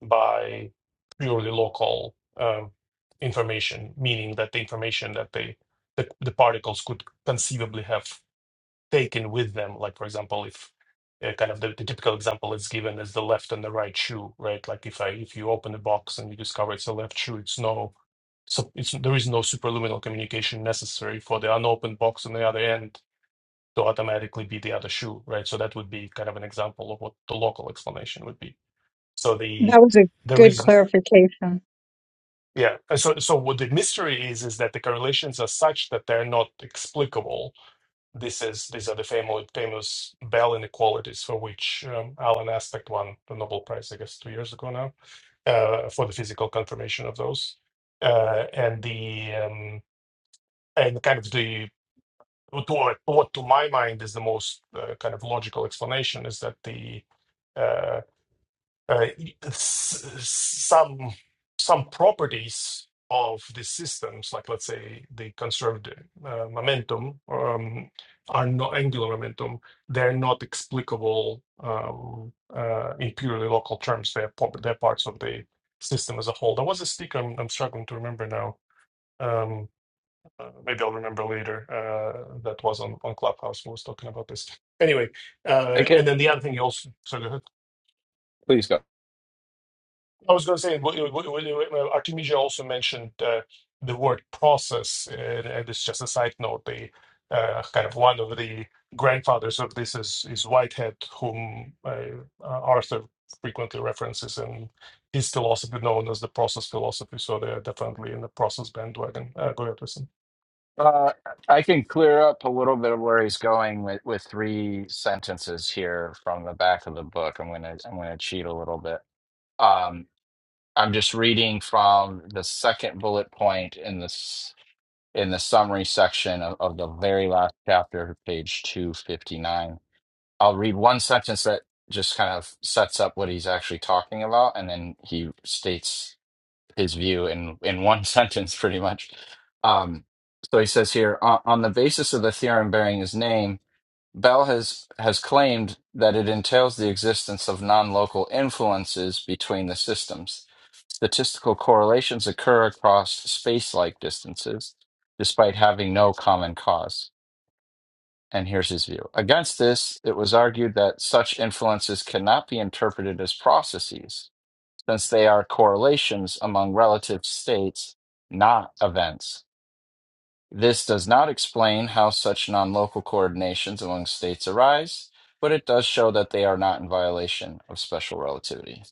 Speaker 4: by purely local um, information, meaning that the information that they the, the particles could conceivably have taken with them. Like, for example, if uh, kind of the, the typical example is given as the left and the right shoe, right? Like if I if you open the box and you discover it's a left shoe, it's no so it's there is no superluminal communication necessary for the unopened box on the other end to automatically be the other shoe, right? So that would be kind of an example of what the local explanation would be. So the
Speaker 1: That was a
Speaker 4: there
Speaker 1: good
Speaker 4: is
Speaker 1: clarification.
Speaker 4: yeah. And So so what the mystery is is that the correlations are such that they're not explicable This is these are the famous famous Bell inequalities for which um, Alan Aspect won the Nobel Prize, I guess, two years ago now, uh, for the physical confirmation of those, uh, and the um, and kind of the to what, what to my mind is the most uh, kind of logical explanation is that the uh, uh, s- some some properties of the systems, like let's say the conserved uh, momentum, um, are not angular momentum. They're not explicable um, uh, in purely local terms. They're pop- they're parts of the system as a whole. There was a speaker I'm, I'm struggling to remember now. Um, uh, maybe I'll remember later. Uh, that was on on Clubhouse who was talking about this. Anyway, uh,
Speaker 2: Okay,
Speaker 4: and then the other thing you also sorry. go ahead.
Speaker 2: Please go.
Speaker 4: I was going to say, w- w- w- w- Artemisia also mentioned uh, the word process, uh, and it's just a side note. The uh, kind of one of the grandfathers of this is is Whitehead, whom uh, uh, Arthur frequently references in his philosophy, known as the process philosophy. So they're definitely in the process bandwagon. Uh, go ahead, listen.
Speaker 2: Uh, I can clear up a little bit of where he's going with, with three sentences here from the back of the book. I'm gonna I'm gonna cheat a little bit. Um, I'm just reading from the second bullet point in this in the summary section of, of the very last chapter, page 259. I'll read one sentence that just kind of sets up what he's actually talking about, and then he states his view in in one sentence, pretty much. Um, so he says here, on, on the basis of the theorem bearing his name, Bell has has claimed that it entails the existence of non-local influences between the systems. Statistical correlations occur across space-like distances, despite having no common cause. And here's his view. Against this, it was argued that such influences cannot be interpreted as processes since they are correlations among relative states, not events. This does not explain how such non local coordinations among states arise, but it does show that they are not in violation of special relativity.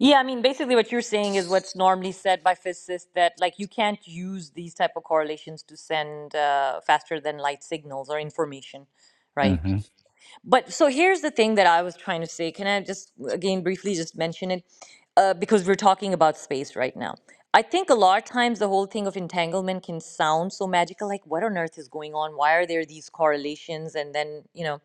Speaker 3: Yeah, I mean, basically, what you're saying is what's normally said by physicists that like you can't use these type of correlations to send uh, faster than light signals or information, right?
Speaker 2: hmm
Speaker 3: But so here's the thing that I was trying to say. Can I just again briefly just mention it? Uh, because we're talking about space right now. I think a lot of times the whole thing of entanglement can sound so magical, like what on earth is going on? Why are there these correlations? And then, you know.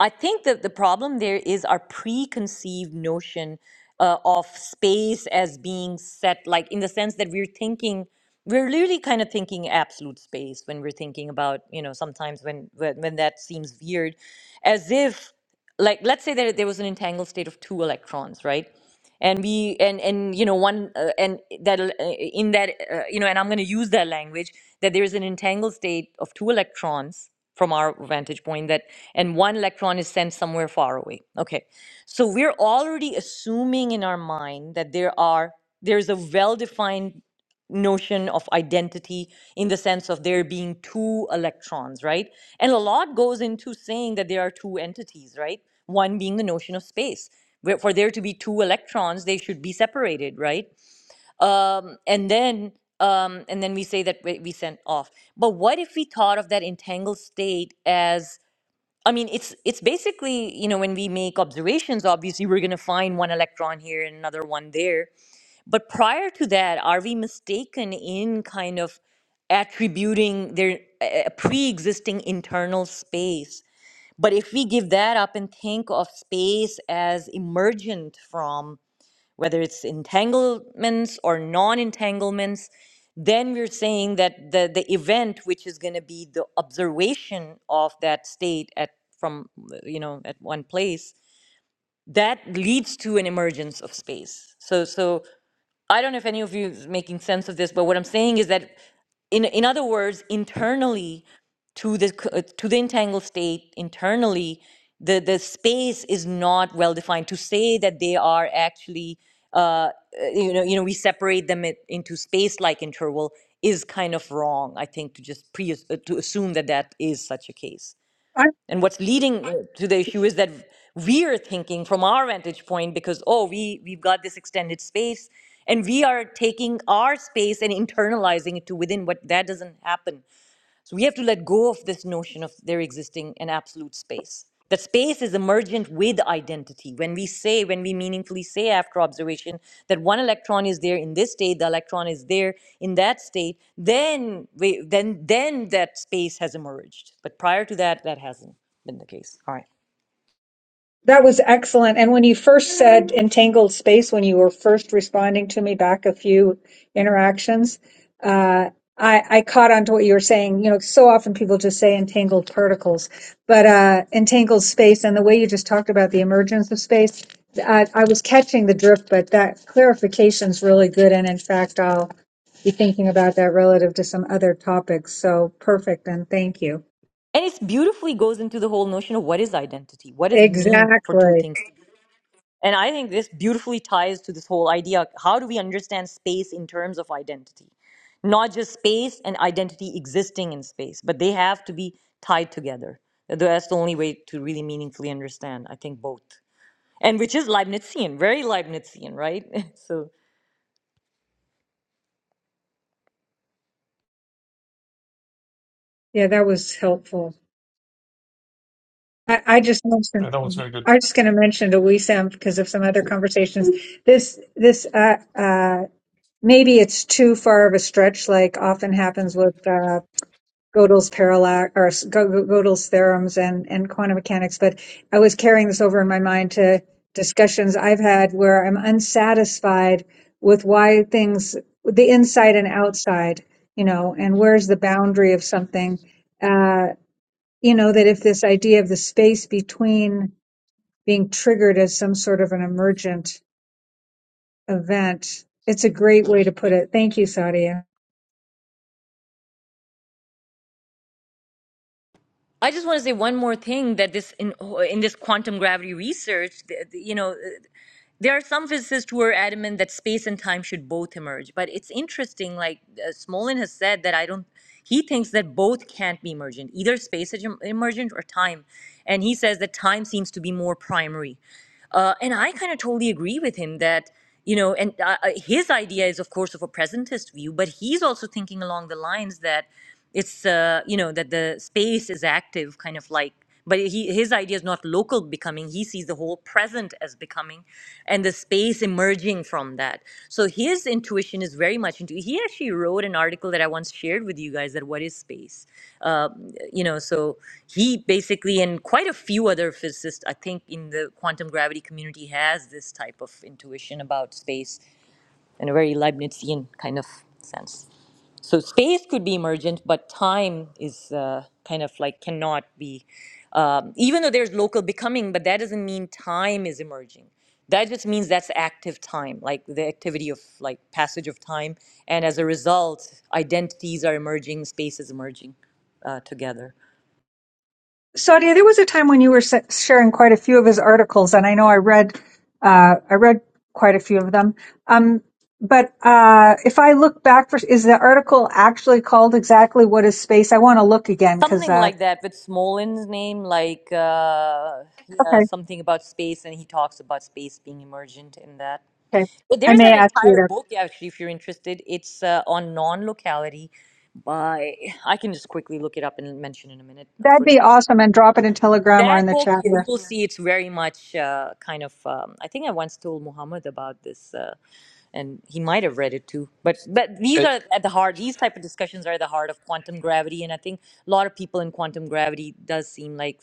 Speaker 3: I think that the problem there is our preconceived notion uh, of space as being set, like in the sense that we're thinking, we're really kind of thinking absolute space when we're thinking about, you know, sometimes when when, when that seems weird, as if like let's say that there was an entangled state of two electrons right and we and and you know one uh, and that uh, in that uh, you know and i'm going to use that language that there is an entangled state of two electrons from our vantage point that and one electron is sent somewhere far away okay so we're already assuming in our mind that there are there's a well defined notion of identity in the sense of there being two electrons, right? And a lot goes into saying that there are two entities, right? One being the notion of space. Where for there to be two electrons, they should be separated, right? Um, and then um, and then we say that we we sent off. But what if we thought of that entangled state as I mean, it's it's basically you know when we make observations, obviously we're going to find one electron here and another one there, but prior to that, are we mistaken in kind of attributing their uh, pre existing internal space? But if we give that up and think of space as emergent from whether it's entanglements or non entanglements, then we're saying that the, the event, which is going to be the observation of that state at from you know at one place, that leads to an emergence of space. So so I don't know if any of you is making sense of this, but what I'm saying is that, in in other words, internally to the c- uh, to the entangled state, internally, the the space is not well defined. To say that they are actually, uh, uh, you know, you know, we separate them it, into space-like interval is kind of wrong. I think to just pre uh, to assume that that is such a case. And what's leading uh, to the issue is that we're thinking from our vantage point because oh we we've got this extended space and we are taking our space and internalizing it to within what that doesn't happen so we have to let go of this notion of there existing an absolute space. That space is emergent with identity. When we say, when we meaningfully say after observation that one electron is there in this state, the electron is there in that state, then we, then then that space has emerged. But prior to that, that hasn't been the case. All right.
Speaker 1: That was excellent. And when you first said entangled space, when you were first responding to me back a few interactions, uh, I, I caught on to what you were saying. You know, so often people just say entangled particles, but uh, entangled space and the way you just talked about the emergence of space, I, I was catching the drift, but that clarification is really good. And in fact, I'll be thinking about that relative to some other topics. So perfect. And thank you.
Speaker 3: And it beautifully goes into the whole notion of what is identity? What does mean for two
Speaker 1: Exactly.
Speaker 3: things? And I think this beautifully ties to this whole idea how do we understand space in terms of identity? Not just space and identity existing in space, but they have to be tied together. That's the only way to really meaningfully understand, I think, both. And which is Leibnizian, very Leibnizian, right? so
Speaker 1: Yeah, that was helpful. I, I just mentioned,
Speaker 4: Uh, that was very good.
Speaker 1: I'm just going to mention to WeSAM because of some other conversations. This, this, uh, uh, maybe it's too far of a stretch, like often happens with, uh, Gödel's parallax or s- Go- Go- Gödel's theorems and, and quantum mechanics. But I was carrying this over in my mind to discussions I've had where I'm unsatisfied with why things, the inside and outside, you know, and where's the boundary of something. Uh, you know, that if this idea of the space between being triggered as some sort of an emergent event, it's a great way to put it. Thank you, Sadia.
Speaker 3: I just want to say one more thing that this in, in this quantum gravity research, th- th- you know, There are some physicists who are adamant that space and time should both emerge, but it's interesting. Like uh, Smolin has said that I don't. He thinks that both can't be emergent, either space is em- emergent or time, and he says that time seems to be more primary. Uh, and I kind of totally agree with him that, you know, and uh, uh, his idea is, of course, of a presentist view, but he's also thinking along the lines that it's, uh, you know, that the space is active, kind of like but he, his idea is not local becoming. He sees the whole present as becoming and the space emerging from that. So his intuition is very much into. He actually wrote an article that I once shared with you guys that what is space? Uh, you know, so he basically, and quite a few other physicists, I think, in the quantum gravity community has this type of intuition about space in a very Leibnizian kind of sense. So space could be emergent, but time is uh, kind of like cannot be. Um, even though there's local becoming, but that doesn't mean time is emerging. That just means that's active time, like the activity of like passage of time, and as a result, identities are emerging, space is emerging uh, together.
Speaker 1: Sadia, there was a time when you were sa- sharing quite a few of his articles, and I know I read, uh, I read quite a few of them. Um, but uh, if I look back for, is the article actually called exactly what is space? I want to look again because
Speaker 3: Something
Speaker 1: uh,
Speaker 3: like that with Smolin's name, like uh, yeah,
Speaker 1: okay,
Speaker 3: something about space, and he talks about space being emergent in that.
Speaker 1: okay,
Speaker 3: Well,
Speaker 1: I
Speaker 3: there's
Speaker 1: may
Speaker 3: an
Speaker 1: ask you
Speaker 3: entire
Speaker 1: to.
Speaker 3: book yeah, actually, if you're interested. It's uh, on non-locality. By I can just quickly look it up and mention in a minute. I
Speaker 1: That'd
Speaker 3: forget.
Speaker 1: be awesome, and drop it in Telegram or
Speaker 3: That
Speaker 1: in the
Speaker 3: book,
Speaker 1: chat
Speaker 3: you-
Speaker 1: here.
Speaker 3: you'll see, it's very much uh, kind of. Um, I think I once told Muhammad about this. Uh, and he might have read it too but but these
Speaker 2: It,
Speaker 3: are at the heart these type of discussions are at the heart of quantum gravity and i think a lot of people in quantum gravity does seem like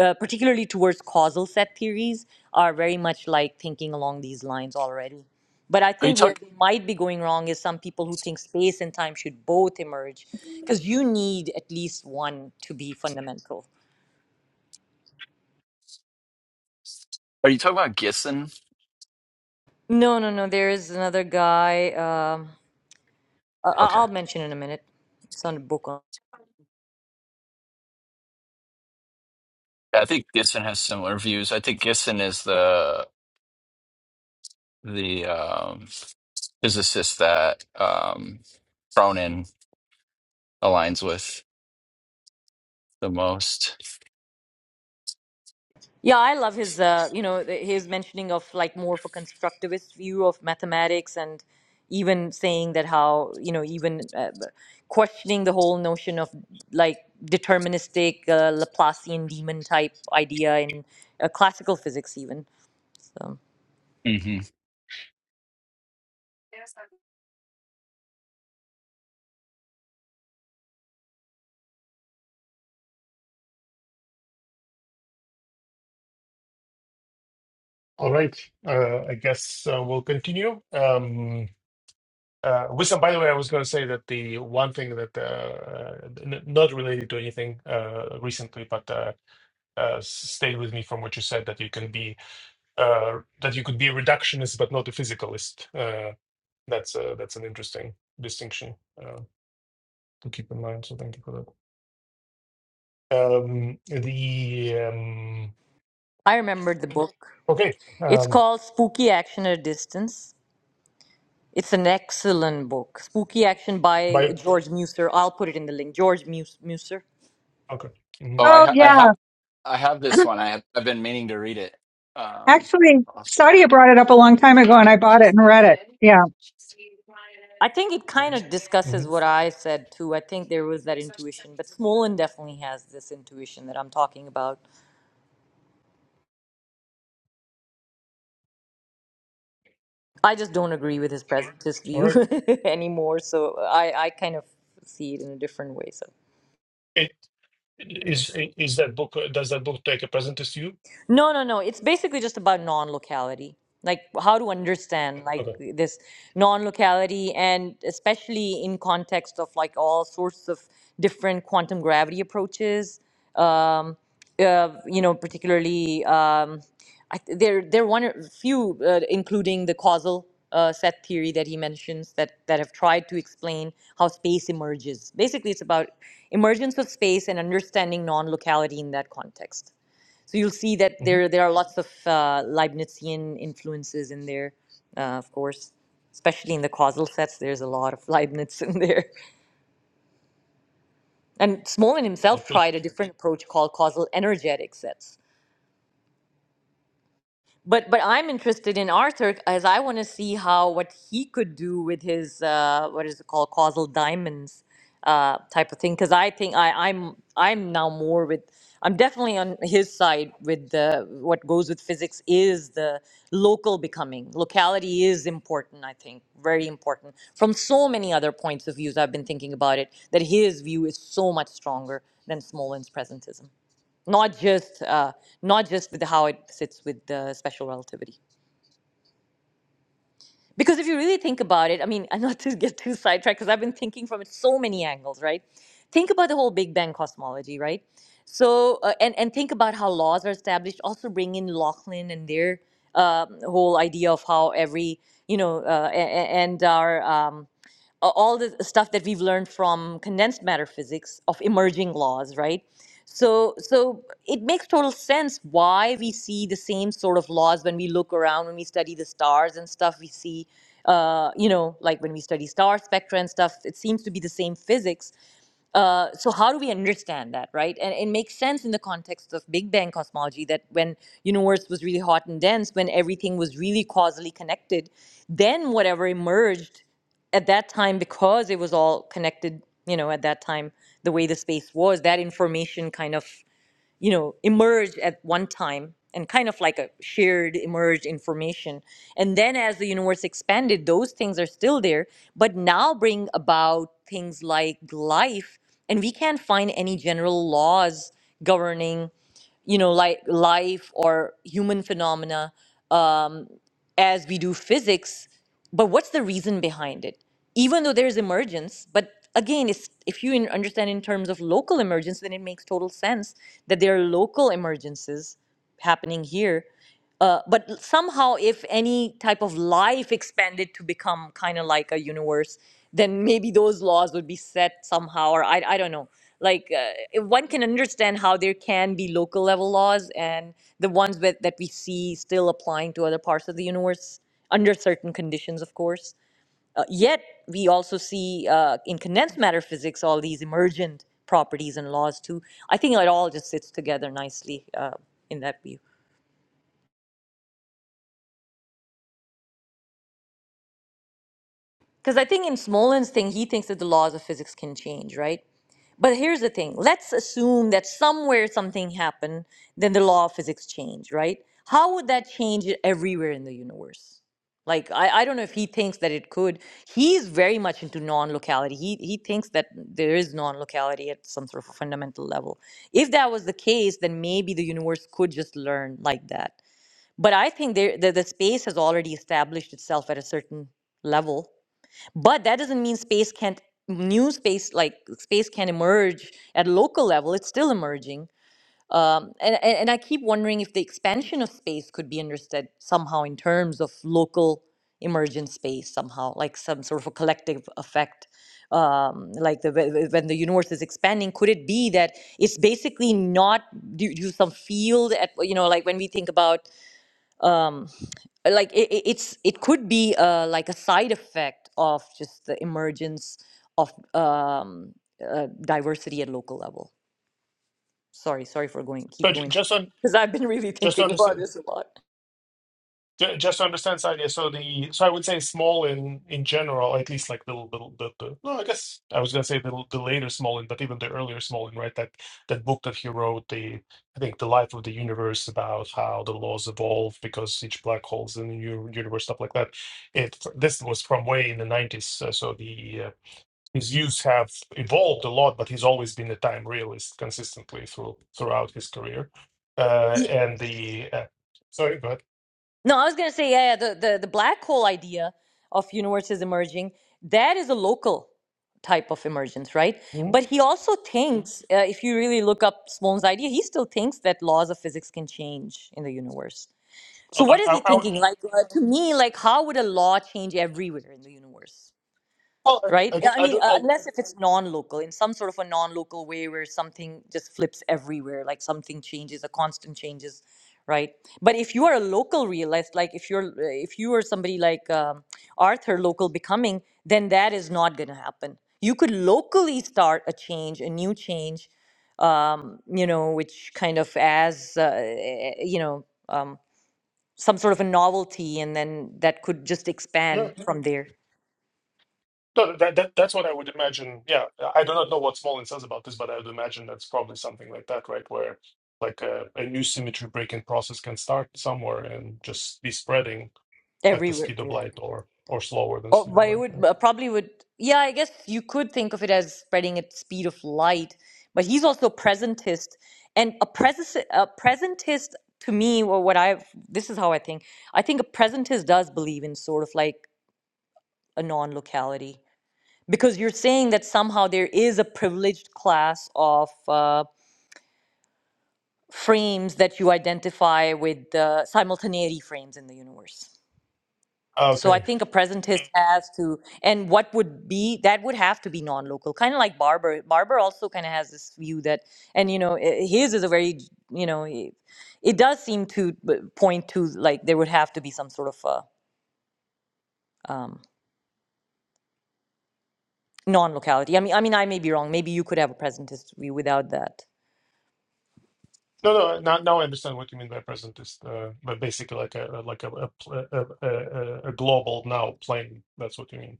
Speaker 3: uh, particularly towards causal set theories are very much like thinking along these lines already but i
Speaker 2: are, you
Speaker 3: think where
Speaker 2: talk,
Speaker 3: they might be going wrong is some people who think space and time should both emerge because you need at least one to be fundamental
Speaker 2: are you talking about Gisson?
Speaker 3: no no no there is another guy um, I- I-
Speaker 2: Okay.
Speaker 3: i'll mention in a minute it's on a book
Speaker 2: I think Gisson has similar views. I think Gisson is the the um, physicist that um, Cronin aligns with the most.
Speaker 3: Yeah, I love his, uh, you know, th- his mentioning of like more of a constructivist view of mathematics and even saying that how, you know, even uh, b- questioning the whole notion of like deterministic uh, Laplacian demon type idea in uh, classical physics, even. So
Speaker 4: All right, uh, I guess uh, we'll continue. Um, Uh, wisdom, by the way, I was going to say that the one thing that, uh, uh, n not related to anything uh, recently, but uh, uh, stayed with me from what you said that you can be uh, that you could be a reductionist but not a physicalist. Uh, that's uh, that's an interesting distinction uh, to keep in mind. So thank you for that. Um, the um,
Speaker 3: I remembered the Mhm. book.
Speaker 4: okay,
Speaker 3: It's
Speaker 4: um,
Speaker 3: called Spooky Action at a Distance. It's an excellent book. Spooky Action by
Speaker 4: by
Speaker 3: George Muser. I'll put it in the link. George Mus- Muser.
Speaker 4: okay, hmm
Speaker 2: Oh, I
Speaker 1: Oh
Speaker 2: ha- I
Speaker 1: yeah,
Speaker 2: have I have this one. I have, I've been meaning to read it. Um,
Speaker 1: Actually,
Speaker 2: awesome.
Speaker 1: Sadia brought it up a long time ago and I bought it and read it. Yeah.
Speaker 3: I think it kind of
Speaker 4: hmm
Speaker 3: discusses what I said too. I think there was that intuition, but Smolin definitely has this intuition that I'm talking about. I just don't agree with his presentist
Speaker 4: all
Speaker 3: view
Speaker 4: right.
Speaker 3: anymore, so I, I kind of see it in a different way. So.
Speaker 4: It, is is that book? uh, Does that book take a presentist view?
Speaker 3: No, no, no. It's basically just about non-locality, like how to understand like
Speaker 4: Okay.
Speaker 3: this non-locality, and especially in context of like all sorts of different quantum gravity approaches. Um, uh, you know, particularly um, I, th- there there are one or few, uh, including the causal uh, set theory that he mentions that that have tried to explain how space emerges. Basically, it's about emergence of space and understanding non-locality in that context. So you'll see that there there are lots of uh, Leibnizian influences in there, uh, of course, especially in the causal sets. There's a lot of Leibniz in there. And Smolin himself
Speaker 4: hmm
Speaker 3: tried a different approach called causal energetic sets but but I'm interested in Arthur as I want to see how what he could do with his uh, what is it called causal diamonds uh, type of thing because I think I I'm I'm now more with I'm definitely on his side with the what goes with physics is the local becoming locality is important I think very important from so many other points of views I've been thinking about it that his view is so much stronger than Smolin's presentism not just uh, not just with how it sits with the special relativity. Because if you really think about it, I mean, and not to get too sidetracked, because I've been thinking from it so many angles, right? Think about the whole Big Bang cosmology, right? So, uh, and and think about how laws are established. Also, bring in Lachlan and their um whole idea of how every, you know, uh, a- a- and our um, a- all the stuff that we've learned from condensed matter physics of emerging laws, right? So, so it makes total sense why we see the same sort of laws when we look around, when we study the stars and stuff. We see, uh, you know, like when we study star spectra and stuff, it seems to be the same physics uh, so how do we understand that right and it makes sense in the context of big bang cosmology that when universe was really hot and dense when everything was really causally connected then whatever emerged at that time because it was all connected you know at that time the way the space was that information kind of you know emerged at one time and kind of like a shared emerged information and then as the universe expanded those things are still there but now bring about things like life and we can't find any general laws governing you know, like life or human phenomena um, as we do physics. But what's the reason behind it? Even though there's emergence, but again, it's, if you in- understand in terms of local emergence, then it makes total sense that there are local emergences happening here uh, but l- somehow if any type of life expanded to become kind of like a universe then maybe those laws would be set somehow or i, I don't know like uh, if one can understand how there can be local level laws and the ones with, that we see still applying to other parts of the universe under certain conditions of course uh, yet we also see uh, in condensed matter physics all these emergent properties and laws too i think it all just sits together nicely uh, in that view Because I think in Smolin's thing, he thinks that the laws of physics can change, right? But here's the thing let's assume that somewhere something happened, then the law of physics changed, right? How would that change it everywhere in the universe? Like, I, I don't know if he thinks that it could. He's very much into non locality. He, he thinks that there is non locality at some sort of a fundamental level. If that was the case, then maybe the universe could just learn like that. But I think there, the, the space has already established itself at a certain level but that doesn't mean space can't new space like space can emerge at local level it's still emerging um, and, and and i keep wondering if the expansion of space could be understood somehow in terms of local emergent space somehow like some sort of a collective effect um, like the, whe- whe- when the universe is expanding could it be that it's basically not due to some field at you know like when we think about um like it, it- it's it could be uh like a side effect of just the emergence of um uh, diversity at local level sorry sorry for going keep
Speaker 4: So ju-
Speaker 3: going
Speaker 4: just on
Speaker 3: because i've been really
Speaker 4: just to
Speaker 3: thinking about
Speaker 4: understand
Speaker 3: this a lot
Speaker 4: ju- just to understand this idea, so the so I would say small in in general, at least like the little the, the no, I guess I was gonna say the the later small in, but even the earlier small in, right? That that book that he wrote, the I think the life of the universe about how the laws evolve because each black hole's in the new universe, stuff like that. It this was from way in the nineties, uh, so the uh, his views have evolved a lot, but he's always been a time realist consistently through throughout his career. Uh,
Speaker 3: Ye-
Speaker 4: and the uh, sorry, go ahead.
Speaker 3: no i was gonna say yeah yeah, the, the the black hole idea of universes emerging that is a local type of emergence right
Speaker 4: Mhm.
Speaker 3: but he also Mhm. thinks uh, if you really look up sloan's idea he still thinks that laws of physics can change in the universe So what
Speaker 4: I,
Speaker 3: is he
Speaker 4: I, I,
Speaker 3: thinking? Like uh, to me, like how would a law change everywhere in the universe?
Speaker 4: well, I,
Speaker 3: Right?
Speaker 4: I
Speaker 3: Uh,
Speaker 4: think
Speaker 3: I
Speaker 4: I
Speaker 3: mean,
Speaker 4: do.
Speaker 3: uh,
Speaker 4: I
Speaker 3: unless if it's non-local, in some sort of a non-local way where something just flips everywhere, like something changes, a constant changes, right? But if you are a local realist, like if you're uh, if you are somebody like um, Arthur, local becoming, then that is not going to happen. You could locally start a change, a new change, um, you know, which kind of as uh, eh, eh, you know. Um, some sort of a novelty and then that could just
Speaker 4: yeah.
Speaker 3: expand from there
Speaker 4: No, that, that that's what I would imagine. Yeah, I do not know what Smolin says about this, but I would imagine that's probably something like that, right? Where like a, a new symmetry breaking process can start somewhere and just be spreading at the
Speaker 3: everywhere
Speaker 4: speed of
Speaker 3: yeah
Speaker 4: light or or slower than
Speaker 3: oh,
Speaker 4: speed of
Speaker 3: but it
Speaker 4: light.
Speaker 3: would uh, probably would yeah i guess you could think of it as spreading at speed of light but he's also presentist and a, pres- a presentist to me or what i this is how i think i think a presentist does believe in sort of like a non-locality because you're saying that somehow there is a privileged class of uh, frames that you identify with the simultaneity frames in the universe So
Speaker 4: Yeah.
Speaker 3: I think a presentist has to, and what would be that would have to be non-local, kind of like Barber. Barber also kind of has this view that, and you know, i- his is a very, j- you know, i- it does seem to b- point to like there would have to be some sort of a um, non-locality. I mean, I mean, I may be wrong. Maybe you could have a presentist view without that.
Speaker 4: No, no, now, now I understand what you mean by presentist, uh, but basically like a like a a, pl- a, a, a a global now plane. That's what you mean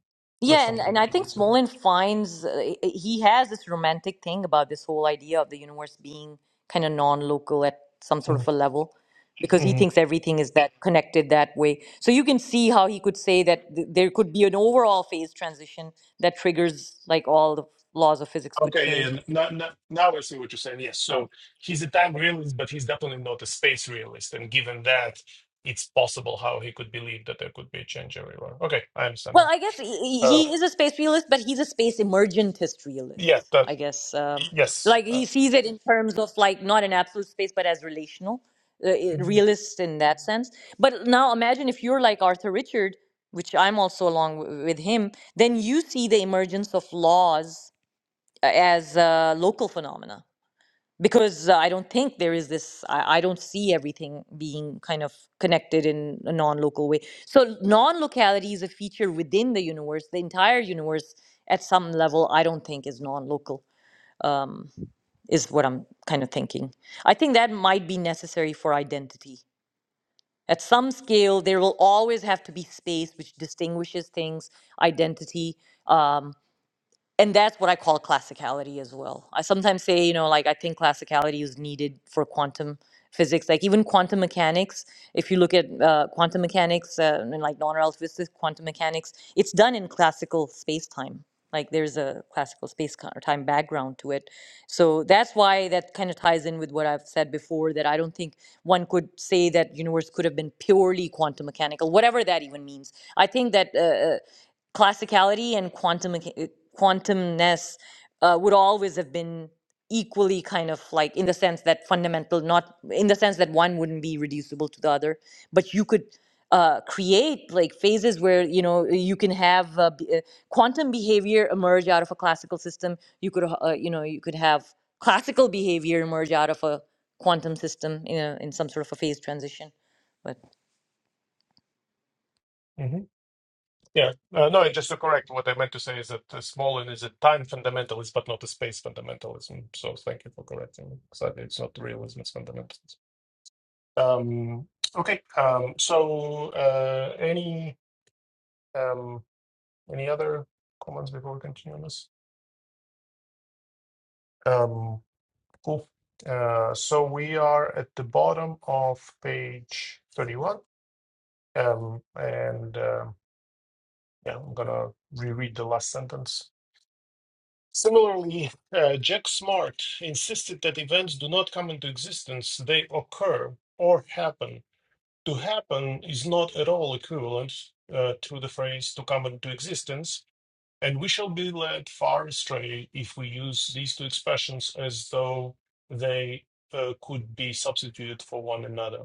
Speaker 4: by
Speaker 3: Yeah, and,
Speaker 4: somebody
Speaker 3: and
Speaker 4: who
Speaker 3: I think
Speaker 4: believes in
Speaker 3: Smolin finds uh, he has this romantic thing about this whole idea of the universe being kind of non-local at some sort of
Speaker 4: it.
Speaker 3: a level, because he
Speaker 4: hmm
Speaker 3: thinks everything is that connected that way. So you can see how he could say that th- there could be an overall phase transition that triggers like all the laws of physics could
Speaker 4: Okay, yeah,
Speaker 3: change.
Speaker 4: yeah. Now, now, now I see what you're saying. Yes, so he's a time realist, but he's definitely not a space realist. And given that, it's possible how he could believe that there could be a change everywhere. Okay, I understand
Speaker 3: Well,
Speaker 4: now.
Speaker 3: I guess he,
Speaker 4: Uh,
Speaker 3: he is a space realist, but he's a space emergentist
Speaker 4: yeah,
Speaker 3: realist.
Speaker 4: that
Speaker 3: I guess um,
Speaker 4: yes.
Speaker 3: like
Speaker 4: Uh,
Speaker 3: he sees it in terms of like not an absolute space, but as relational, uh, i-
Speaker 4: mm-hmm,
Speaker 3: realist in that sense. But now imagine if you're like Arthur Richard, which I'm also along w- with him, then you see the emergence of laws uh, as uh, local phenomena because uh, I don't think there is this, I, I don't see everything being kind of connected in a non local way. So, non locality is a feature within the universe. The entire universe, at some level, I don't think is non local, um, is what I'm kind of thinking. I think that might be necessary for identity. At some scale, there will always have to be space which distinguishes things, identity. Um, and that's what I call classicality as well. I sometimes say, you know, like I think classicality is needed for quantum physics. Like even quantum mechanics, if you look at uh, quantum mechanics uh, and like non-relativistic quantum mechanics, it's done in classical space-time. Like there's a classical space co- or time background to it. So that's why that kind of ties in with what I've said before that I don't think one could say that universe could have been purely quantum mechanical, whatever that even means. I think that. Uh, uh, classicality and quantum uh, quantumness uh, would always have been equally kind of like in the sense that fundamental not in the sense that one wouldn't be reducible to the other but you could uh, create like phases where you know you can have uh, b- uh, quantum behavior emerge out of a classical system you could uh, uh, you know you could have classical behavior emerge out of a quantum system in know in some sort of a phase transition but
Speaker 4: mm-hmm. Yeah. Uh, no, and just to correct, what I meant to say is that uh, Smolin is a time fundamentalist, but not a space fundamentalism. So thank you for correcting me. Sadly, it's not realism, it's fundamentalism. Um, okay. Um, so uh, any um, any other comments before we continue on this? Um, cool. Uh, so we are at the bottom of page 31. Um, and uh, yeah, I'm going to reread the last sentence Similarly, uh, Jack Smart insisted that events do not come into existence, they occur or happen. To happen is not at all equivalent uh, to the phrase to come into existence, and we shall be led far astray if we use these two expressions as though they uh, could be substituted for one another.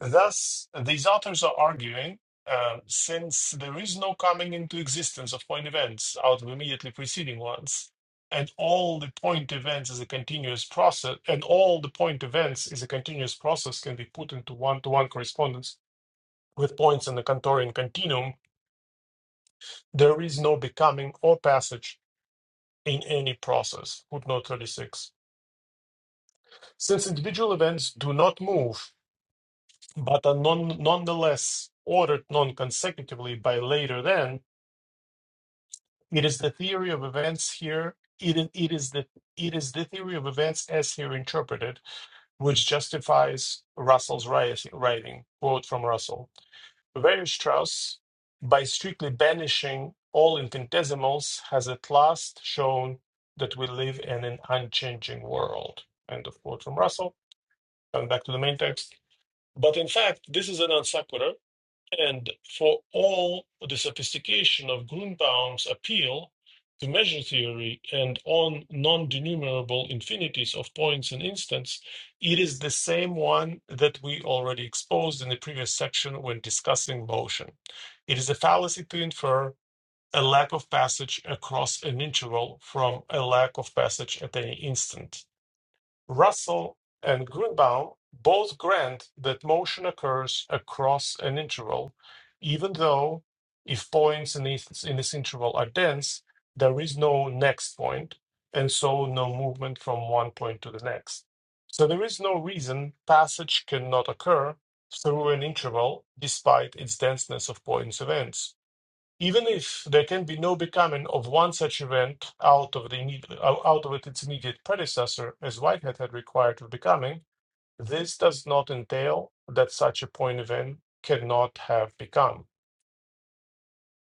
Speaker 4: Thus, these authors are arguing um, since there is no coming into existence of point events out of immediately preceding ones, and all the point events is a continuous process, and all the point events is a continuous process can be put into one to one correspondence with points in the Cantorian continuum, there is no becoming or passage in any process. Footnote 36. Since individual events do not move, but are non- nonetheless ordered non consecutively by later than, It is the theory of events here. It is, it is the it is the theory of events as here interpreted, which justifies Russell's ri- writing. Quote from Russell: Weierstrass, by strictly banishing all infinitesimals, has at last shown that we live in an unchanging world. End of quote from Russell. Coming back to the main text, but in fact, this is an non sequitur and for all the sophistication of Grunbaum's appeal to measure theory and on non denumerable infinities of points and instants, it is the same one that we already exposed in the previous section when discussing motion. It is a fallacy to infer a lack of passage across an interval from a lack of passage at any instant. Russell and Greenbaum both grant that motion occurs across an interval, even though if points in this, in this interval are dense, there is no next point, and so no movement from one point to the next. So there is no reason passage cannot occur through an interval despite its denseness of points events. Even if there can be no becoming of one such event out of the immedi- out of it its immediate predecessor, as Whitehead had required of becoming, this does not entail that such a point event cannot have become.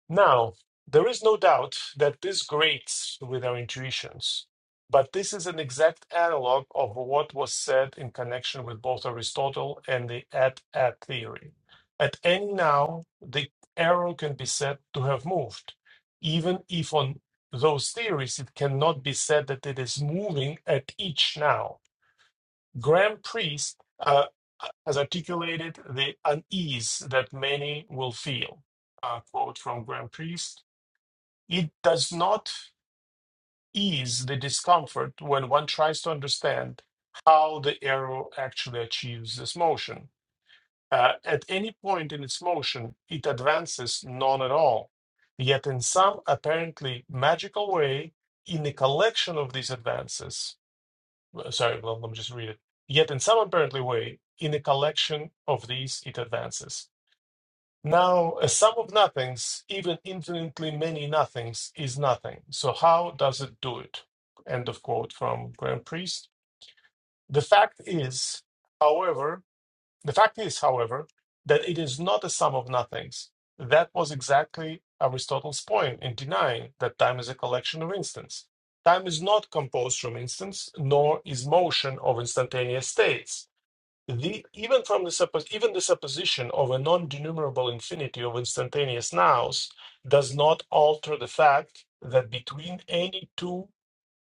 Speaker 4: Now, there is no doubt that this grates with our intuitions, but this is an exact analog of what was said in connection with both Aristotle and the at-at theory. At any now, the arrow can be said to have moved, even if on those theories it cannot be said that it is moving at each now. Graham Priest uh, has articulated the unease that many will feel. A quote from Graham Priest it does not ease the discomfort when one tries to understand how the arrow actually achieves this motion. Uh, at any point in its motion, it advances none at all. Yet, in some apparently magical way, in the collection of these advances, uh, sorry, let let me just read it. Yet, in some apparently way, in the collection of these, it advances. Now, a sum of nothings, even infinitely many nothings, is nothing. So, how does it do it? End of quote from Graham Priest. The fact is, however, the fact is, however, that it is not a sum of nothings. That was exactly Aristotle's point in denying that time is a collection of instants. Time is not composed from instants, nor is motion of instantaneous states the even from the suppo- even the supposition of a non-denumerable infinity of instantaneous nows does not alter the fact that between any two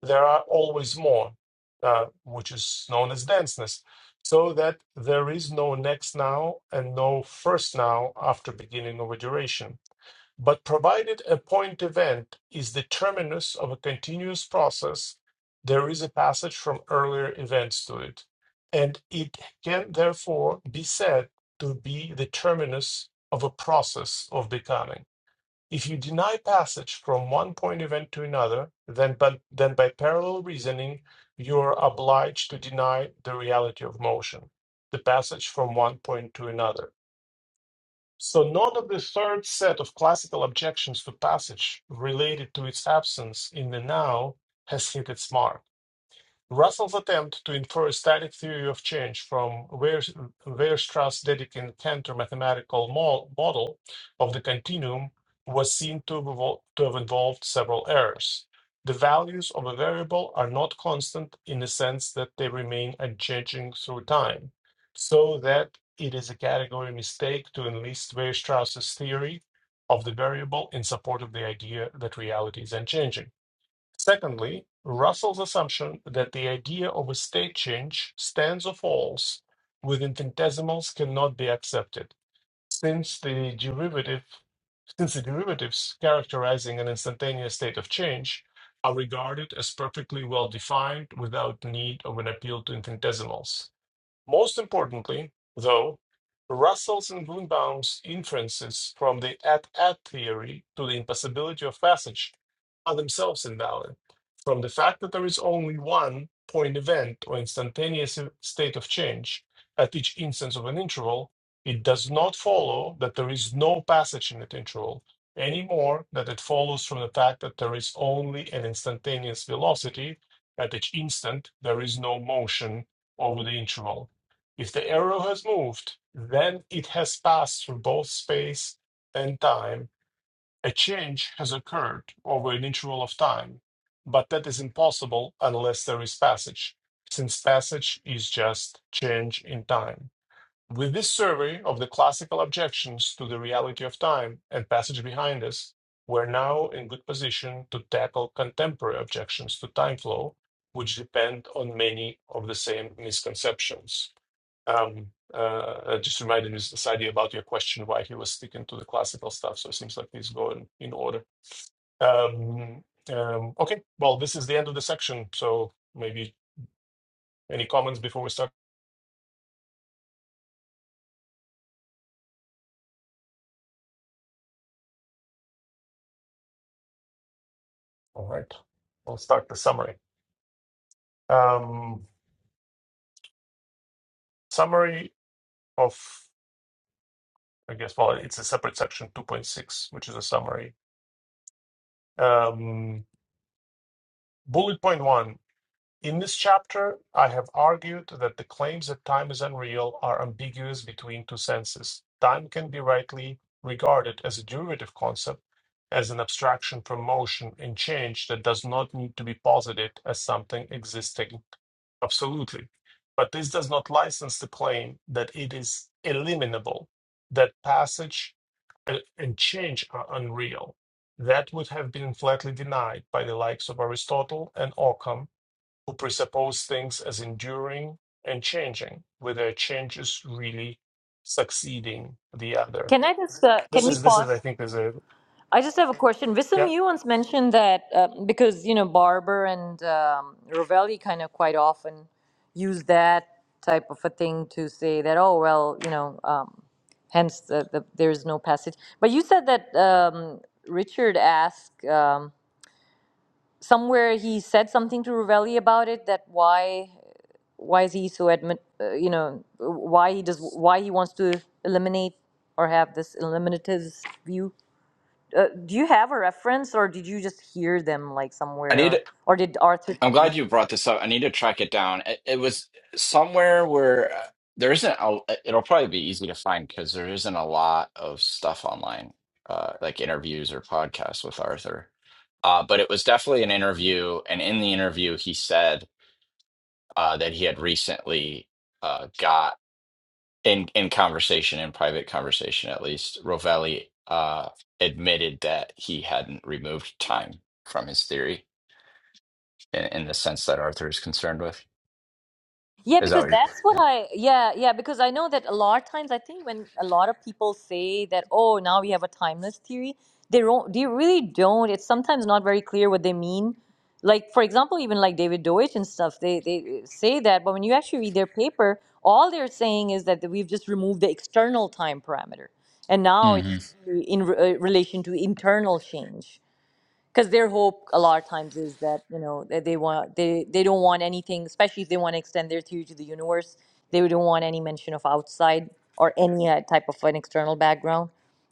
Speaker 4: there are always more, uh, which is known as denseness. So that there is no next now and no first now after beginning of a duration. But provided a point event is the terminus of a continuous process, there is a passage from earlier events to it, and it can therefore be said to be the terminus of a process of becoming. If you deny passage from one point event to another, then by, then by parallel reasoning, you are obliged to deny the reality of motion, the passage from one point to another. So none of the third set of classical objections to passage related to its absence in the now has hit its mark. Russell's attempt to infer a static theory of change from Weier's- Weierstrass-Dedekind Cantor mathematical mo- model of the continuum was seen to, have evol- to have involved several errors. The values of a variable are not constant in the sense that they remain unchanging through time, so that it is a category mistake to enlist Weierstrass's theory of the variable in support of the idea that reality is unchanging. Secondly, Russell's assumption that the idea of a state change stands or falls with infinitesimals cannot be accepted, since the derivative since the derivatives characterizing an instantaneous state of change are regarded as perfectly well defined without need of an appeal to infinitesimals. Most importantly, though, Russell's and Greenbaum's inferences from the at-at theory to the impossibility of passage are themselves invalid. From the fact that there is only one point event or instantaneous state of change at each instance of an interval, it does not follow that there is no passage in that interval, any more than it follows from the fact that there is only an instantaneous velocity at each instant, there is no motion over the interval. If the arrow has moved, then it has passed through both space and time. A change has occurred over an interval of time, but that is impossible unless there is passage, since passage is just change in time. With this survey of the classical objections to the reality of time and passage behind us, we're now in good position to tackle contemporary objections to time flow, which depend on many of the same misconceptions. Um, uh, uh, just reminded me of this idea about your question why he was sticking to the classical stuff. So it seems like he's going in order. Um, um, okay, well, this is the end of the section. So maybe any comments before we start? All right, I'll start the summary. Um, summary of, I guess, well, it's a separate section 2.6, which is a summary. Um, bullet point one In this chapter, I have argued that the claims that time is unreal are ambiguous between two senses. Time can be rightly regarded as a derivative concept, as an abstraction from motion and change that does not need to be posited as something existing absolutely. But this does not license the claim that it is eliminable, that passage uh, and change are unreal. That would have been flatly denied by the likes of Aristotle and Occam who presuppose things as enduring and changing, whether a change is really succeeding the other.
Speaker 3: can i just uh, can
Speaker 4: This
Speaker 3: we
Speaker 4: is this is I
Speaker 3: pause
Speaker 4: think is a
Speaker 3: I just have a question.
Speaker 4: yeah.
Speaker 3: Vissam, you once mentioned that uh, because you know Barber and um, Ravelli kind of quite often use that type of a thing to say that oh well you know um, hence the, the, there is no passage. But you said that um, Richard asked um, somewhere he said something to Rovelli about it that why why is he so admit uh, you know why he does why he wants to eliminate or have this eliminative view. Uh, do you have a reference, or did you just hear them like
Speaker 2: I
Speaker 3: somewhere,
Speaker 2: need.
Speaker 3: or or did Arthur
Speaker 2: I'm
Speaker 3: tell you?
Speaker 2: glad you brought this up. I need to track it down. It, it was somewhere where uh, there isn't. A, uh, it'll probably be easy to find because there isn't a lot of stuff online, uh, like interviews or podcasts with Arthur. Uh, but it was definitely an interview, and in the interview, he said uh, that he had recently uh, got in in conversation, in private conversation at least, Rovelli uh, admitted that he hadn't removed time from his theory in, in the sense that Arthur is concerned with.
Speaker 3: Yeah,
Speaker 2: Is that
Speaker 3: because
Speaker 2: what you're?
Speaker 3: that's what
Speaker 2: Yeah.
Speaker 3: I yeah yeah because I know that a lot of times I think when a lot of people say that oh now we have a timeless theory they don't they really don't it's sometimes not very clear what they mean like for example even like David Deutsch and stuff they they say that but when you actually read their paper all they're saying is that we've just removed the external time parameter and now it should
Speaker 2: Mm-hmm.
Speaker 3: be in re- uh, relation to internal change because their hope a lot of times is that you know that they want they they don't want anything especially if they want to extend their theory to the universe they don't want any mention of outside or any uh, type of an external background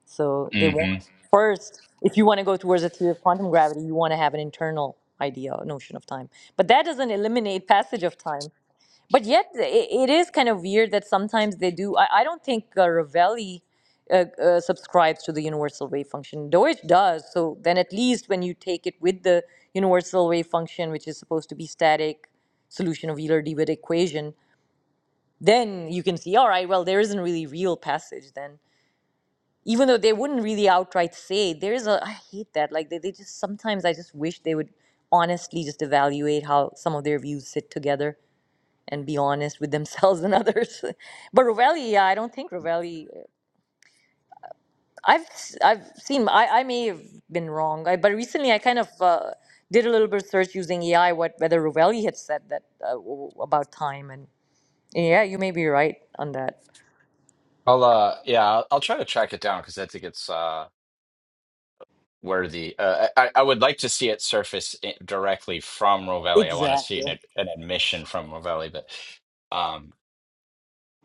Speaker 3: so they want
Speaker 2: Mm-hmm.
Speaker 3: first if you want to go towards a theory of quantum gravity you want to have an internal idea notion of time but that doesn't eliminate passage of time but yet, it, it is kind of weird that sometimes they do. I, I don't think uh, Ravelli uh, uh, subscribes to the universal wave function. Deutsch does. So then, at least when you take it with the universal wave function, which is supposed to be static solution of Euler-Debit equation, then you can see, all right, well, there isn't really real passage then. Even though they wouldn't really outright say, there is a, I hate that. Like, they, they just sometimes I just wish they would honestly just evaluate how some of their views sit together and be honest with themselves and others. But Rovelli, yeah, I don't think Rovelli. I've s- I've seen. I, I may have been wrong. I, but recently, I kind of uh, did a little bit of search using AI. What whether Rovelli had said that uh, w- about time and yeah, you may be right on that.
Speaker 2: I'll uh, yeah, I'll, I'll try to track it down because I think it's uh worthy. Uh, I I would like to see it surface i directly from Rovelli. I want to see an
Speaker 3: Exactly.
Speaker 2: ad- an admission from Rovelli, but um,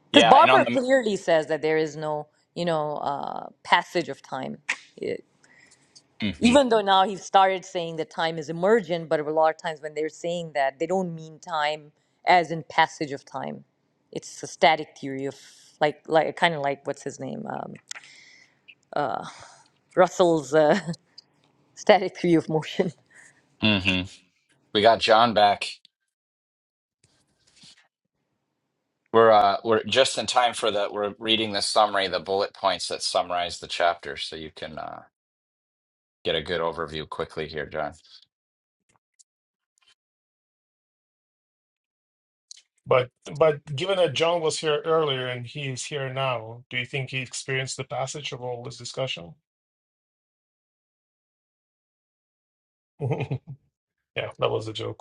Speaker 3: Because
Speaker 2: yeah, and on
Speaker 3: Barber
Speaker 2: the.
Speaker 3: clearly says that there is no you know uh, passage of time.
Speaker 2: Mm-hmm.
Speaker 3: even though now he started saying that time is emergent, but a lot of times when they're saying that, they don't mean time as in passage of time. It's a static theory of like like kind of like what's his name um, Russell's uh, static theory of motion.
Speaker 2: Mm-hmm. We got John back. We're uh, we're just in time for the we're reading the summary, the bullet points that summarize the chapter, so you can uh, get a good overview quickly here, John.
Speaker 4: But but given that John was here earlier and he is here now, do you think he experienced the passage of all this discussion? yeah, that was a joke.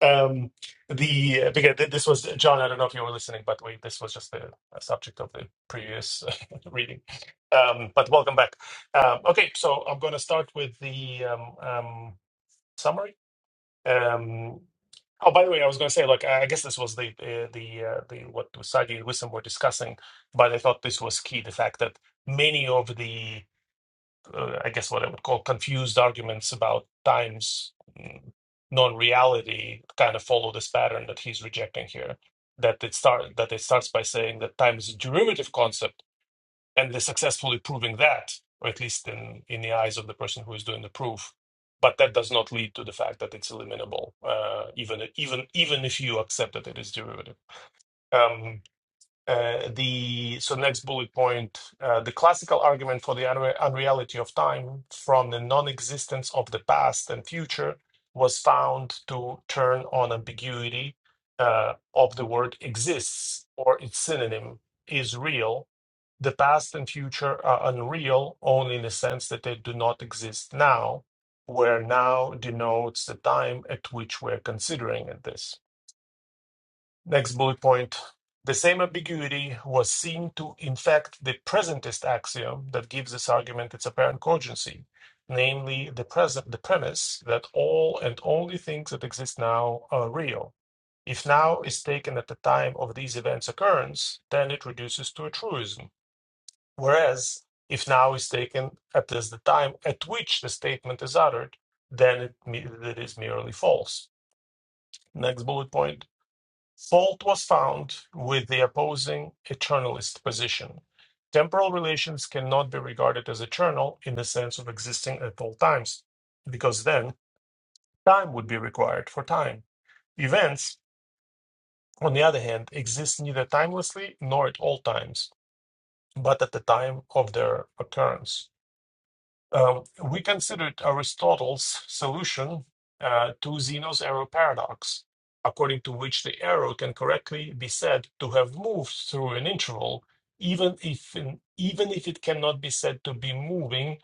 Speaker 4: Um, the because th- this was John. I don't know if you were listening, but we this was just the uh, subject of the previous reading. Um, but welcome back. Um, okay, so I'm going to start with the um, um, summary. Um, oh, by the way, I was going to say, like, I I guess this was the uh, the uh, the what Sagi and Wisdom were discussing, but I thought this was key: the fact that many of the uh, I guess what I would call confused arguments about time's mm, non-reality kind of follow this pattern that he's rejecting here. That it start that it starts by saying that time is a derivative concept, and they're successfully proving that, or at least in in the eyes of the person who is doing the proof. But that does not lead to the fact that it's eliminable, uh, even even even if you accept that it is derivative. Um, uh, the so next bullet point uh, the classical argument for the unre- unreality of time from the non-existence of the past and future was found to turn on ambiguity uh, of the word exists or its synonym is real the past and future are unreal only in the sense that they do not exist now where now denotes the time at which we're considering it this Next bullet point. The same ambiguity was seen to infect the presentist axiom that gives this argument its apparent cogency, namely the present the premise that all and only things that exist now are real. If now is taken at the time of these events' occurrence, then it reduces to a truism. Whereas if now is taken at this- the time at which the statement is uttered, then it, me- it is merely false. Next bullet point. Fault was found with the opposing eternalist position. Temporal relations cannot be regarded as eternal in the sense of existing at all times, because then time would be required for time. Events, on the other hand, exist neither timelessly nor at all times, but at the time of their occurrence. Um, we considered Aristotle's solution uh, to Zeno's arrow paradox, according to which the arrow can correctly be said to have moved through an interval, even if even if it cannot be said to be moving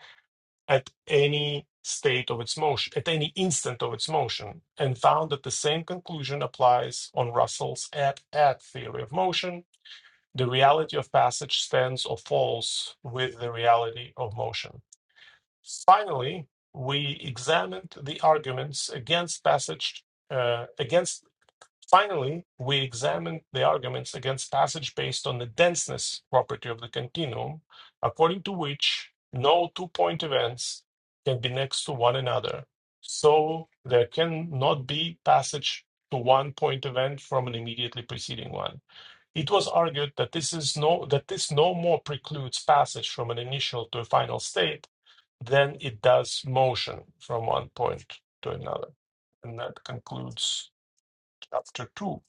Speaker 4: at any state of its motion, at any instant of its motion, and found that the same conclusion applies on Russell's at-at theory of motion. The reality of passage stands or falls with the reality of motion. Finally, we examined the arguments against passage uh, against. Finally, we examined the arguments against passage based on the denseness property of the continuum, according to which no two-point events can be next to one another, so there cannot be passage to one point event from an immediately preceding one. It was argued that this is no that this no more precludes passage from an initial to a final state then it does motion from one point to another. And that concludes chapter two.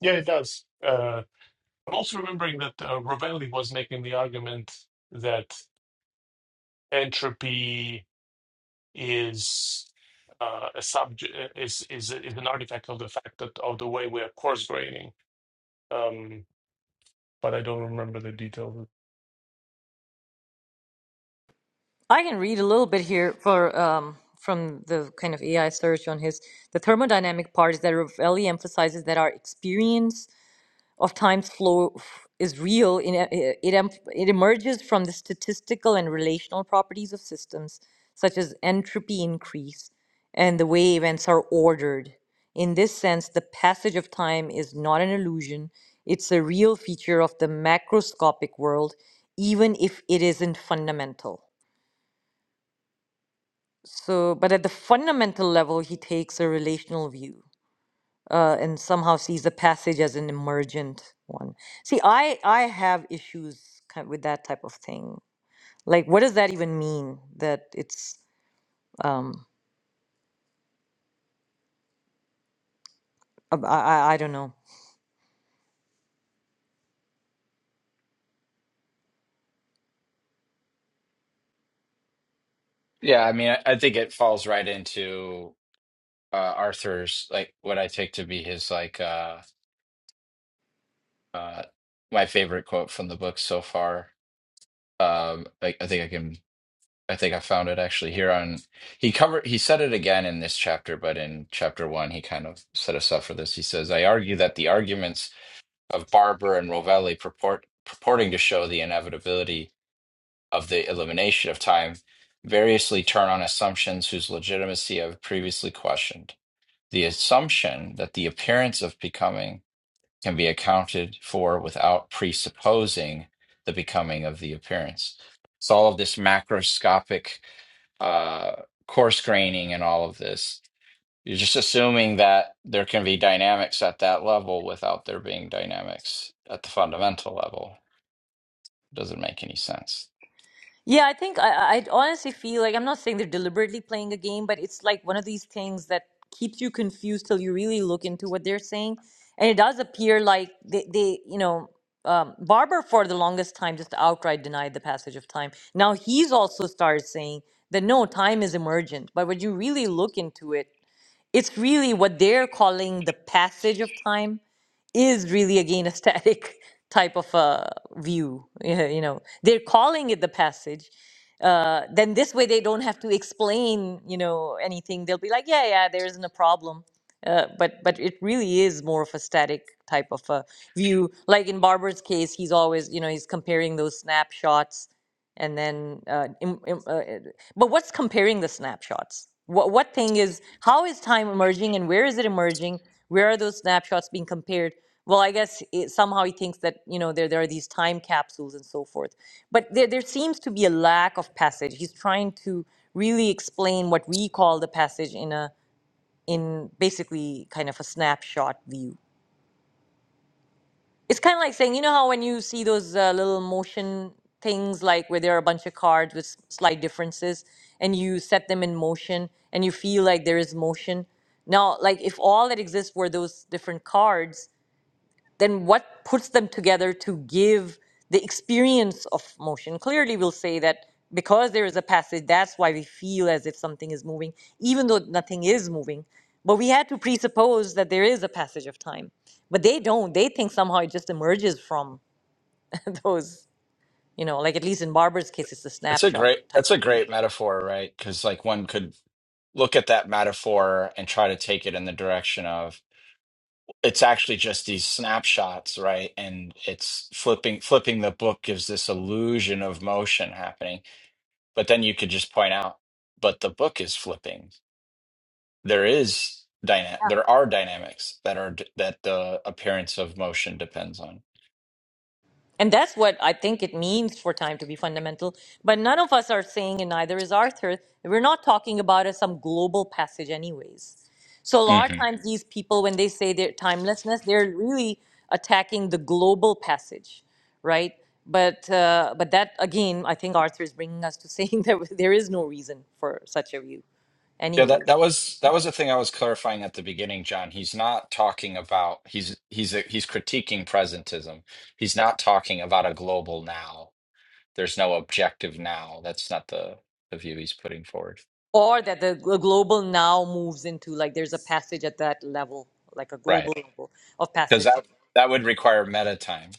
Speaker 4: Yeah, it does. Uh, I'm also remembering that uh, Rovelli was making the argument that entropy is uh, a subject is, is is an artifact of the fact that of the way we are coarse graining. Um, but I don't remember the details.
Speaker 3: I can read a little bit here for um, from the kind of AI search on his the thermodynamic part is that Ravelli emphasizes that our experience of time's flow f- is real. In, a- i- it, em- it emerges from the statistical and relational properties of systems, such as entropy increase and the way events are ordered. In this sense, the passage of time is not an illusion, it's a real feature of the macroscopic world, even if it isn't fundamental. So, but at the fundamental level, he takes a relational view uh, and somehow sees the passage as an emergent one. See, I I have issues kind with that type of thing. Like, what does that even mean? That it's um, I, I I don't know.
Speaker 2: Yeah, I mean, I, I think it falls right into uh, Arthur's like what I take to be his like uh, uh, my favorite quote from the book so far. Um, I, I think I can. I think I found it actually here on. He covered. He said it again in this chapter, but in chapter one, he kind of set us up for this. He says, "I argue that the arguments." of Barber and Rovelli purport, purporting to show the inevitability of the elimination of time variously turn on assumptions whose legitimacy I've previously questioned. The assumption that the appearance of becoming can be accounted for without presupposing the becoming of the appearance. So, all of this macroscopic uh, coarse graining and all of this you're just assuming that there can be dynamics at that level without there being dynamics at the fundamental level. Doesn't make any sense.
Speaker 3: Yeah, I think I, I honestly feel like I'm not saying they're deliberately playing a game, but it's like one of these things that keeps you confused till you really look into what they're saying. And it does appear like they, they you know, um, Barber for the longest time just outright denied the passage of time. Now he's also started saying that no, time is emergent. But when you really look into it, it's really what they're calling the passage of time is really again a static type of uh, view. yeah, You know, they're calling it the passage. Uh, then this way they don't have to explain, you know, anything. They'll be like, yeah, yeah, there isn't a problem. Uh, but but it really is more of a static type of a view. Like in Barber's case, he's always, you know, he's comparing those snapshots and then uh, im- im- uh, but what's comparing the snapshots? What what thing is how is time emerging and where is it emerging? Where are those snapshots being compared? Well, I guess it, somehow he thinks that you know there there are these time capsules and so forth. But there there seems to be a lack of passage. He's trying to really explain what we call the passage in a in basically kind of a snapshot view it's kind of like saying, you know how when you see those uh, little motion things, like where there are a bunch of cards with s- slight differences, and you set them in motion, and you feel like there is motion. Now, like if all that exists were those different cards, then what puts them together to give the experience of motion? Clearly, we'll say that because there is a passage, that's why we feel as if something is moving, even though nothing is moving. But we had to presuppose that there is a passage of time. But they don't. They think somehow it just emerges from those, you know, like at least in Barber's case, it's a
Speaker 2: That's a
Speaker 3: snapshot
Speaker 2: great that's a
Speaker 3: type.
Speaker 2: great metaphor, right? Because like one could look at that metaphor and try to take it in the direction of it's actually just these snapshots, right? And it's flipping flipping the book gives this illusion of motion happening. But then you could just point out, but the book is flipping. There is dyna- there are dynamics that are that the appearance of motion depends on.
Speaker 3: And that's what I think it means for time to be fundamental. But none of us are saying, and neither is Arthur, we're not talking about as some global passage, anyways. So a lot of
Speaker 2: hmm
Speaker 3: times, these people, when they say their timelessness, they're really attacking the global passage, right? But uh, but that again, I think Arthur is bringing us to saying that there is no reason for such a view,
Speaker 2: Yeah, that
Speaker 3: anyways,
Speaker 2: that was that was the thing I was clarifying at the beginning, John. He's not talking about he's he's he's critiquing presentism. He's not talking about a global now. There's no objective now. That's not the the view he's putting forward.
Speaker 3: or that the gl- global now moves into like there's a passage at that level, like a
Speaker 2: Right.
Speaker 3: global level of
Speaker 2: Because
Speaker 3: passage.
Speaker 2: that that would require meta time.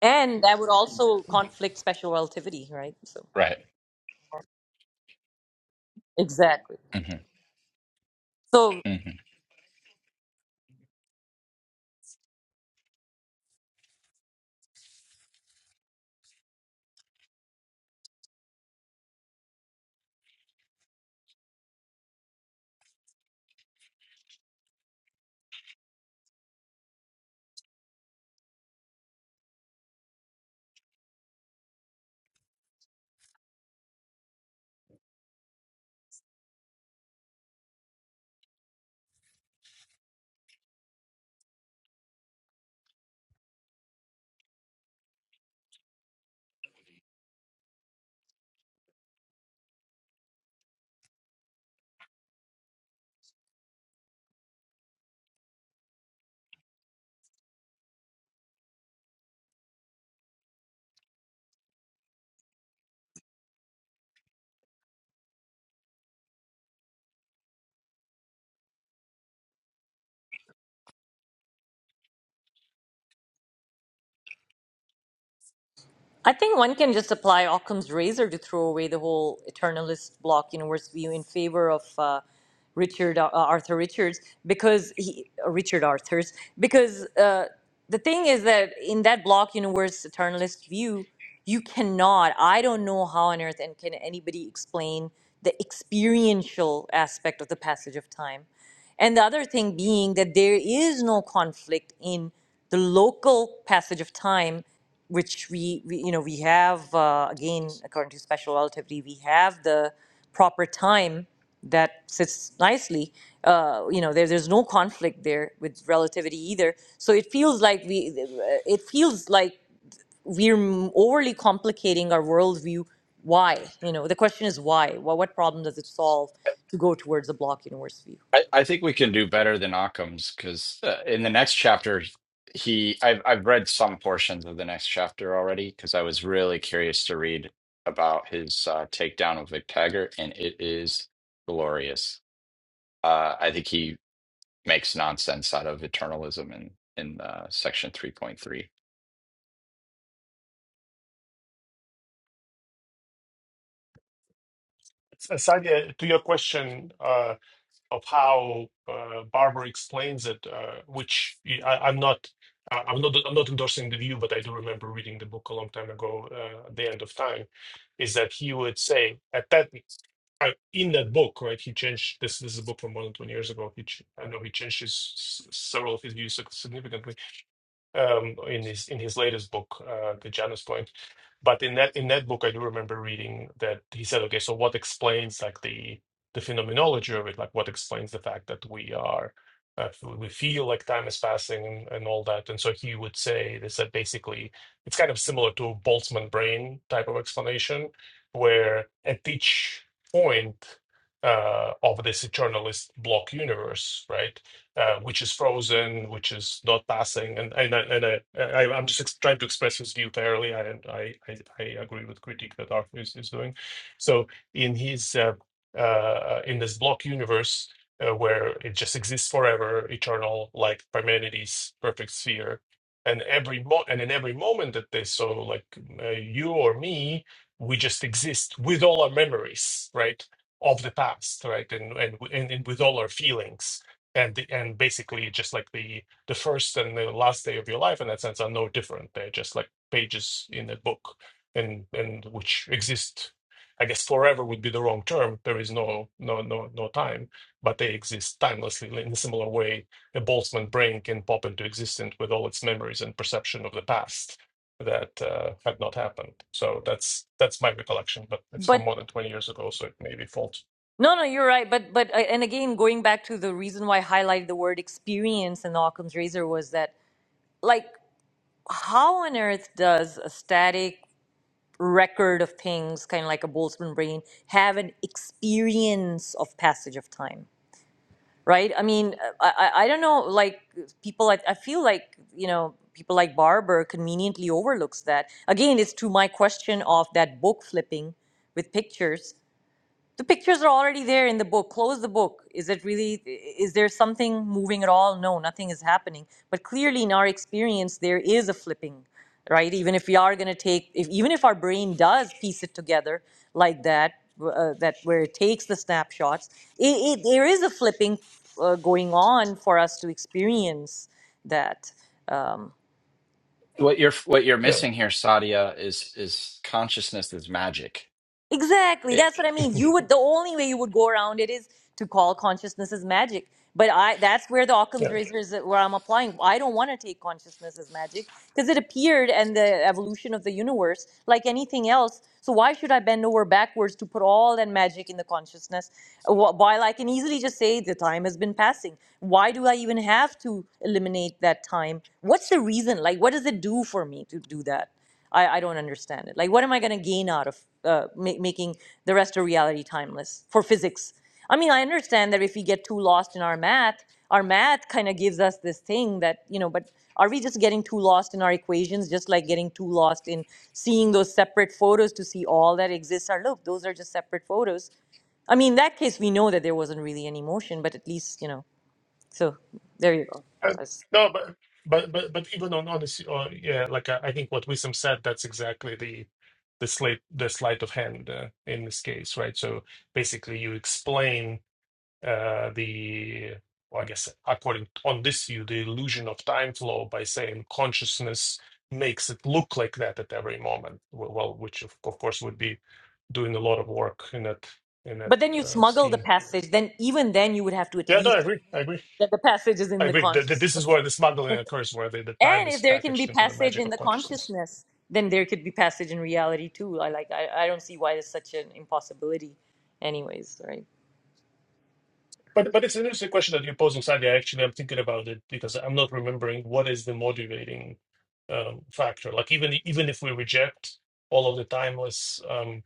Speaker 3: And that would also conflict special relativity, right? So
Speaker 2: Right.
Speaker 3: exactly.
Speaker 2: hmm
Speaker 3: So I think one can just apply Occam's razor to throw away the whole eternalist block universe view in favor of uh, Richard uh, Arthur Richards because he uh, Richard Arthur's because uh, the thing is that in that block universe eternalist view, you cannot. I don't know how on earth and can anybody explain the experiential aspect of the passage of time. And the other thing being that there is no conflict in the local passage of time which we, we you know we have uh, again according to special relativity we have the proper time that sits nicely uh, you know there, there's no conflict there with relativity either so it feels like we uh, it feels like we're m- overly complicating our worldview why you know the question is why well, what problem does it solve to go towards a block universe view
Speaker 2: I, I think we can do better than Occam's because uh, in the next chapter, he I've I've read some portions of the next chapter already because I was really curious to read about his uh, takedown of Vic Taggart, and it is glorious. Uh, I think he makes nonsense out of eternalism in in uh, section three point three.
Speaker 4: Aside uh, to your question uh, of how uh, Barber explains it, uh, which I, I'm not, I- I'm not, I'm not endorsing the view, but I do remember reading the book a long time ago. Uh, at the end of time, is that he would say at that uh, in that book, right? He changed this. This is a book from more than twenty years ago. He, ch- I know he changed his s- several of his views significantly um, in his in his latest book, uh, The Janus Point. But in that in that book, I do remember reading that he said, okay, so what explains like the the phenomenology of it, like what explains the fact that we are uh, we feel like time is passing and, and all that. And so he would say this that basically it's kind of similar to a Boltzmann brain type of explanation, where at each point uh, of this eternalist block universe, right? uh, which is frozen, which is not passing, and and I- and I, I I'm just ex- trying to express his view fairly. I I I, I agree with critique that Arthur is, is doing. So in his uh, uh, in this block universe uh, where it just exists forever, eternal, like Parmenides' perfect sphere, and every mo- and in every moment that they so like uh, you or me, we just exist with all our memories, right? of the past right and and, and, and with all our feelings and the, and basically just like the the first and the last day of your life in that sense are no different they're just like pages in a book and and which exist i guess forever would be the wrong term there is no no no no time but they exist timelessly in a similar way a boltzmann brain can pop into existence with all its memories and perception of the past that uh, had not happened so that's that's my recollection but it's from
Speaker 3: but
Speaker 4: more than 20 years ago so it may be false
Speaker 3: no, no, you're right. But but uh, and again, going back to the reason why I highlighted the word experience in the Occam's razor was that like how on earth does a static record of things kind of like a boltzmann brain have an experience of passage of time right i mean i i, I don't know like people I, I feel like you know people like barber conveniently overlooks that again it's to my question of that book flipping with pictures the pictures are already there in the book close the book is it really is there something moving at all no nothing is happening but clearly in our experience there is a flipping right even if we are going to take if even if our brain does piece it together like that uh, that where it takes the snapshots it, it, there is a flipping uh, going on for us to experience that Um,
Speaker 2: What you're what you're
Speaker 4: yeah
Speaker 2: missing here, Sadia, is is consciousness is magic.
Speaker 3: Exactly.
Speaker 2: It
Speaker 3: That's what I mean.
Speaker 4: yeah
Speaker 3: You would the only way you would go around it is to call consciousness as magic. But I that's where the Occam's razor is where I'm applying. I don't want to take consciousness as magic because it appeared and the evolution of the universe like anything else. So why should I bend over backwards to put all that magic in the consciousness uh, wh- while I can easily just say the time has been passing? Why do I even have to eliminate that time? What's the reason? Like what does it do for me to do that? I, I don't understand it. Like, what am I going to gain out of uh, ma- making the rest of reality timeless for physics? I mean, I understand that if we get too lost in our math, our math kind of gives us this thing that, you know, but are we just getting too lost in our equations, just like getting too lost in seeing those separate photos to see all that exists? Or look, those are just separate photos. I mean, in that case, we know that there wasn't really any motion, but at least, you know, so there you go.
Speaker 4: Uh,
Speaker 3: That's-
Speaker 4: no, but but but but even on honesty, or yeah, like I, I think what Wisdom said, that's exactly the the sleight the sleight of hand uh, in this case, right? So basically, you explain uh, the well, I guess according on this view, the illusion of time flow by saying consciousness makes it look like that at every moment. Well, well, which of, of course would be doing a lot of work in that in
Speaker 3: But
Speaker 4: that
Speaker 3: then you
Speaker 4: uh,
Speaker 3: smuggle the
Speaker 4: scheme.
Speaker 3: passage, then even then you would have to at
Speaker 4: Yeah, no, I
Speaker 3: least
Speaker 4: agree. I agree.
Speaker 3: that the passage is
Speaker 4: I
Speaker 3: in the
Speaker 4: agree. Th- th- This is
Speaker 3: consciousness.
Speaker 4: where the smuggling occurs, where the, the time
Speaker 3: And if
Speaker 4: is
Speaker 3: there can be
Speaker 4: packaged into the
Speaker 3: passage
Speaker 4: magic
Speaker 3: in
Speaker 4: of
Speaker 3: the
Speaker 4: consciousness.
Speaker 3: consciousness, then there could be passage in reality too. I like I, I don't see why it's such an impossibility anyways, right?
Speaker 4: But but it's an interesting question that you're posing, Sadia. Actually, I'm thinking about it because I'm not remembering what is the motivating um, factor. Like even even if we reject all of the timeless um,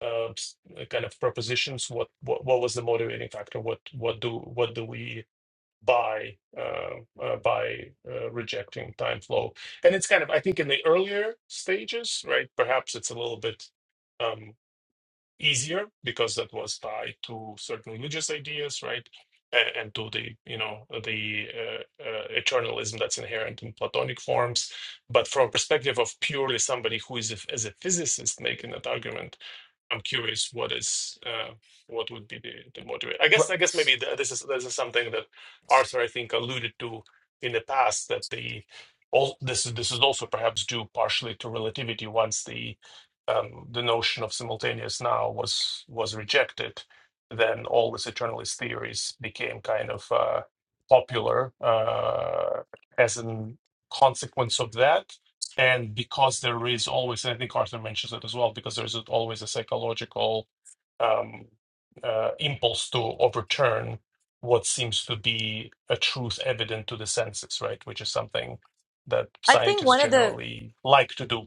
Speaker 4: uh, s- uh, kind of propositions, what, what what was the motivating factor? What what do what do we buy uh, uh, by uh, rejecting time flow? And it's kind of I think in the earlier stages, right? Perhaps it's a little bit. um, easier because that was tied to certain religious ideas, right? A- And to the, you know, the uh, uh, eternalism that's inherent in Platonic forms. But from a perspective of purely somebody who is a, as a physicist making that argument, I'm curious what is uh, what would be the, the motivator. I guess I guess maybe th- this is this is something that Arthur I think alluded to in the past that the all this is this is also perhaps due partially to relativity once the um, the notion of simultaneous now was was rejected, then all these eternalist theories became kind of uh, popular uh, as a consequence of that. And because there is always, and I think Arthur mentions it as well, because there's always a psychological um, uh, impulse to overturn what seems to be a truth evident to the senses, right? Which is something that
Speaker 3: I think
Speaker 4: scientists
Speaker 3: one of the
Speaker 4: generally like to do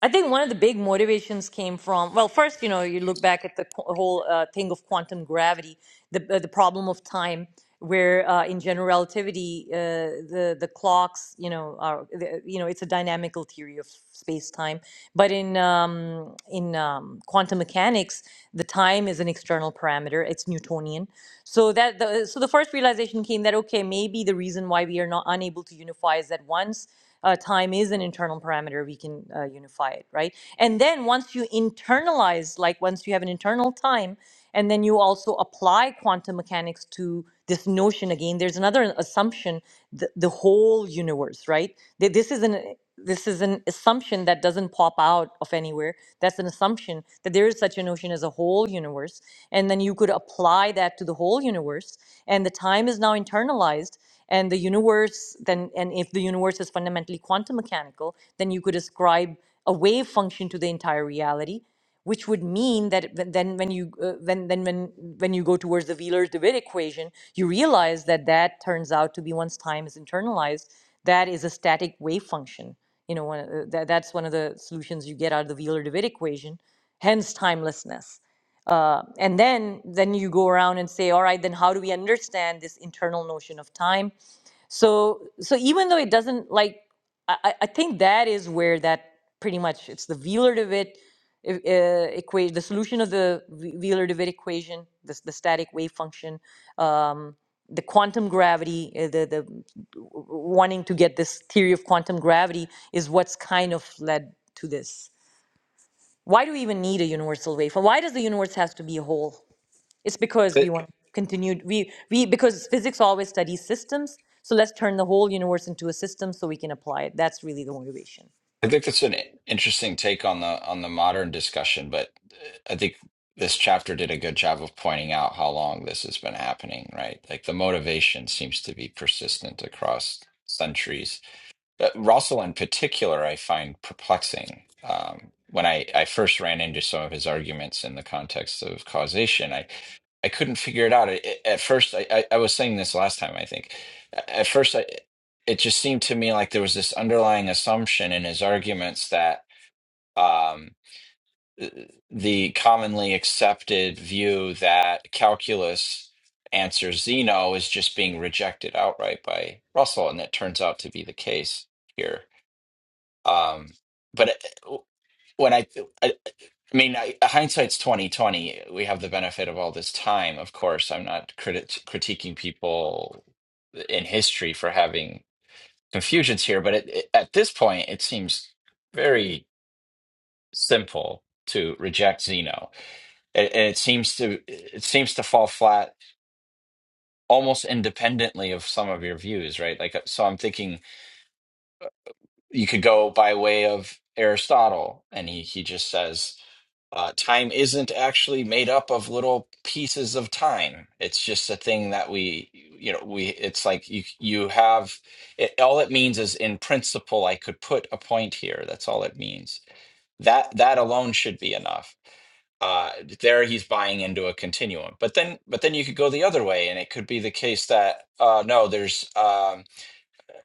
Speaker 3: I think one of the big motivations came from, well, first, you know, you look back at the qu- whole uh, thing of quantum gravity, the, uh, the problem of time, where uh, in general relativity, uh, the, the clocks, you know, are, the- you know, it's a dynamical theory of space time. But in, um, in um, quantum mechanics, the time is an external parameter, it's Newtonian. So, that the, so the first realization came that, okay, maybe the reason why we are not unable to unify is that once uh, time is an internal parameter, we can uh, unify it, right? And then once you internalize, like once you have an internal time, and then you also apply quantum mechanics to this notion again. There's another assumption: the, the whole universe, right? Th- This is an this is an assumption that doesn't pop out of anywhere. That's an assumption that there is such a notion as a whole universe, and then you could apply that to the whole universe. And the time is now internalized, and the universe then and if the universe is fundamentally quantum mechanical then you could ascribe a wave function to the entire reality which would mean that it- then when you uh, when then when when you go towards the Wheeler-Dewitt equation you realize that that turns out to be once time is internalized that is a static wave function you know one of the- that, that's one of the solutions you get out of the Wheeler-Dewitt equation hence timelessness uh, and then then you go around and say all right then how do we understand this internal notion of time so so even though it doesn't like i, I I think that is where that pretty much it's the wheeler dewitt uh, equation the solution of the wheeler dewitt equation this the static wave function um, the quantum gravity uh, the the wanting to get this theory of quantum gravity is what's kind of led to this why do we even need a universal waveform why does the universe have to be a whole it's because we want continued we we because physics always studies systems. So let's turn the whole universe into a system so we can apply it. That's really the motivation.
Speaker 2: I think that's an interesting take on the on the modern discussion, but uh, I think this chapter did a good job of pointing out how long this has been happening, right? Like the motivation seems to be persistent across centuries. Uh, Russell, in particular, I find perplexing. Um, when I, I first ran into some of his arguments in the context of causation, I, I couldn't figure it out. It, it- at first, I, I, I was saying this last time, I think. A- At first, I, it just seemed to me like there was this underlying assumption in his arguments that um, the commonly accepted view that calculus answers Zeno is just being rejected outright by Russell, and that turns out to be the case here. Um, but it- when I, I, I mean, I, hindsight's twenty twenty. We have the benefit of all this time. Of course, I'm not criti critiquing people in history for having confusions here, but it, it- at this point, it seems very simple to reject Zeno, and and it seems to it seems to fall flat almost independently of some of your views, right? Like, uh, so I'm thinking you could go by way of Aristotle, and he he just says uh, time isn't actually made up of little pieces of time. It's just a thing that we you know we it's like you you have it, all it means is in principle I could put a point here. That's all it means. That that alone should be enough uh, there he's buying into a continuum. But then, but then you could go the other way, and it could be the case that uh, no, there's um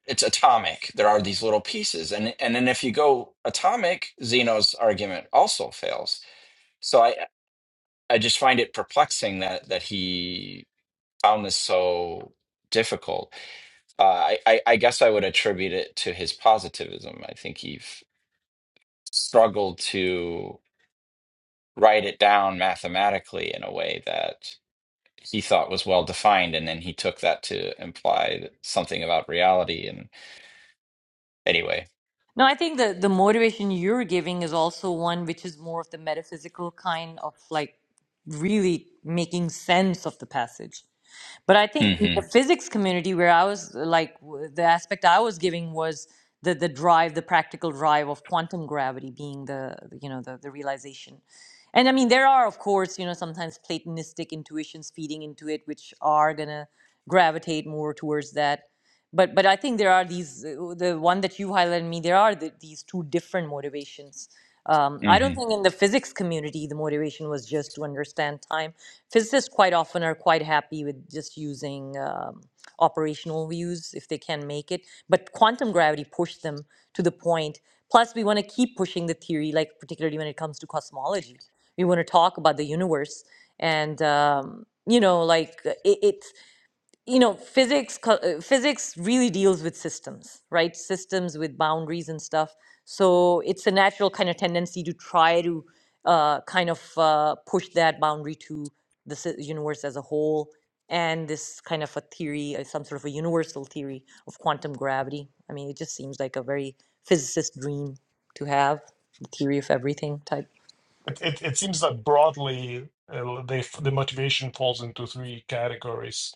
Speaker 2: it's atomic. There are these little pieces, and and then if you go atomic, Zeno's argument also fails. So I I just find it perplexing that that he found this so difficult. Uh, I, I I guess I would attribute it to his positivism. I think he f- struggled to write it down mathematically in a way that he thought was well defined, and then he took that to imply something about reality. And anyway,
Speaker 3: No, I think the the motivation you're giving is also one which is more of the metaphysical kind of like really making sense of the passage. But I think in the
Speaker 2: hmm
Speaker 3: physics community, where I was uh, like, w- the aspect I was giving was the the drive, the practical drive of quantum gravity being the the, you know the the realization. And I mean, there are of course you know sometimes Platonistic intuitions feeding into it, which are gonna gravitate more towards that. But but I think there are these uh, the one that you highlighted me. There are the, these two different motivations. Um, I don't think in the physics community the motivation was just to understand time physicists quite often are quite happy with just using um, operational views if they can make it but quantum gravity pushed them to the point point. plus we want to keep pushing the theory like particularly when it comes to cosmology we want to talk about the universe and um, you know like uh, it, it you know physics co- uh, physics really deals with systems right systems with boundaries and stuff so it's a natural kind of tendency to try to uh, kind of uh, push that boundary to the s- universe as a whole and this kind of a theory uh, some sort of a universal theory of quantum gravity i mean it just seems like a very physicist dream to have the theory of everything type
Speaker 4: It it, it seems that broadly uh, they the motivation falls into three categories: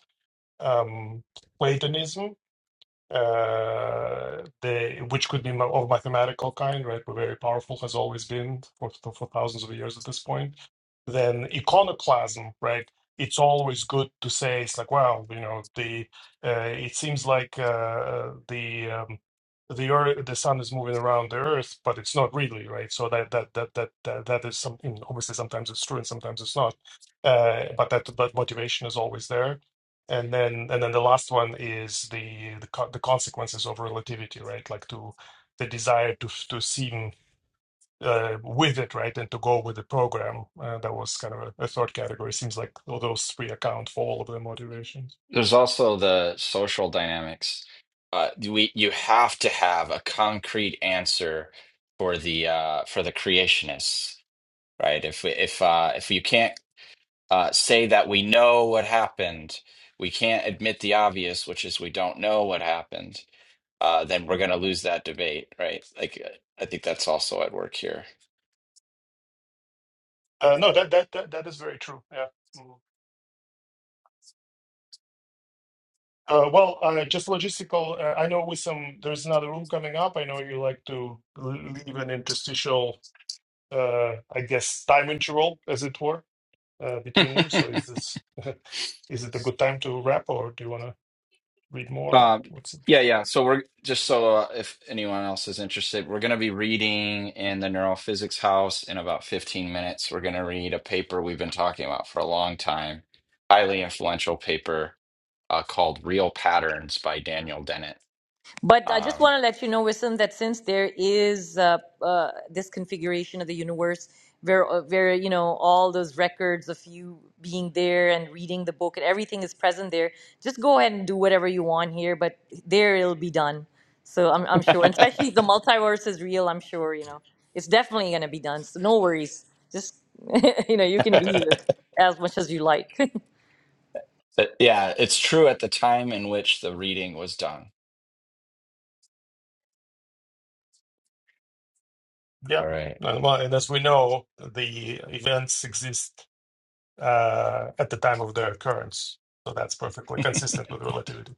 Speaker 4: um, Platonism, uh, they, which could be ma- of mathematical kind, right? But very powerful has always been for, for thousands of years at this point. Then iconoclasm, right? It's always good to say it's like, well, you know, the uh, it seems like uh, the um, the earth, the sun is moving around the earth, but it's not really, right? So that that that that that, that is something. Obviously, sometimes it's true and sometimes it's not. Uh, but that that motivation is always there and then, and then the last one is the the, co- the consequences of relativity, right? Like to the desire to to seem uh, with it, right, and to go with the program. Uh, that was kind of a, a third category. Seems like all those three account for all of the motivations.
Speaker 2: There's also the social dynamics. Uh, we you have to have a concrete answer for the uh, for the creationists, right? If we- if uh, if you can't uh, say that we know what happened, we can't admit the obvious, which is we don't know what happened. Uh, then we're going to lose that debate, right? Like uh, I think that's also at work here.
Speaker 4: Uh, no, that that that that is very true. Yeah. Mm. Uh, well, uh, just logistical. Uh, I know with some there's another room coming up. I know you like to l- leave an interstitial, uh, I guess, time interval, as it were uh, between them. So is this is it a good time to wrap, or do you want to read more? Or
Speaker 2: Um,
Speaker 4: what's it?
Speaker 2: yeah, yeah. So we're just so uh, if anyone else is interested, we're going to be reading in the Neurophysics House in about 15 minutes. We're going to read a paper we've been talking about for a long time, highly influential paper uh, called Real Patterns by Daniel Dennett.
Speaker 3: But I just
Speaker 2: Um,
Speaker 3: want to let you know, Wissam, that since there is uh, uh, this configuration of the universe, where, uh, where you know all those records of you being there and reading the book and everything is present there, just go ahead and do whatever you want here. But there it'll be done. So I'm I'm sure, and especially if the multiverse is real. I'm sure you know it's definitely going to be done. So no worries. Just you know you can be
Speaker 2: but
Speaker 3: here as much as you like.
Speaker 2: yeah, it's true at the time in which the reading was done.
Speaker 4: Yeah.
Speaker 2: All right.
Speaker 4: And, well, and as we know, the events exist uh, at the time of their occurrence. So that's perfectly consistent with relativity.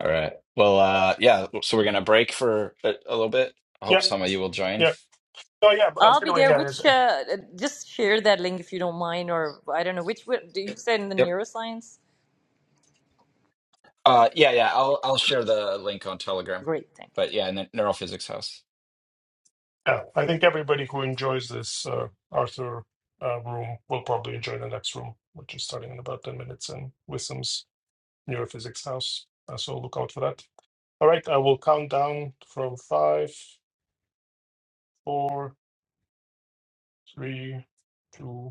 Speaker 2: All right. Well, uh, yeah. So we're going to break for a, a little bit. I hope
Speaker 4: Yeah,
Speaker 2: some of you will join.
Speaker 4: yeah. Oh, yeah. But uh,
Speaker 3: I'll
Speaker 4: by
Speaker 3: be
Speaker 4: the way,
Speaker 3: there.
Speaker 4: yeah, there's,
Speaker 3: Which uh, uh, just share that link if you don't mind, or I don't know which. wi- Do you say in the
Speaker 2: Yep.
Speaker 3: neuroscience?
Speaker 2: Uh, yeah, yeah. I'll I'll share the link on Telegram.
Speaker 3: Great, thank you.
Speaker 2: But yeah, ne- neurophysics house.
Speaker 4: yeah. I think everybody who enjoys this uh, Arthur uh, room will probably enjoy the next room, which is starting in about ten minutes, and Wisdom's neurophysics house. Uh, so look out for that. All right, I will count down from five, four, three, two,